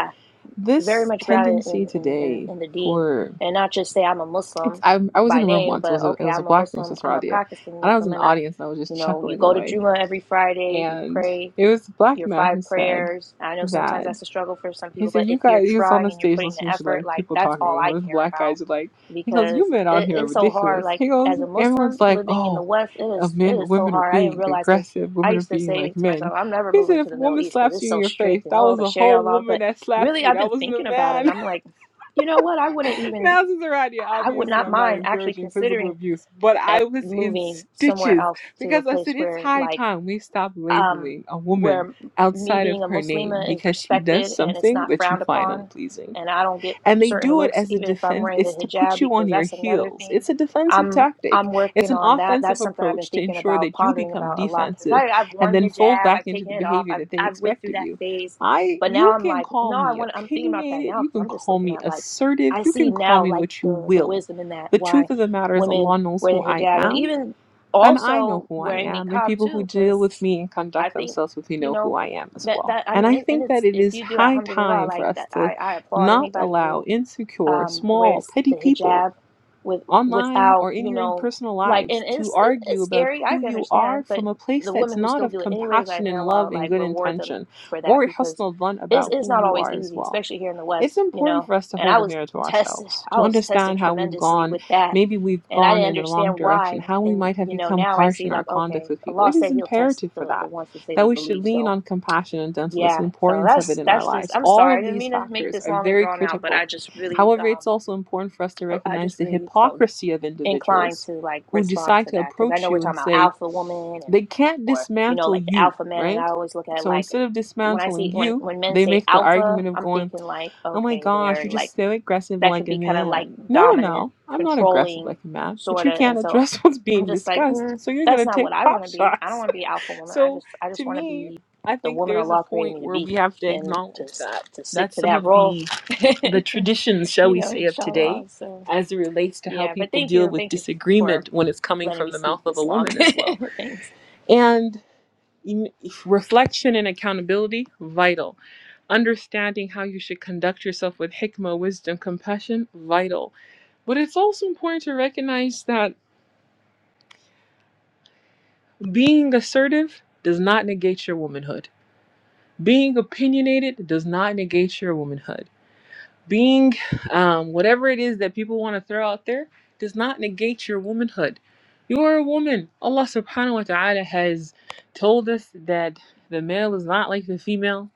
Speaker 3: very
Speaker 1: This
Speaker 3: much grounded
Speaker 1: tendency
Speaker 3: in, in, in,
Speaker 1: today
Speaker 3: in the deen
Speaker 1: for
Speaker 3: and not just say I'm a
Speaker 1: it's
Speaker 3: Muslim
Speaker 1: I, I was in
Speaker 3: by
Speaker 1: a room
Speaker 3: name,
Speaker 1: once. It
Speaker 3: but
Speaker 1: was a it
Speaker 3: okay,
Speaker 1: was a
Speaker 3: I'm a
Speaker 1: black room,
Speaker 3: Muslim,
Speaker 1: Sister
Speaker 3: I'm a
Speaker 1: Radia,
Speaker 3: practicing
Speaker 1: and I was
Speaker 3: Muslim,
Speaker 1: in the
Speaker 3: and I,
Speaker 1: audience and I was just
Speaker 3: you know, you
Speaker 1: chuckling
Speaker 3: go to
Speaker 1: away.
Speaker 3: Juma every Friday, you
Speaker 1: And
Speaker 3: pray
Speaker 1: it was a black
Speaker 3: your
Speaker 1: man
Speaker 3: five
Speaker 1: who said,
Speaker 3: prayers. I know sometimes
Speaker 1: that.
Speaker 3: that's a struggle for some
Speaker 1: He
Speaker 3: people,
Speaker 1: said,
Speaker 3: but
Speaker 1: "You
Speaker 3: if you're
Speaker 1: guys." He was on
Speaker 3: trying
Speaker 1: the
Speaker 3: and you're
Speaker 1: stage
Speaker 3: putting the
Speaker 1: listening to
Speaker 3: effort,
Speaker 1: like
Speaker 3: like
Speaker 1: people
Speaker 3: that's
Speaker 1: talking.
Speaker 3: all
Speaker 1: and
Speaker 3: I
Speaker 1: One of the
Speaker 3: care
Speaker 1: black guys
Speaker 3: about
Speaker 1: was like, "He goes, you
Speaker 3: because
Speaker 1: men out
Speaker 3: it,
Speaker 1: here are
Speaker 3: it's so hard.
Speaker 1: ridiculous."
Speaker 3: Like
Speaker 1: He goes,
Speaker 3: as a Muslim
Speaker 1: "Everyone's like,
Speaker 3: living in the
Speaker 1: oh,
Speaker 3: West, it
Speaker 1: uh,
Speaker 3: is it
Speaker 1: men,
Speaker 3: is so
Speaker 1: women are
Speaker 3: hard. I didn't
Speaker 1: being
Speaker 3: realize because
Speaker 1: aggressive.
Speaker 3: I
Speaker 1: Women are
Speaker 3: used to
Speaker 1: being
Speaker 3: say
Speaker 1: like
Speaker 3: to
Speaker 1: men."
Speaker 3: myself, I'm never
Speaker 1: He said,
Speaker 3: moving to
Speaker 1: "If a
Speaker 3: the Middle
Speaker 1: woman
Speaker 3: East because
Speaker 1: slaps
Speaker 3: it's
Speaker 1: you in
Speaker 3: so
Speaker 1: your face,
Speaker 3: strict and
Speaker 1: that
Speaker 3: oh
Speaker 1: was
Speaker 3: the
Speaker 1: a
Speaker 3: Sharia
Speaker 1: whole
Speaker 3: law.
Speaker 1: woman
Speaker 3: But
Speaker 1: that slapped
Speaker 3: really
Speaker 1: you.
Speaker 3: I've
Speaker 1: That
Speaker 3: been
Speaker 1: wasn't a
Speaker 3: thinking about it
Speaker 1: man."
Speaker 3: and I'm like, you know what? I wouldn't even
Speaker 1: now, this is around
Speaker 3: I would
Speaker 1: Obviously,
Speaker 3: not
Speaker 1: I'm not
Speaker 3: mind actually
Speaker 1: encouraging physical
Speaker 3: considering
Speaker 1: abuse, but
Speaker 3: uh,
Speaker 1: I was in
Speaker 3: moving somewhere
Speaker 1: stitches
Speaker 3: else to a
Speaker 1: because I
Speaker 3: place
Speaker 1: said it's
Speaker 3: where
Speaker 1: high
Speaker 3: like
Speaker 1: time we stop
Speaker 3: um,
Speaker 1: labeling a
Speaker 3: where
Speaker 1: woman
Speaker 3: me
Speaker 1: outside of
Speaker 3: being a
Speaker 1: her name
Speaker 3: Muslima is
Speaker 1: because she does
Speaker 3: respected and it's
Speaker 1: something
Speaker 3: not
Speaker 1: that you
Speaker 3: frowned
Speaker 1: find
Speaker 3: upon,
Speaker 1: unpleasing.
Speaker 3: and I don't get
Speaker 1: And they
Speaker 3: certain
Speaker 1: do it
Speaker 3: looks
Speaker 1: as a
Speaker 3: even if I'm
Speaker 1: defense,
Speaker 3: wearing the
Speaker 1: it's to put
Speaker 3: hijab
Speaker 1: you on
Speaker 3: because
Speaker 1: your
Speaker 3: that's another
Speaker 1: heels.
Speaker 3: thing.
Speaker 1: It's a defensive
Speaker 3: I'm
Speaker 1: tactic,
Speaker 3: I'm
Speaker 1: it's
Speaker 3: working
Speaker 1: an
Speaker 3: on that.
Speaker 1: offensive
Speaker 3: That's something I've been
Speaker 1: approach to
Speaker 3: thinking
Speaker 1: ensure
Speaker 3: about,
Speaker 1: that you
Speaker 3: pondering
Speaker 1: become
Speaker 3: about a lot because
Speaker 1: defensive
Speaker 3: I've
Speaker 1: and
Speaker 3: worn
Speaker 1: then fold
Speaker 3: hijab,
Speaker 1: back
Speaker 3: I've
Speaker 1: into
Speaker 3: taken
Speaker 1: the
Speaker 3: it off,
Speaker 1: behavior
Speaker 3: I've
Speaker 1: that they
Speaker 3: I've went
Speaker 1: expect
Speaker 3: through
Speaker 1: of
Speaker 3: that
Speaker 1: you.
Speaker 3: phase,
Speaker 1: I
Speaker 3: but now
Speaker 1: you
Speaker 3: I'm
Speaker 1: can
Speaker 3: like,
Speaker 1: call
Speaker 3: no, I
Speaker 1: me
Speaker 3: want. I'm thinking about that
Speaker 1: opinionated,
Speaker 3: now
Speaker 1: you
Speaker 3: because
Speaker 1: can
Speaker 3: I'm just
Speaker 1: call
Speaker 3: looking
Speaker 1: me
Speaker 3: at like
Speaker 1: assertive,
Speaker 3: I
Speaker 1: you
Speaker 3: see
Speaker 1: can call
Speaker 3: now
Speaker 1: me
Speaker 3: like
Speaker 1: what you
Speaker 3: the the
Speaker 1: will.
Speaker 3: wisdom in that
Speaker 1: The
Speaker 3: why
Speaker 1: truth of the matter is
Speaker 3: women
Speaker 1: Allah knows
Speaker 3: wear the
Speaker 1: who I
Speaker 3: hijab and
Speaker 1: am
Speaker 3: even
Speaker 1: and I know
Speaker 3: also
Speaker 1: who I
Speaker 3: wearing
Speaker 1: am, and
Speaker 3: niqab
Speaker 1: people
Speaker 3: too
Speaker 1: who deal with
Speaker 3: because
Speaker 1: me and
Speaker 3: I
Speaker 1: conduct
Speaker 3: think,
Speaker 1: themselves with me
Speaker 3: you
Speaker 1: know who
Speaker 3: know,
Speaker 1: I am as
Speaker 3: that
Speaker 1: well.
Speaker 3: that I
Speaker 1: And
Speaker 3: mean,
Speaker 1: I
Speaker 3: and and
Speaker 1: think that
Speaker 3: it's
Speaker 1: it
Speaker 3: if
Speaker 1: is
Speaker 3: you do,
Speaker 1: high
Speaker 3: alhamdulillah,
Speaker 1: time for
Speaker 3: like
Speaker 1: us
Speaker 3: that,
Speaker 1: to
Speaker 3: I I applaud
Speaker 1: not
Speaker 3: anybody
Speaker 1: allow
Speaker 3: who
Speaker 1: insecure,
Speaker 3: um,
Speaker 1: small,
Speaker 3: wears
Speaker 1: petty
Speaker 3: the
Speaker 1: people
Speaker 3: hijab with
Speaker 1: online
Speaker 3: without
Speaker 1: or in
Speaker 3: you
Speaker 1: your in-
Speaker 3: know
Speaker 1: personal
Speaker 3: like
Speaker 1: lives
Speaker 3: and
Speaker 1: to
Speaker 3: it's it,
Speaker 1: argue
Speaker 3: it's
Speaker 1: about
Speaker 3: scary
Speaker 1: who
Speaker 3: I can
Speaker 1: you are
Speaker 3: understand but
Speaker 1: from a place
Speaker 3: the
Speaker 1: that's
Speaker 3: women who
Speaker 1: not
Speaker 3: still
Speaker 1: of
Speaker 3: do it anyways
Speaker 1: compassion
Speaker 3: like
Speaker 1: and
Speaker 3: man law
Speaker 1: love and
Speaker 3: like
Speaker 1: good
Speaker 3: reward them
Speaker 1: intention
Speaker 3: for that
Speaker 1: or
Speaker 3: because
Speaker 1: husnul dhan
Speaker 3: it's
Speaker 1: about
Speaker 3: it's
Speaker 1: who
Speaker 3: not
Speaker 1: you
Speaker 3: always
Speaker 1: are as
Speaker 3: easy
Speaker 1: well
Speaker 3: especially here in the
Speaker 1: it's
Speaker 3: West you
Speaker 1: important
Speaker 3: know
Speaker 1: for us to
Speaker 3: and I
Speaker 1: hold a
Speaker 3: was
Speaker 1: mirror to
Speaker 3: tested
Speaker 1: ourselves,
Speaker 3: I
Speaker 1: to
Speaker 3: was tested
Speaker 1: understand how we've
Speaker 3: tremendously
Speaker 1: gone.
Speaker 3: with that
Speaker 1: Maybe we've
Speaker 3: and I
Speaker 1: gone
Speaker 3: didn't
Speaker 1: in the wrong
Speaker 3: understand
Speaker 1: direction,
Speaker 3: why
Speaker 1: how we
Speaker 3: and
Speaker 1: might have
Speaker 3: you know
Speaker 1: become
Speaker 3: now I
Speaker 1: harsh
Speaker 3: see
Speaker 1: in our
Speaker 3: like
Speaker 1: conduct
Speaker 3: okay
Speaker 1: with people.
Speaker 3: Allah
Speaker 1: It is
Speaker 3: said he'll test
Speaker 1: imperative for
Speaker 3: the the
Speaker 1: that,
Speaker 3: ones who say
Speaker 1: that
Speaker 3: they
Speaker 1: we should
Speaker 3: believe
Speaker 1: lean
Speaker 3: so
Speaker 1: on compassion and gentleness, the
Speaker 3: yeah so
Speaker 1: importance of it
Speaker 3: that's
Speaker 1: in our
Speaker 3: that's just
Speaker 1: lives.
Speaker 3: i'm
Speaker 1: All
Speaker 3: sorry i
Speaker 1: of
Speaker 3: didn't
Speaker 1: these
Speaker 3: mean to make
Speaker 1: factors
Speaker 3: this
Speaker 1: are
Speaker 3: long and
Speaker 1: very
Speaker 3: drawn out but
Speaker 1: critical.
Speaker 3: i just really
Speaker 1: However, it's
Speaker 3: um
Speaker 1: also important for us to
Speaker 3: I
Speaker 1: recognize
Speaker 3: just
Speaker 1: the
Speaker 3: really felt
Speaker 1: hypocrisy of
Speaker 3: inclined
Speaker 1: individuals
Speaker 3: to like
Speaker 1: who
Speaker 3: respond
Speaker 1: decide
Speaker 3: to
Speaker 1: to
Speaker 3: that because I
Speaker 1: approach
Speaker 3: know we're
Speaker 1: you and
Speaker 3: talking about
Speaker 1: say,
Speaker 3: alpha woman and
Speaker 1: they can't
Speaker 3: or you know
Speaker 1: dismantle
Speaker 3: like the
Speaker 1: you,
Speaker 3: alpha man and I
Speaker 1: right?
Speaker 3: always look at it
Speaker 1: So
Speaker 3: like
Speaker 1: instead of
Speaker 3: when I
Speaker 1: dismantling
Speaker 3: see when
Speaker 1: you,
Speaker 3: when men
Speaker 1: they
Speaker 3: say
Speaker 1: make the
Speaker 3: alpha
Speaker 1: argument of
Speaker 3: I'm
Speaker 1: going,
Speaker 3: thinking like
Speaker 1: Oh my
Speaker 3: okay
Speaker 1: gosh,
Speaker 3: they're
Speaker 1: you're
Speaker 3: like
Speaker 1: just so aggressive
Speaker 3: that could
Speaker 1: like a
Speaker 3: be kind of like
Speaker 1: man. No, no,
Speaker 3: dominant
Speaker 1: no. I'm not aggressive
Speaker 3: controlling
Speaker 1: like a man, but
Speaker 3: sort
Speaker 1: you
Speaker 3: of and
Speaker 1: can't
Speaker 3: so
Speaker 1: address what's
Speaker 3: I'm
Speaker 1: being
Speaker 3: just like
Speaker 1: discussed,
Speaker 3: mm,
Speaker 1: so you're
Speaker 3: that's
Speaker 1: going to
Speaker 3: not what
Speaker 1: take
Speaker 3: I want
Speaker 1: pop
Speaker 3: to be I don't
Speaker 1: shots.
Speaker 3: want to be alpha woman I
Speaker 1: so
Speaker 3: just I
Speaker 1: to
Speaker 3: just want to
Speaker 1: me,
Speaker 3: be
Speaker 1: I
Speaker 3: the
Speaker 1: think
Speaker 3: woman
Speaker 1: there's a
Speaker 3: Allah created
Speaker 1: point
Speaker 3: me to
Speaker 1: where
Speaker 3: be
Speaker 1: we have to
Speaker 3: and to
Speaker 1: acknowledge
Speaker 3: s-
Speaker 1: that
Speaker 3: to stick
Speaker 1: that's
Speaker 3: to
Speaker 1: some
Speaker 3: that
Speaker 1: of
Speaker 3: role
Speaker 1: the the traditions, shall
Speaker 3: you
Speaker 1: we
Speaker 3: know
Speaker 1: say, of today
Speaker 3: inshallah so
Speaker 1: as it relates to how
Speaker 3: yeah, but
Speaker 1: people
Speaker 3: thank
Speaker 1: deal
Speaker 3: you.
Speaker 1: with
Speaker 3: Thank you for
Speaker 1: disagreement when it's coming
Speaker 3: letting
Speaker 1: from
Speaker 3: me
Speaker 1: the
Speaker 3: speak
Speaker 1: mouth of a
Speaker 3: this long.
Speaker 1: woman as well.
Speaker 3: Thanks.
Speaker 1: And em- reflection and accountability vital Understanding how you should conduct yourself with hikmah, wisdom, compassion, vital. But it's also important to recognize that being assertive does not negate your womanhood. Being opinionated does not negate your womanhood. Being um, whatever it is that people want to throw out there does not negate your womanhood. You are a woman. Allah subhanahu wa ta'ala has told us that the male is not like the female,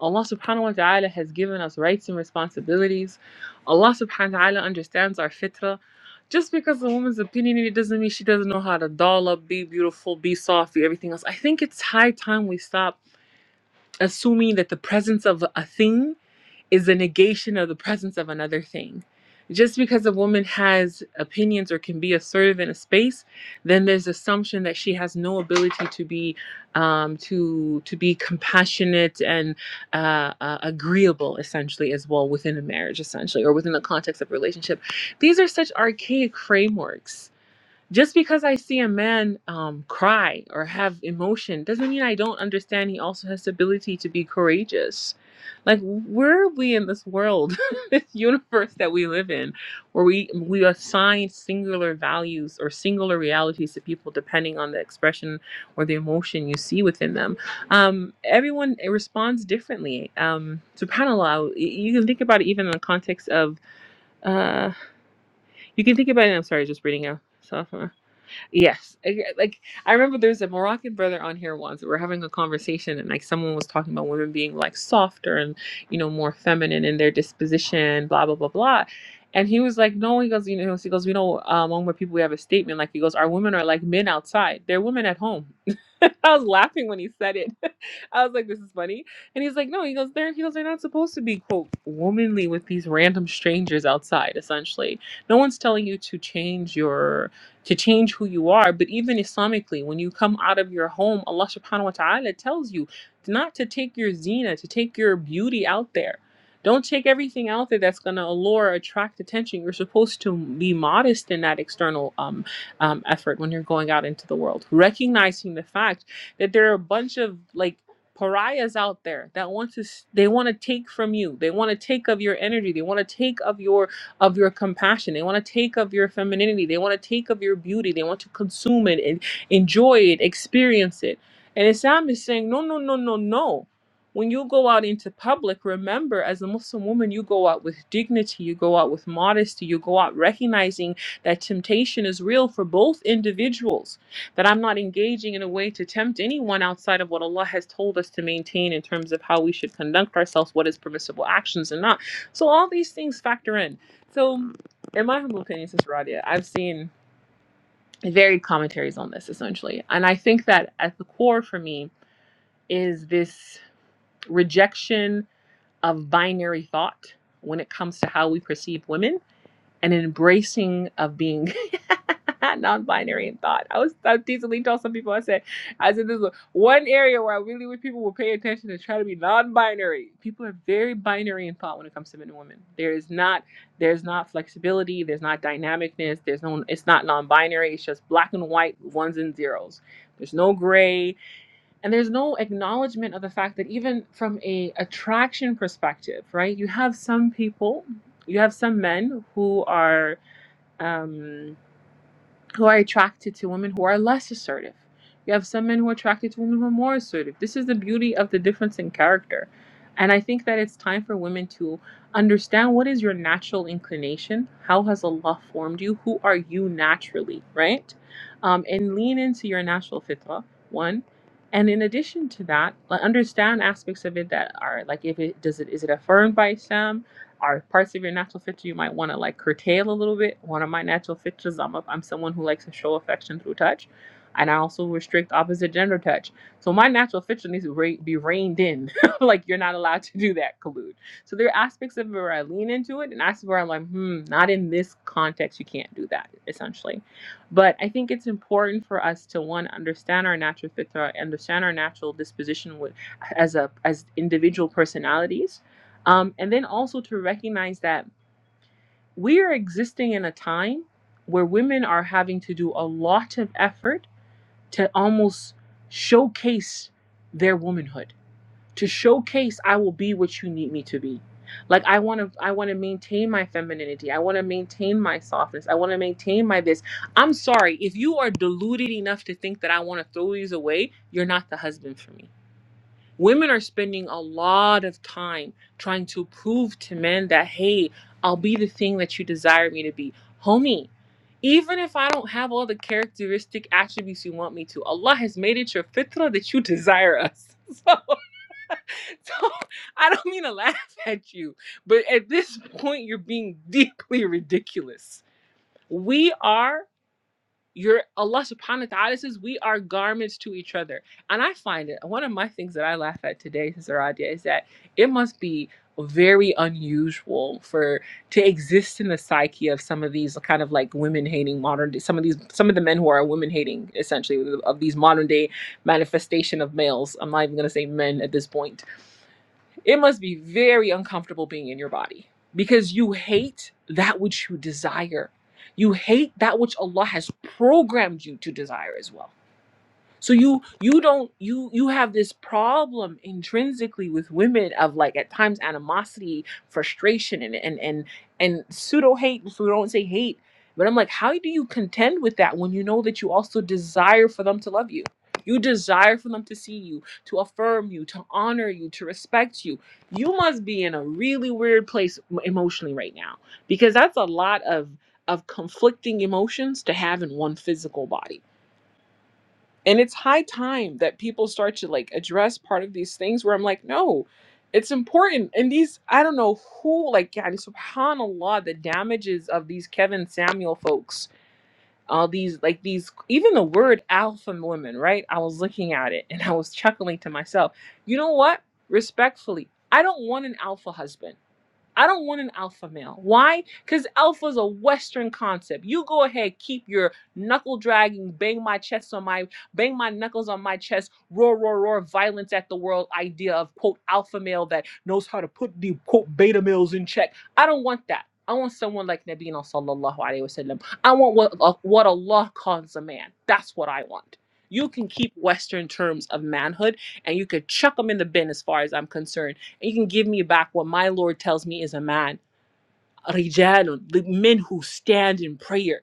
Speaker 1: Allah subhanahu wa ta'ala has given us rights and responsibilities. Allah subhanahu wa ta'ala understands our fitrah. Just because a woman's opinionated doesn't mean she doesn't know how to doll up, be beautiful, be soft, be everything else. I think it's high time we stop assuming that the presence of a thing is a negation of the presence of another thing. Just because a woman has opinions or can be assertive in a space, then there's assumption that she has no ability to be um, to to be compassionate and uh, uh, agreeable, essentially, as well within a marriage, essentially, or within the context of relationship. These are such archaic frameworks just because I see a man um, cry or have emotion doesn't mean I don't understand he also has the ability to be courageous. Like, where are we in this world, this universe that we live in, where we we assign singular values or singular realities to people depending on the expression or the emotion you see within them? Um, everyone eh, responds differently. Um, Subhanallah, y- you can think about it even in the context of. Uh, you can think about it. I'm sorry, just reading out. Yes. I- Like I remember there was a Moroccan brother on here once. We were having a conversation and like someone was talking about women being like softer and, you know, more feminine in their disposition, blah blah blah blah. And he was like, no, he goes, you know, he goes, we know um, among white people we have a statement like he goes, our women are like men outside. They're women at home. I was laughing when he said it. I was like, this is funny. And he's like, no, he goes, they're he goes, they're not supposed to be quote womanly with these random strangers outside, essentially. No one's telling you to change your to change who you are. But even Islamically, when you come out of your home, Allah subhanahu wa ta'ala tells you not to take your zina, to take your beauty out there. Don't take everything out there that's going to allure, attract attention. You're supposed to be modest in that external um, um, effort when you're going out into the world, recognizing the fact that there are a bunch of like pariahs out there that want to s- they want to take from you they want to take of your energy they want to take of your of your compassion. They want to take of your femininity. They want to take of your beauty. They want to consume it and enjoy it, experience it. And Islam is saying, no, no, no, no, no. When you go out into public, remember as a Muslim woman, you go out with dignity, you go out with modesty, you go out recognizing that temptation is real for both individuals, that I'm not engaging in a way to tempt anyone outside of what Allah has told us to maintain in terms of how we should conduct ourselves, what is permissible actions and not. So all these things factor in. So, in my humble opinion, Sister Radia, I've seen varied commentaries on this essentially. And I think that at the core for me is this rejection of binary thought when it comes to how we perceive women and an embracing of being non-binary in thought. I was I decently told some people I said I said this is one area where I really wish people would pay attention and try to be non-binary. People are very binary in thought when it comes to men and women. There is not there's not flexibility, there's not dynamicness, there's no it's not non-binary, it's just black and white, ones and zeros. There's no gray, and there's no acknowledgement of the fact that even from a attraction perspective right you have some people you have some men who are um who are attracted to women who are less assertive. You have some men who are attracted to women who are more assertive. This is the beauty of the difference in character. And I think that it's time for women to understand what is your natural inclination? How has Allah formed you? Who are you naturally, right? Um, and lean into your natural fitrah, one. And in addition to that, like, understand aspects of it that are like, if it does it is it affirmed by Islam? are parts of your natural feature you might want to like curtail a little bit. One of my natural features, I'm a, I'm someone who likes to show affection through touch, and I also restrict opposite gender touch. So my natural feature needs to re- be reined in. like you're not allowed to do that, collude. So there are aspects of it where I lean into it, and aspects where I'm like, hmm, not in this context. You can't do that, essentially. But I think it's important for us to one understand our natural feature, understand our natural disposition with, as a as individual personalities um, and then also to recognize that we are existing in a time where women are having to do a lot of effort to almost showcase their womanhood, to showcase I will be what you need me to be. Like I want to, I want to maintain my femininity. I want to maintain my softness. I want to maintain my this. I'm sorry if you are deluded enough to think that I want to throw these away. You're not the husband for me. Women are spending a lot of time trying to prove to men that, hey, I'll be the thing that you desire me to be. Homie, even if I don't have all the characteristic attributes you want me to, Allah has made it your fitrah that you desire us. So, so I don't mean to laugh at you, but at this point, you're being deeply ridiculous. We are. You're Allah subhanahu wa ta'ala says we are garments to each other. And I find it one of my things that I laugh at today, Sister Radia, is that it must be very unusual for to exist in the psyche of some of these kind of like women hating modern day some of these some of the men who are women hating essentially of these modern day manifestation of males. I'm not even gonna say men at this point it must be very uncomfortable being in your body because you hate that which you desire. You hate that which Allah has programmed you to desire as well. So you you don't you you have this problem intrinsically with women of like at times animosity, frustration, and and and and pseudo hate. If we don't say hate, but I'm like, how do you contend with that when you know that you also desire for them to love you? You desire for them to see you, to affirm you, to honor you, to respect you. You must be in a really weird place emotionally right now because that's a lot of of conflicting emotions to have in one physical body and it's high time that people start to like address part of these things where I'm like, no, it's important. And these, I don't know who, like, yeah, subhanAllah, the damages of these Kevin Samuel folks, all these, like, these, even the word alpha women, right? I was looking at it and I was chuckling to myself. You know what? Respectfully, I don't want an alpha husband. I don't want an alpha male. Why? Because alpha is a Western concept. You go ahead, keep your knuckle dragging, bang my chest on my, bang my knuckles on my chest, roar, roar, roar, violence at the world idea of quote alpha male that knows how to put the quote beta males in check. I don't want that. I want someone like Nabina sallallahu alaihi wasallam. I want what uh, what Allah calls a man. That's what I want. You can keep Western terms of manhood, and you could chuck them in the bin as far as I'm concerned you can give me back what my Lord tells me is a man. Rijalun, the men who stand in prayer.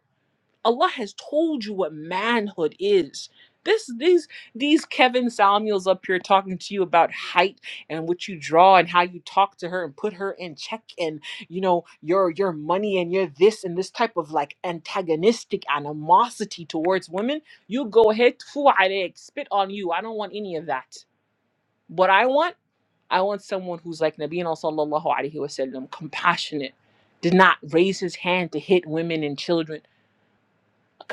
Speaker 1: Allah has told you what manhood is. This, these, these Kevin Samuels up here talking to you about height and what you draw and how you talk to her and put her in check and you know your your money and your this and this type of like antagonistic animosity towards women. You go ahead, tfu alayk, spit on you. I don't want any of that. What I want. I want someone who's like Nabiina sallallahu alaihi wasallam, compassionate, did not raise his hand to hit women and children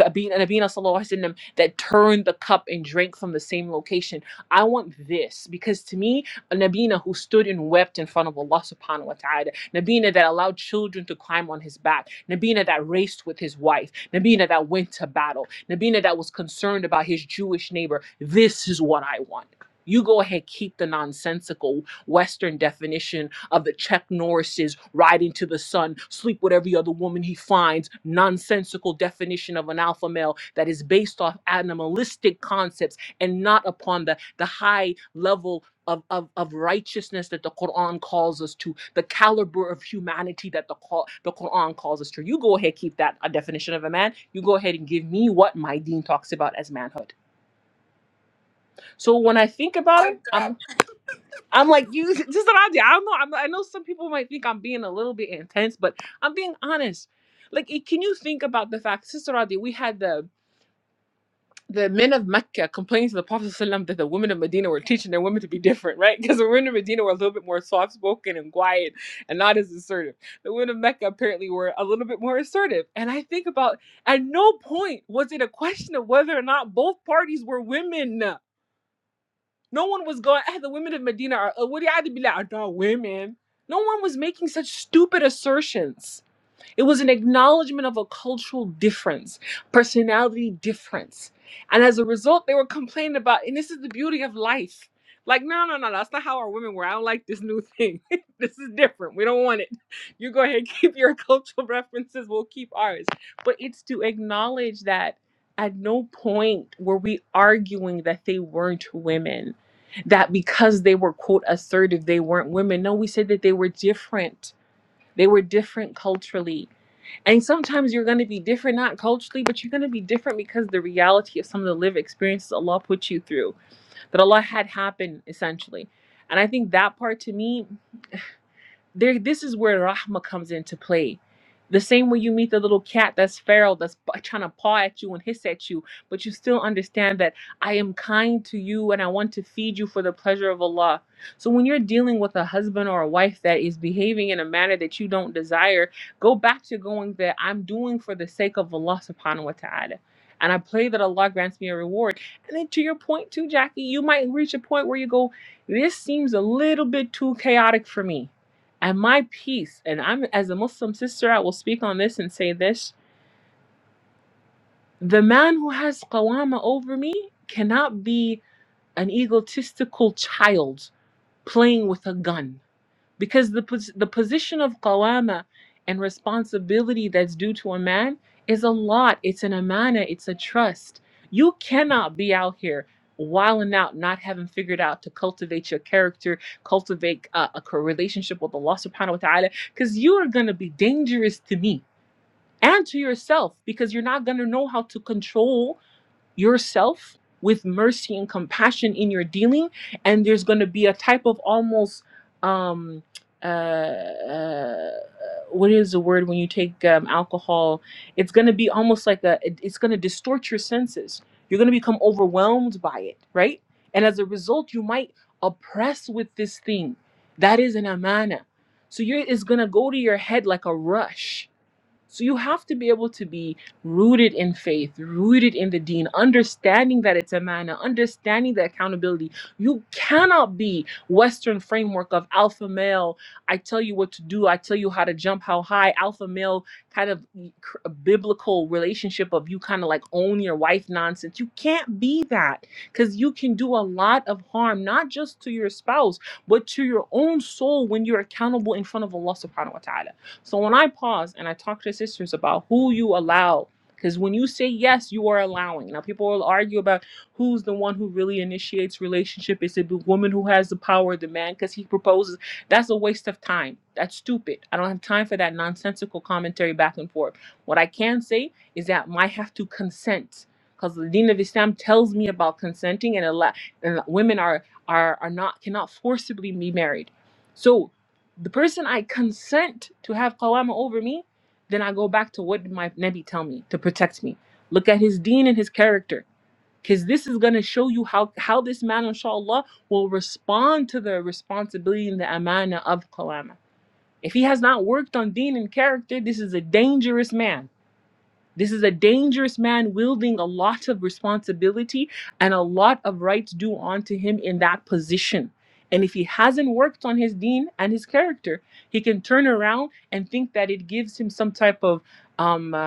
Speaker 1: Abin and Abina Sallallahu Alaihi Wasallam that turned the cup and drank from the same location. I want this because to me, a Nabina who stood and wept in front of Allah subhanahu wa ta'ala, Nabina that allowed children to climb on his back, Nabina that raced with his wife, Nabina that went to battle, Nabina that was concerned about his Jewish neighbor. This is what I want. You go ahead, keep the nonsensical Western definition of the Chuck Norris's riding to the sun, sleep with every other woman he finds, nonsensical definition of an alpha male that is based off animalistic concepts and not upon the, the high level of, of, of righteousness that the Quran calls us to, the caliber of humanity that the, call, the Quran calls us to. You go ahead, keep that a definition of a man. You go ahead and give me what my dean talks about as manhood. So when I think about it, I'm I'm like you. Just that I I don't know. I'm, I know some people might think I'm being a little bit intense, but I'm being honest. Like, it- can you think about the fact, Sister Adi? We had the the men of Mecca complaining to the Prophet ﷺ that the women of Medina were teaching their women to be different, right? Because the women of Medina were a little bit more soft spoken and quiet and not as assertive. The women of Mecca apparently were a little bit more assertive. And I think about at no point was it a question of whether or not both parties were women. No one was going, "Ah, the women of Medina are, uh, what do you have to be like, "Ah, the women. No one was making such stupid assertions. It was an acknowledgement of a cultural difference, personality difference. And as a result, they were complaining about, and this is the beauty of life. Like, no, no, no, that's not how our women were. I don't like this new thing. this is different. We don't want it. You go ahead, keep your cultural references, we'll keep ours. But it's to acknowledge that at no point were we arguing that they weren't women, that because they were, quote, assertive, they weren't women. No, we said that they were different. They were different culturally and sometimes you're going to be different, not culturally, but you're going to be different because the reality of some of the live experiences Allah put you through, that Allah had happen essentially. And I think that part to me there this is where rahma comes into play the same way you meet the little cat that's feral that's p- trying to paw at you and hiss at you but you still understand that i am kind to you and i want to feed you for the pleasure of allah so when you're dealing with a husband or a wife that is behaving in a manner that you don't desire go back to going that i'm doing for the sake of allah subhanahu wa ta'ala and i pray that allah grants me a reward and then to your point too jackie you might reach a point where you go this seems a little bit too chaotic for me and my peace, and I'm as a Muslim sister, I will speak on this and say this the man who has qawama over me cannot be an egotistical child playing with a gun because the pos- the position of qawama and responsibility that's due to a man is a lot it's an amana it's a trust you cannot be out here wilding out not having figured out to cultivate your character cultivate uh, a co- relationship with allah subhanahu wa ta'ala because you are going to be dangerous to me and to yourself because you're not going to know how to control yourself with mercy and compassion in your dealing and there's going to be a type of almost um uh, uh what is the word when you take um, alcohol it's going to be almost like a it- it's going to distort your senses you're going to become overwhelmed by it right and as a result you might oppress with this thing that is an amana so you're it's going to go to your head like a rush so you have to be able to be rooted in faith, rooted in the Deen, understanding that it's a manna, understanding the accountability. You cannot be Western framework of alpha male. I tell you what to do. I tell you how to jump how high. Alpha male kind of cr- biblical relationship of you kind of like own your wife nonsense. You can't be that because you can do a lot of harm, not just to your spouse, but to your own soul when you're accountable in front of Allah Subhanahu Wa Taala. So when I pause and I talk to sisters about who you allow, because when you say yes, you are allowing. Now people will argue about who's the one who really initiates relationship. Is it the woman who has the power, the man, because he proposes? That's a waste of time. That's stupid. I don't have time for that nonsensical commentary back and forth. What I can say is that I have to consent. Because the Deen of Islam tells me about consenting, and, allow, and women are are are not cannot forcibly be married. So the person I consent to have qawama over me, then I go back to what did my Nabi tell me to protect me. Look at his deen and his character. Because this is going to show you how, how this man, inshallah, will respond to the responsibility and the amana of qawama. If he has not worked on deen and character, this is a dangerous man. This is a dangerous man wielding a lot of responsibility and a lot of rights due onto him in that position. And if he hasn't worked on his deen and his character, he can turn around and think that it gives him some type of um, uh,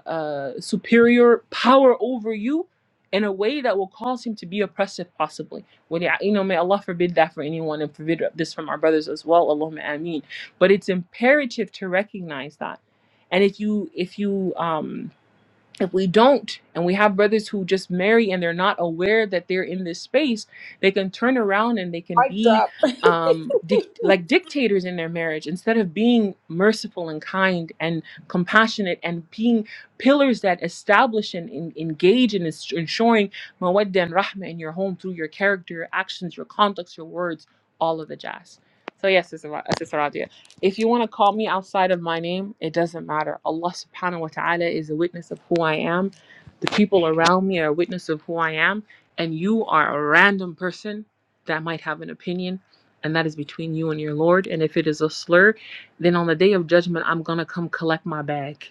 Speaker 1: uh, superior power over you in a way that will cause him to be oppressive, possibly. When, you know, may Allah forbid that for anyone and forbid this from our brothers as well. Allahumma ameen. But it's imperative to recognize that. And if you, if you, um, if we don't and we have brothers who just marry and they're not aware that they're in this space they can turn around and they can
Speaker 2: Mic
Speaker 1: be
Speaker 2: drop.
Speaker 1: um, dic- like dictators in their marriage instead of being merciful and kind and compassionate and being pillars that establish and en- engage in ens- ensuring mawadda and rahma in your home through your character your actions your conducts your words all of the jazz so yes sister Ra- uh, Sister Radia. If you want to call me outside of my name, it doesn't matter. Allah subhanahu wa ta'ala is a witness of who I am. The people around me are a witness of who I am. And you are a random person that might have an opinion. And that is between you and your Lord. And if it is a slur, then on the day of judgment, I'm going to come collect my bag.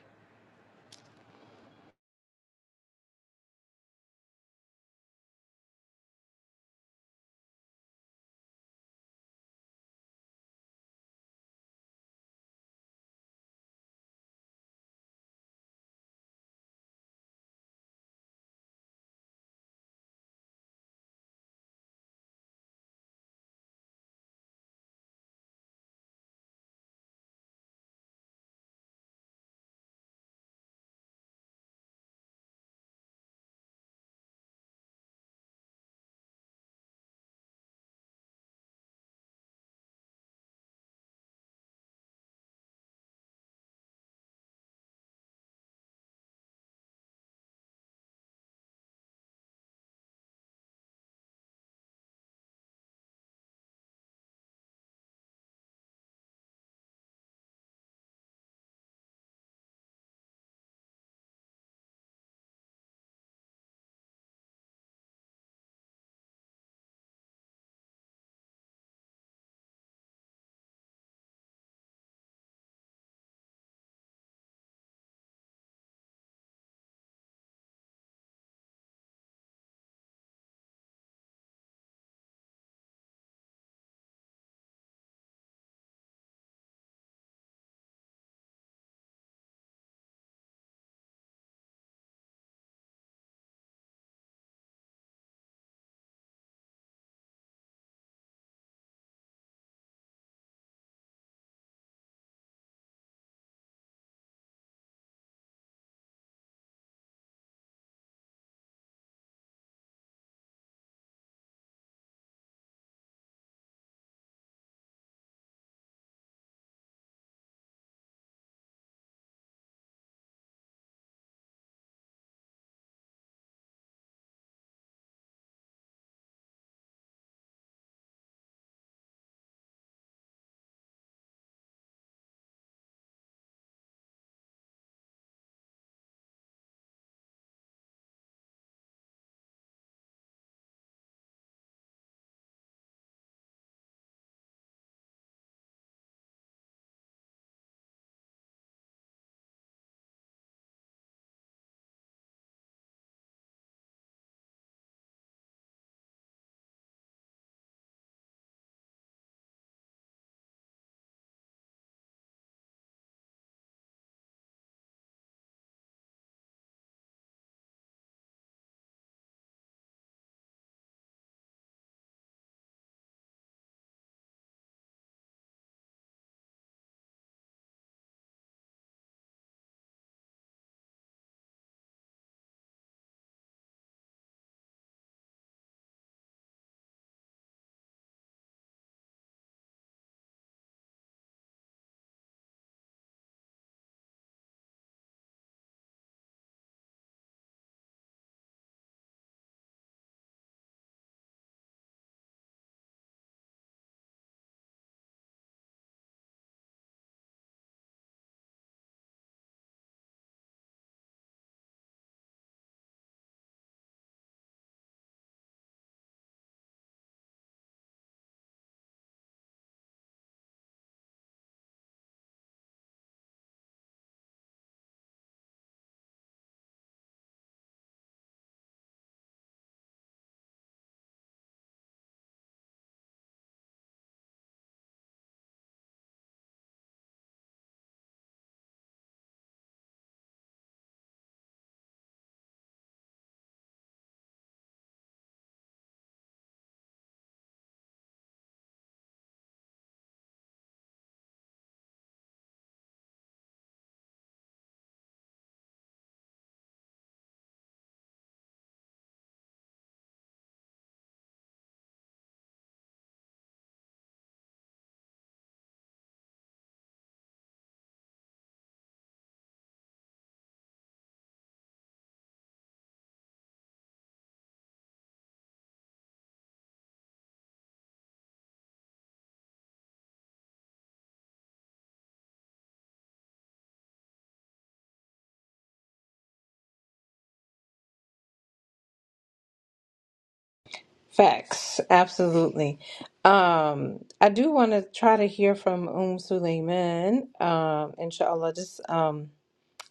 Speaker 2: facts, absolutely. Um, I do want to try to hear from Um Suleiman. Um, inshallah, just um,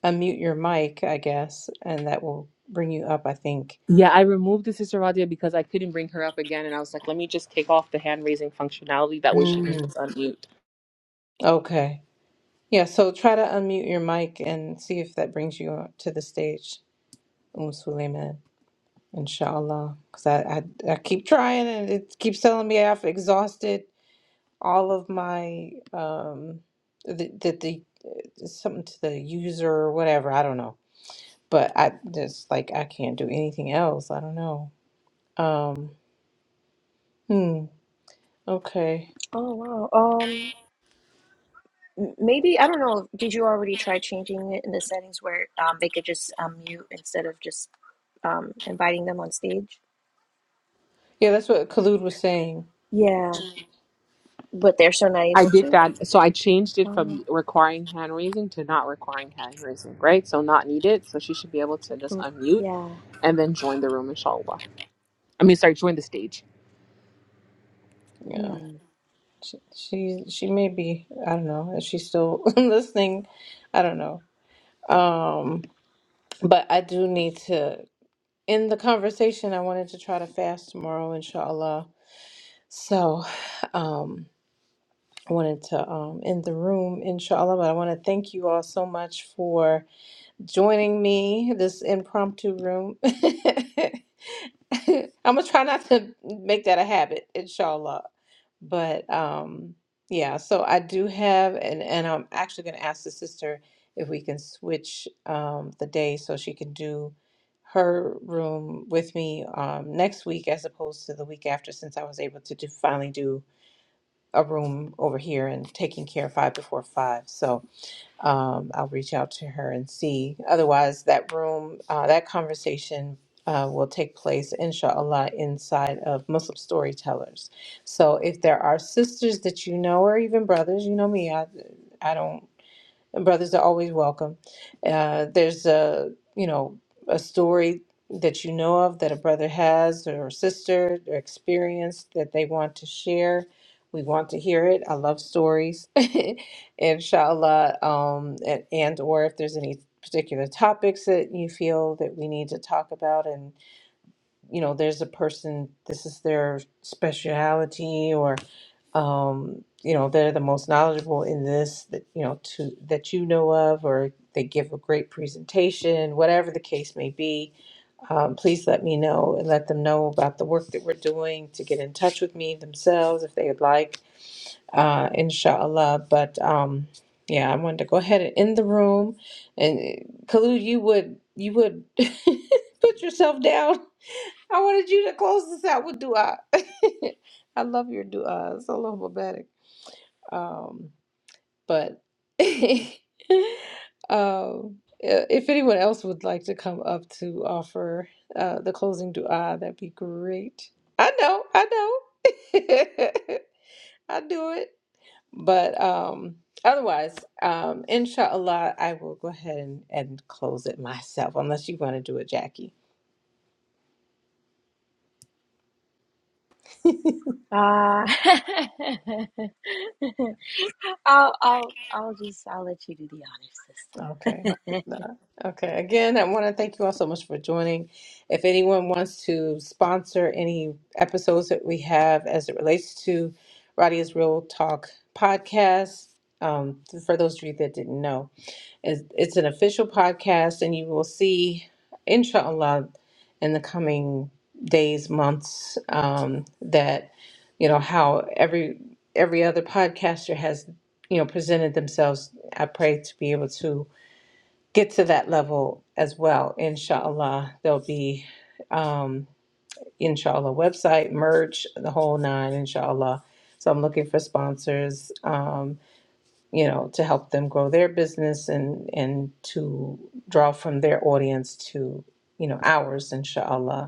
Speaker 2: unmute your mic, I guess, and that will bring you up. I think.
Speaker 1: Yeah, I removed the sister Radia because I couldn't bring her up again. And I was like, let me just take off the hand raising functionality. That way she can
Speaker 2: Mm.
Speaker 1: just unmute.
Speaker 2: Okay. Yeah. So try to unmute your mic and see if that brings you to the stage. Um Suleiman, inshallah. Because I, I, I keep trying and it keeps telling me I've exhausted all of my, um, the, the, the it's something to the user or whatever. I don't know. But I just like, I can't do anything else. I don't know. Um, hmm. Okay.
Speaker 3: Oh wow. Um, m- maybe I don't know. Did you already try changing it in the settings where um they could just um mute instead of just um inviting them on stage?
Speaker 2: Yeah, that's what Khalid was saying.
Speaker 3: Yeah, But they're still not
Speaker 1: I
Speaker 3: able
Speaker 1: did
Speaker 3: to.
Speaker 1: that. So I changed it
Speaker 3: Oh,
Speaker 1: from requiring hand raising to not requiring hand raising, right? So not needed. So she should be able to just
Speaker 3: mm,
Speaker 1: unmute
Speaker 3: yeah.
Speaker 1: and then join the room, inshallah. I mean, sorry, join the stage.
Speaker 2: Yeah.
Speaker 3: Hmm.
Speaker 2: She, she, she may be, I don't know. If she's still listening, I don't know. Um, but I do need to. in the conversation, I wanted to try to fast tomorrow, inshallah. So, um, I wanted to um, end the room, inshallah. But I want to thank you all so much for joining me this impromptu room. I'm gonna try not to make that a habit, inshallah. But um, yeah, so I do have, and and I'm actually gonna ask the sister if we can switch um, the day so she can do her room with me um, next week as opposed to the week after, since I was able to do, finally do a room over here and taking care of five before five. So um, I'll reach out to her and see. Otherwise, that room, uh, that conversation uh, will take place, inshallah, inside of Muslim storytellers. So if there are sisters that you know, or even brothers, you know me, I, I don't and brothers are always welcome. Uh, there's a you know a story that you know of that a brother has or a sister or experience that they want to share. We want to hear it. I love stories, inshallah. Um, and, and or if there's any particular topics that you feel that we need to talk about you know there's a person this is their speciality or um you know they're the most knowledgeable in this that you know to that you know of or they give a great presentation whatever the case may be um, please let me know and let them know about the work that we're doing to get in touch with me themselves if they would like uh inshallah but um yeah i wanted to go ahead and end the room and uh, khalid you would you would put yourself down I wanted you to close this out with dua. I love your dua. It's a little babatic. Um, but um, if anyone else would like to come up to offer uh, the closing dua, that'd be great. I know, I know. I do it. But um, otherwise, um, inshallah, I will go ahead and, and close it myself, unless you want to do it, Jackie.
Speaker 3: Uh, I'll, I'll, I'll just, I'll let you do the honors
Speaker 2: Okay,
Speaker 3: this
Speaker 2: hopefully
Speaker 3: time.
Speaker 2: not. Okay, again, I want to thank you all so much for joining. If anyone wants to sponsor any episodes that we have as it relates to Radia's Real Talk podcast, um, for those of you that didn't know, it's it's an official podcast, and you will see, inshallah, in the coming days, months, um, that you know how every every other podcaster has you know presented themselves. I pray to be able to get to that level as well. Inshallah, there'll be, um, inshallah, website, merch, the whole nine, inshallah. So I'm looking for sponsors, um, you know, to help them grow their business and, and to draw from their audience to, you know, ours, inshallah.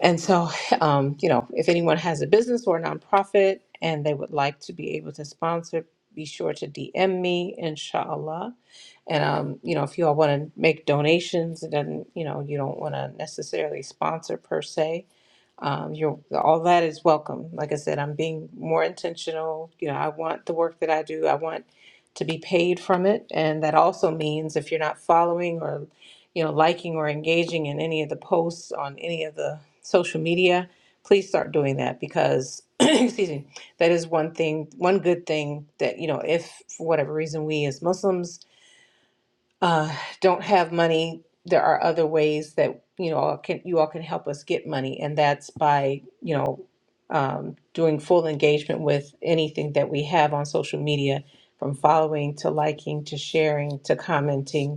Speaker 2: And so, um, you know, if anyone has a business or a nonprofit and they would like to be able to sponsor, be sure to DM me, inshallah. And, um, you know, if you all want to make donations, then, you know, you don't want to necessarily sponsor per se um, you're, all that is welcome. Like I said, I'm being more intentional. You know, I want the work that I do, I want to be paid from it. And that also means if you're not following or, you know, liking or engaging in any of the posts on any of the social media, please start doing that because, excuse me, that is one thing, one good thing that, you know, if for whatever reason we as Muslims uh, don't have money, there are other ways that you know all can you all can help us get money, and that's by you know um, doing full engagement with anything that we have on social media, from following to liking to sharing to commenting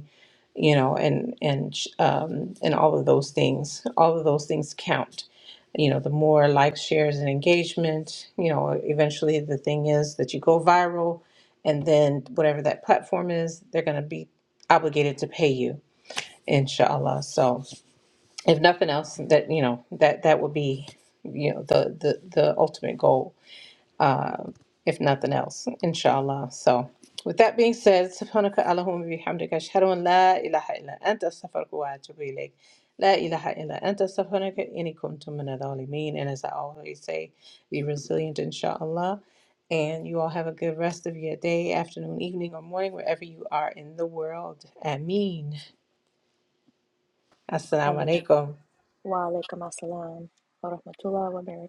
Speaker 2: you know and and um, and all of those things all of those things count you know the more likes shares and engagement you know eventually the thing is that you go viral and then whatever that platform is they're going to be obligated to pay you inshallah so if nothing else that you know that that would be you know the the the ultimate goal if nothing else, inshallah. So, with that being said, سبحانك اللهم وبحمدك أشهد أن لا إله إلا أنت أستغفرك وأتوب إليك. لا إله إلا أنت أستغفرك إني كنت من الظالمين. And as I always say, be resilient, inshallah. And you all have a good rest of your day, afternoon, evening, or morning, wherever you are in the world. Ameen.
Speaker 3: I
Speaker 2: Assalamu
Speaker 3: mean,
Speaker 2: alaikum.
Speaker 3: wa alaikum assalam wa rahmatullah wa barakatuh.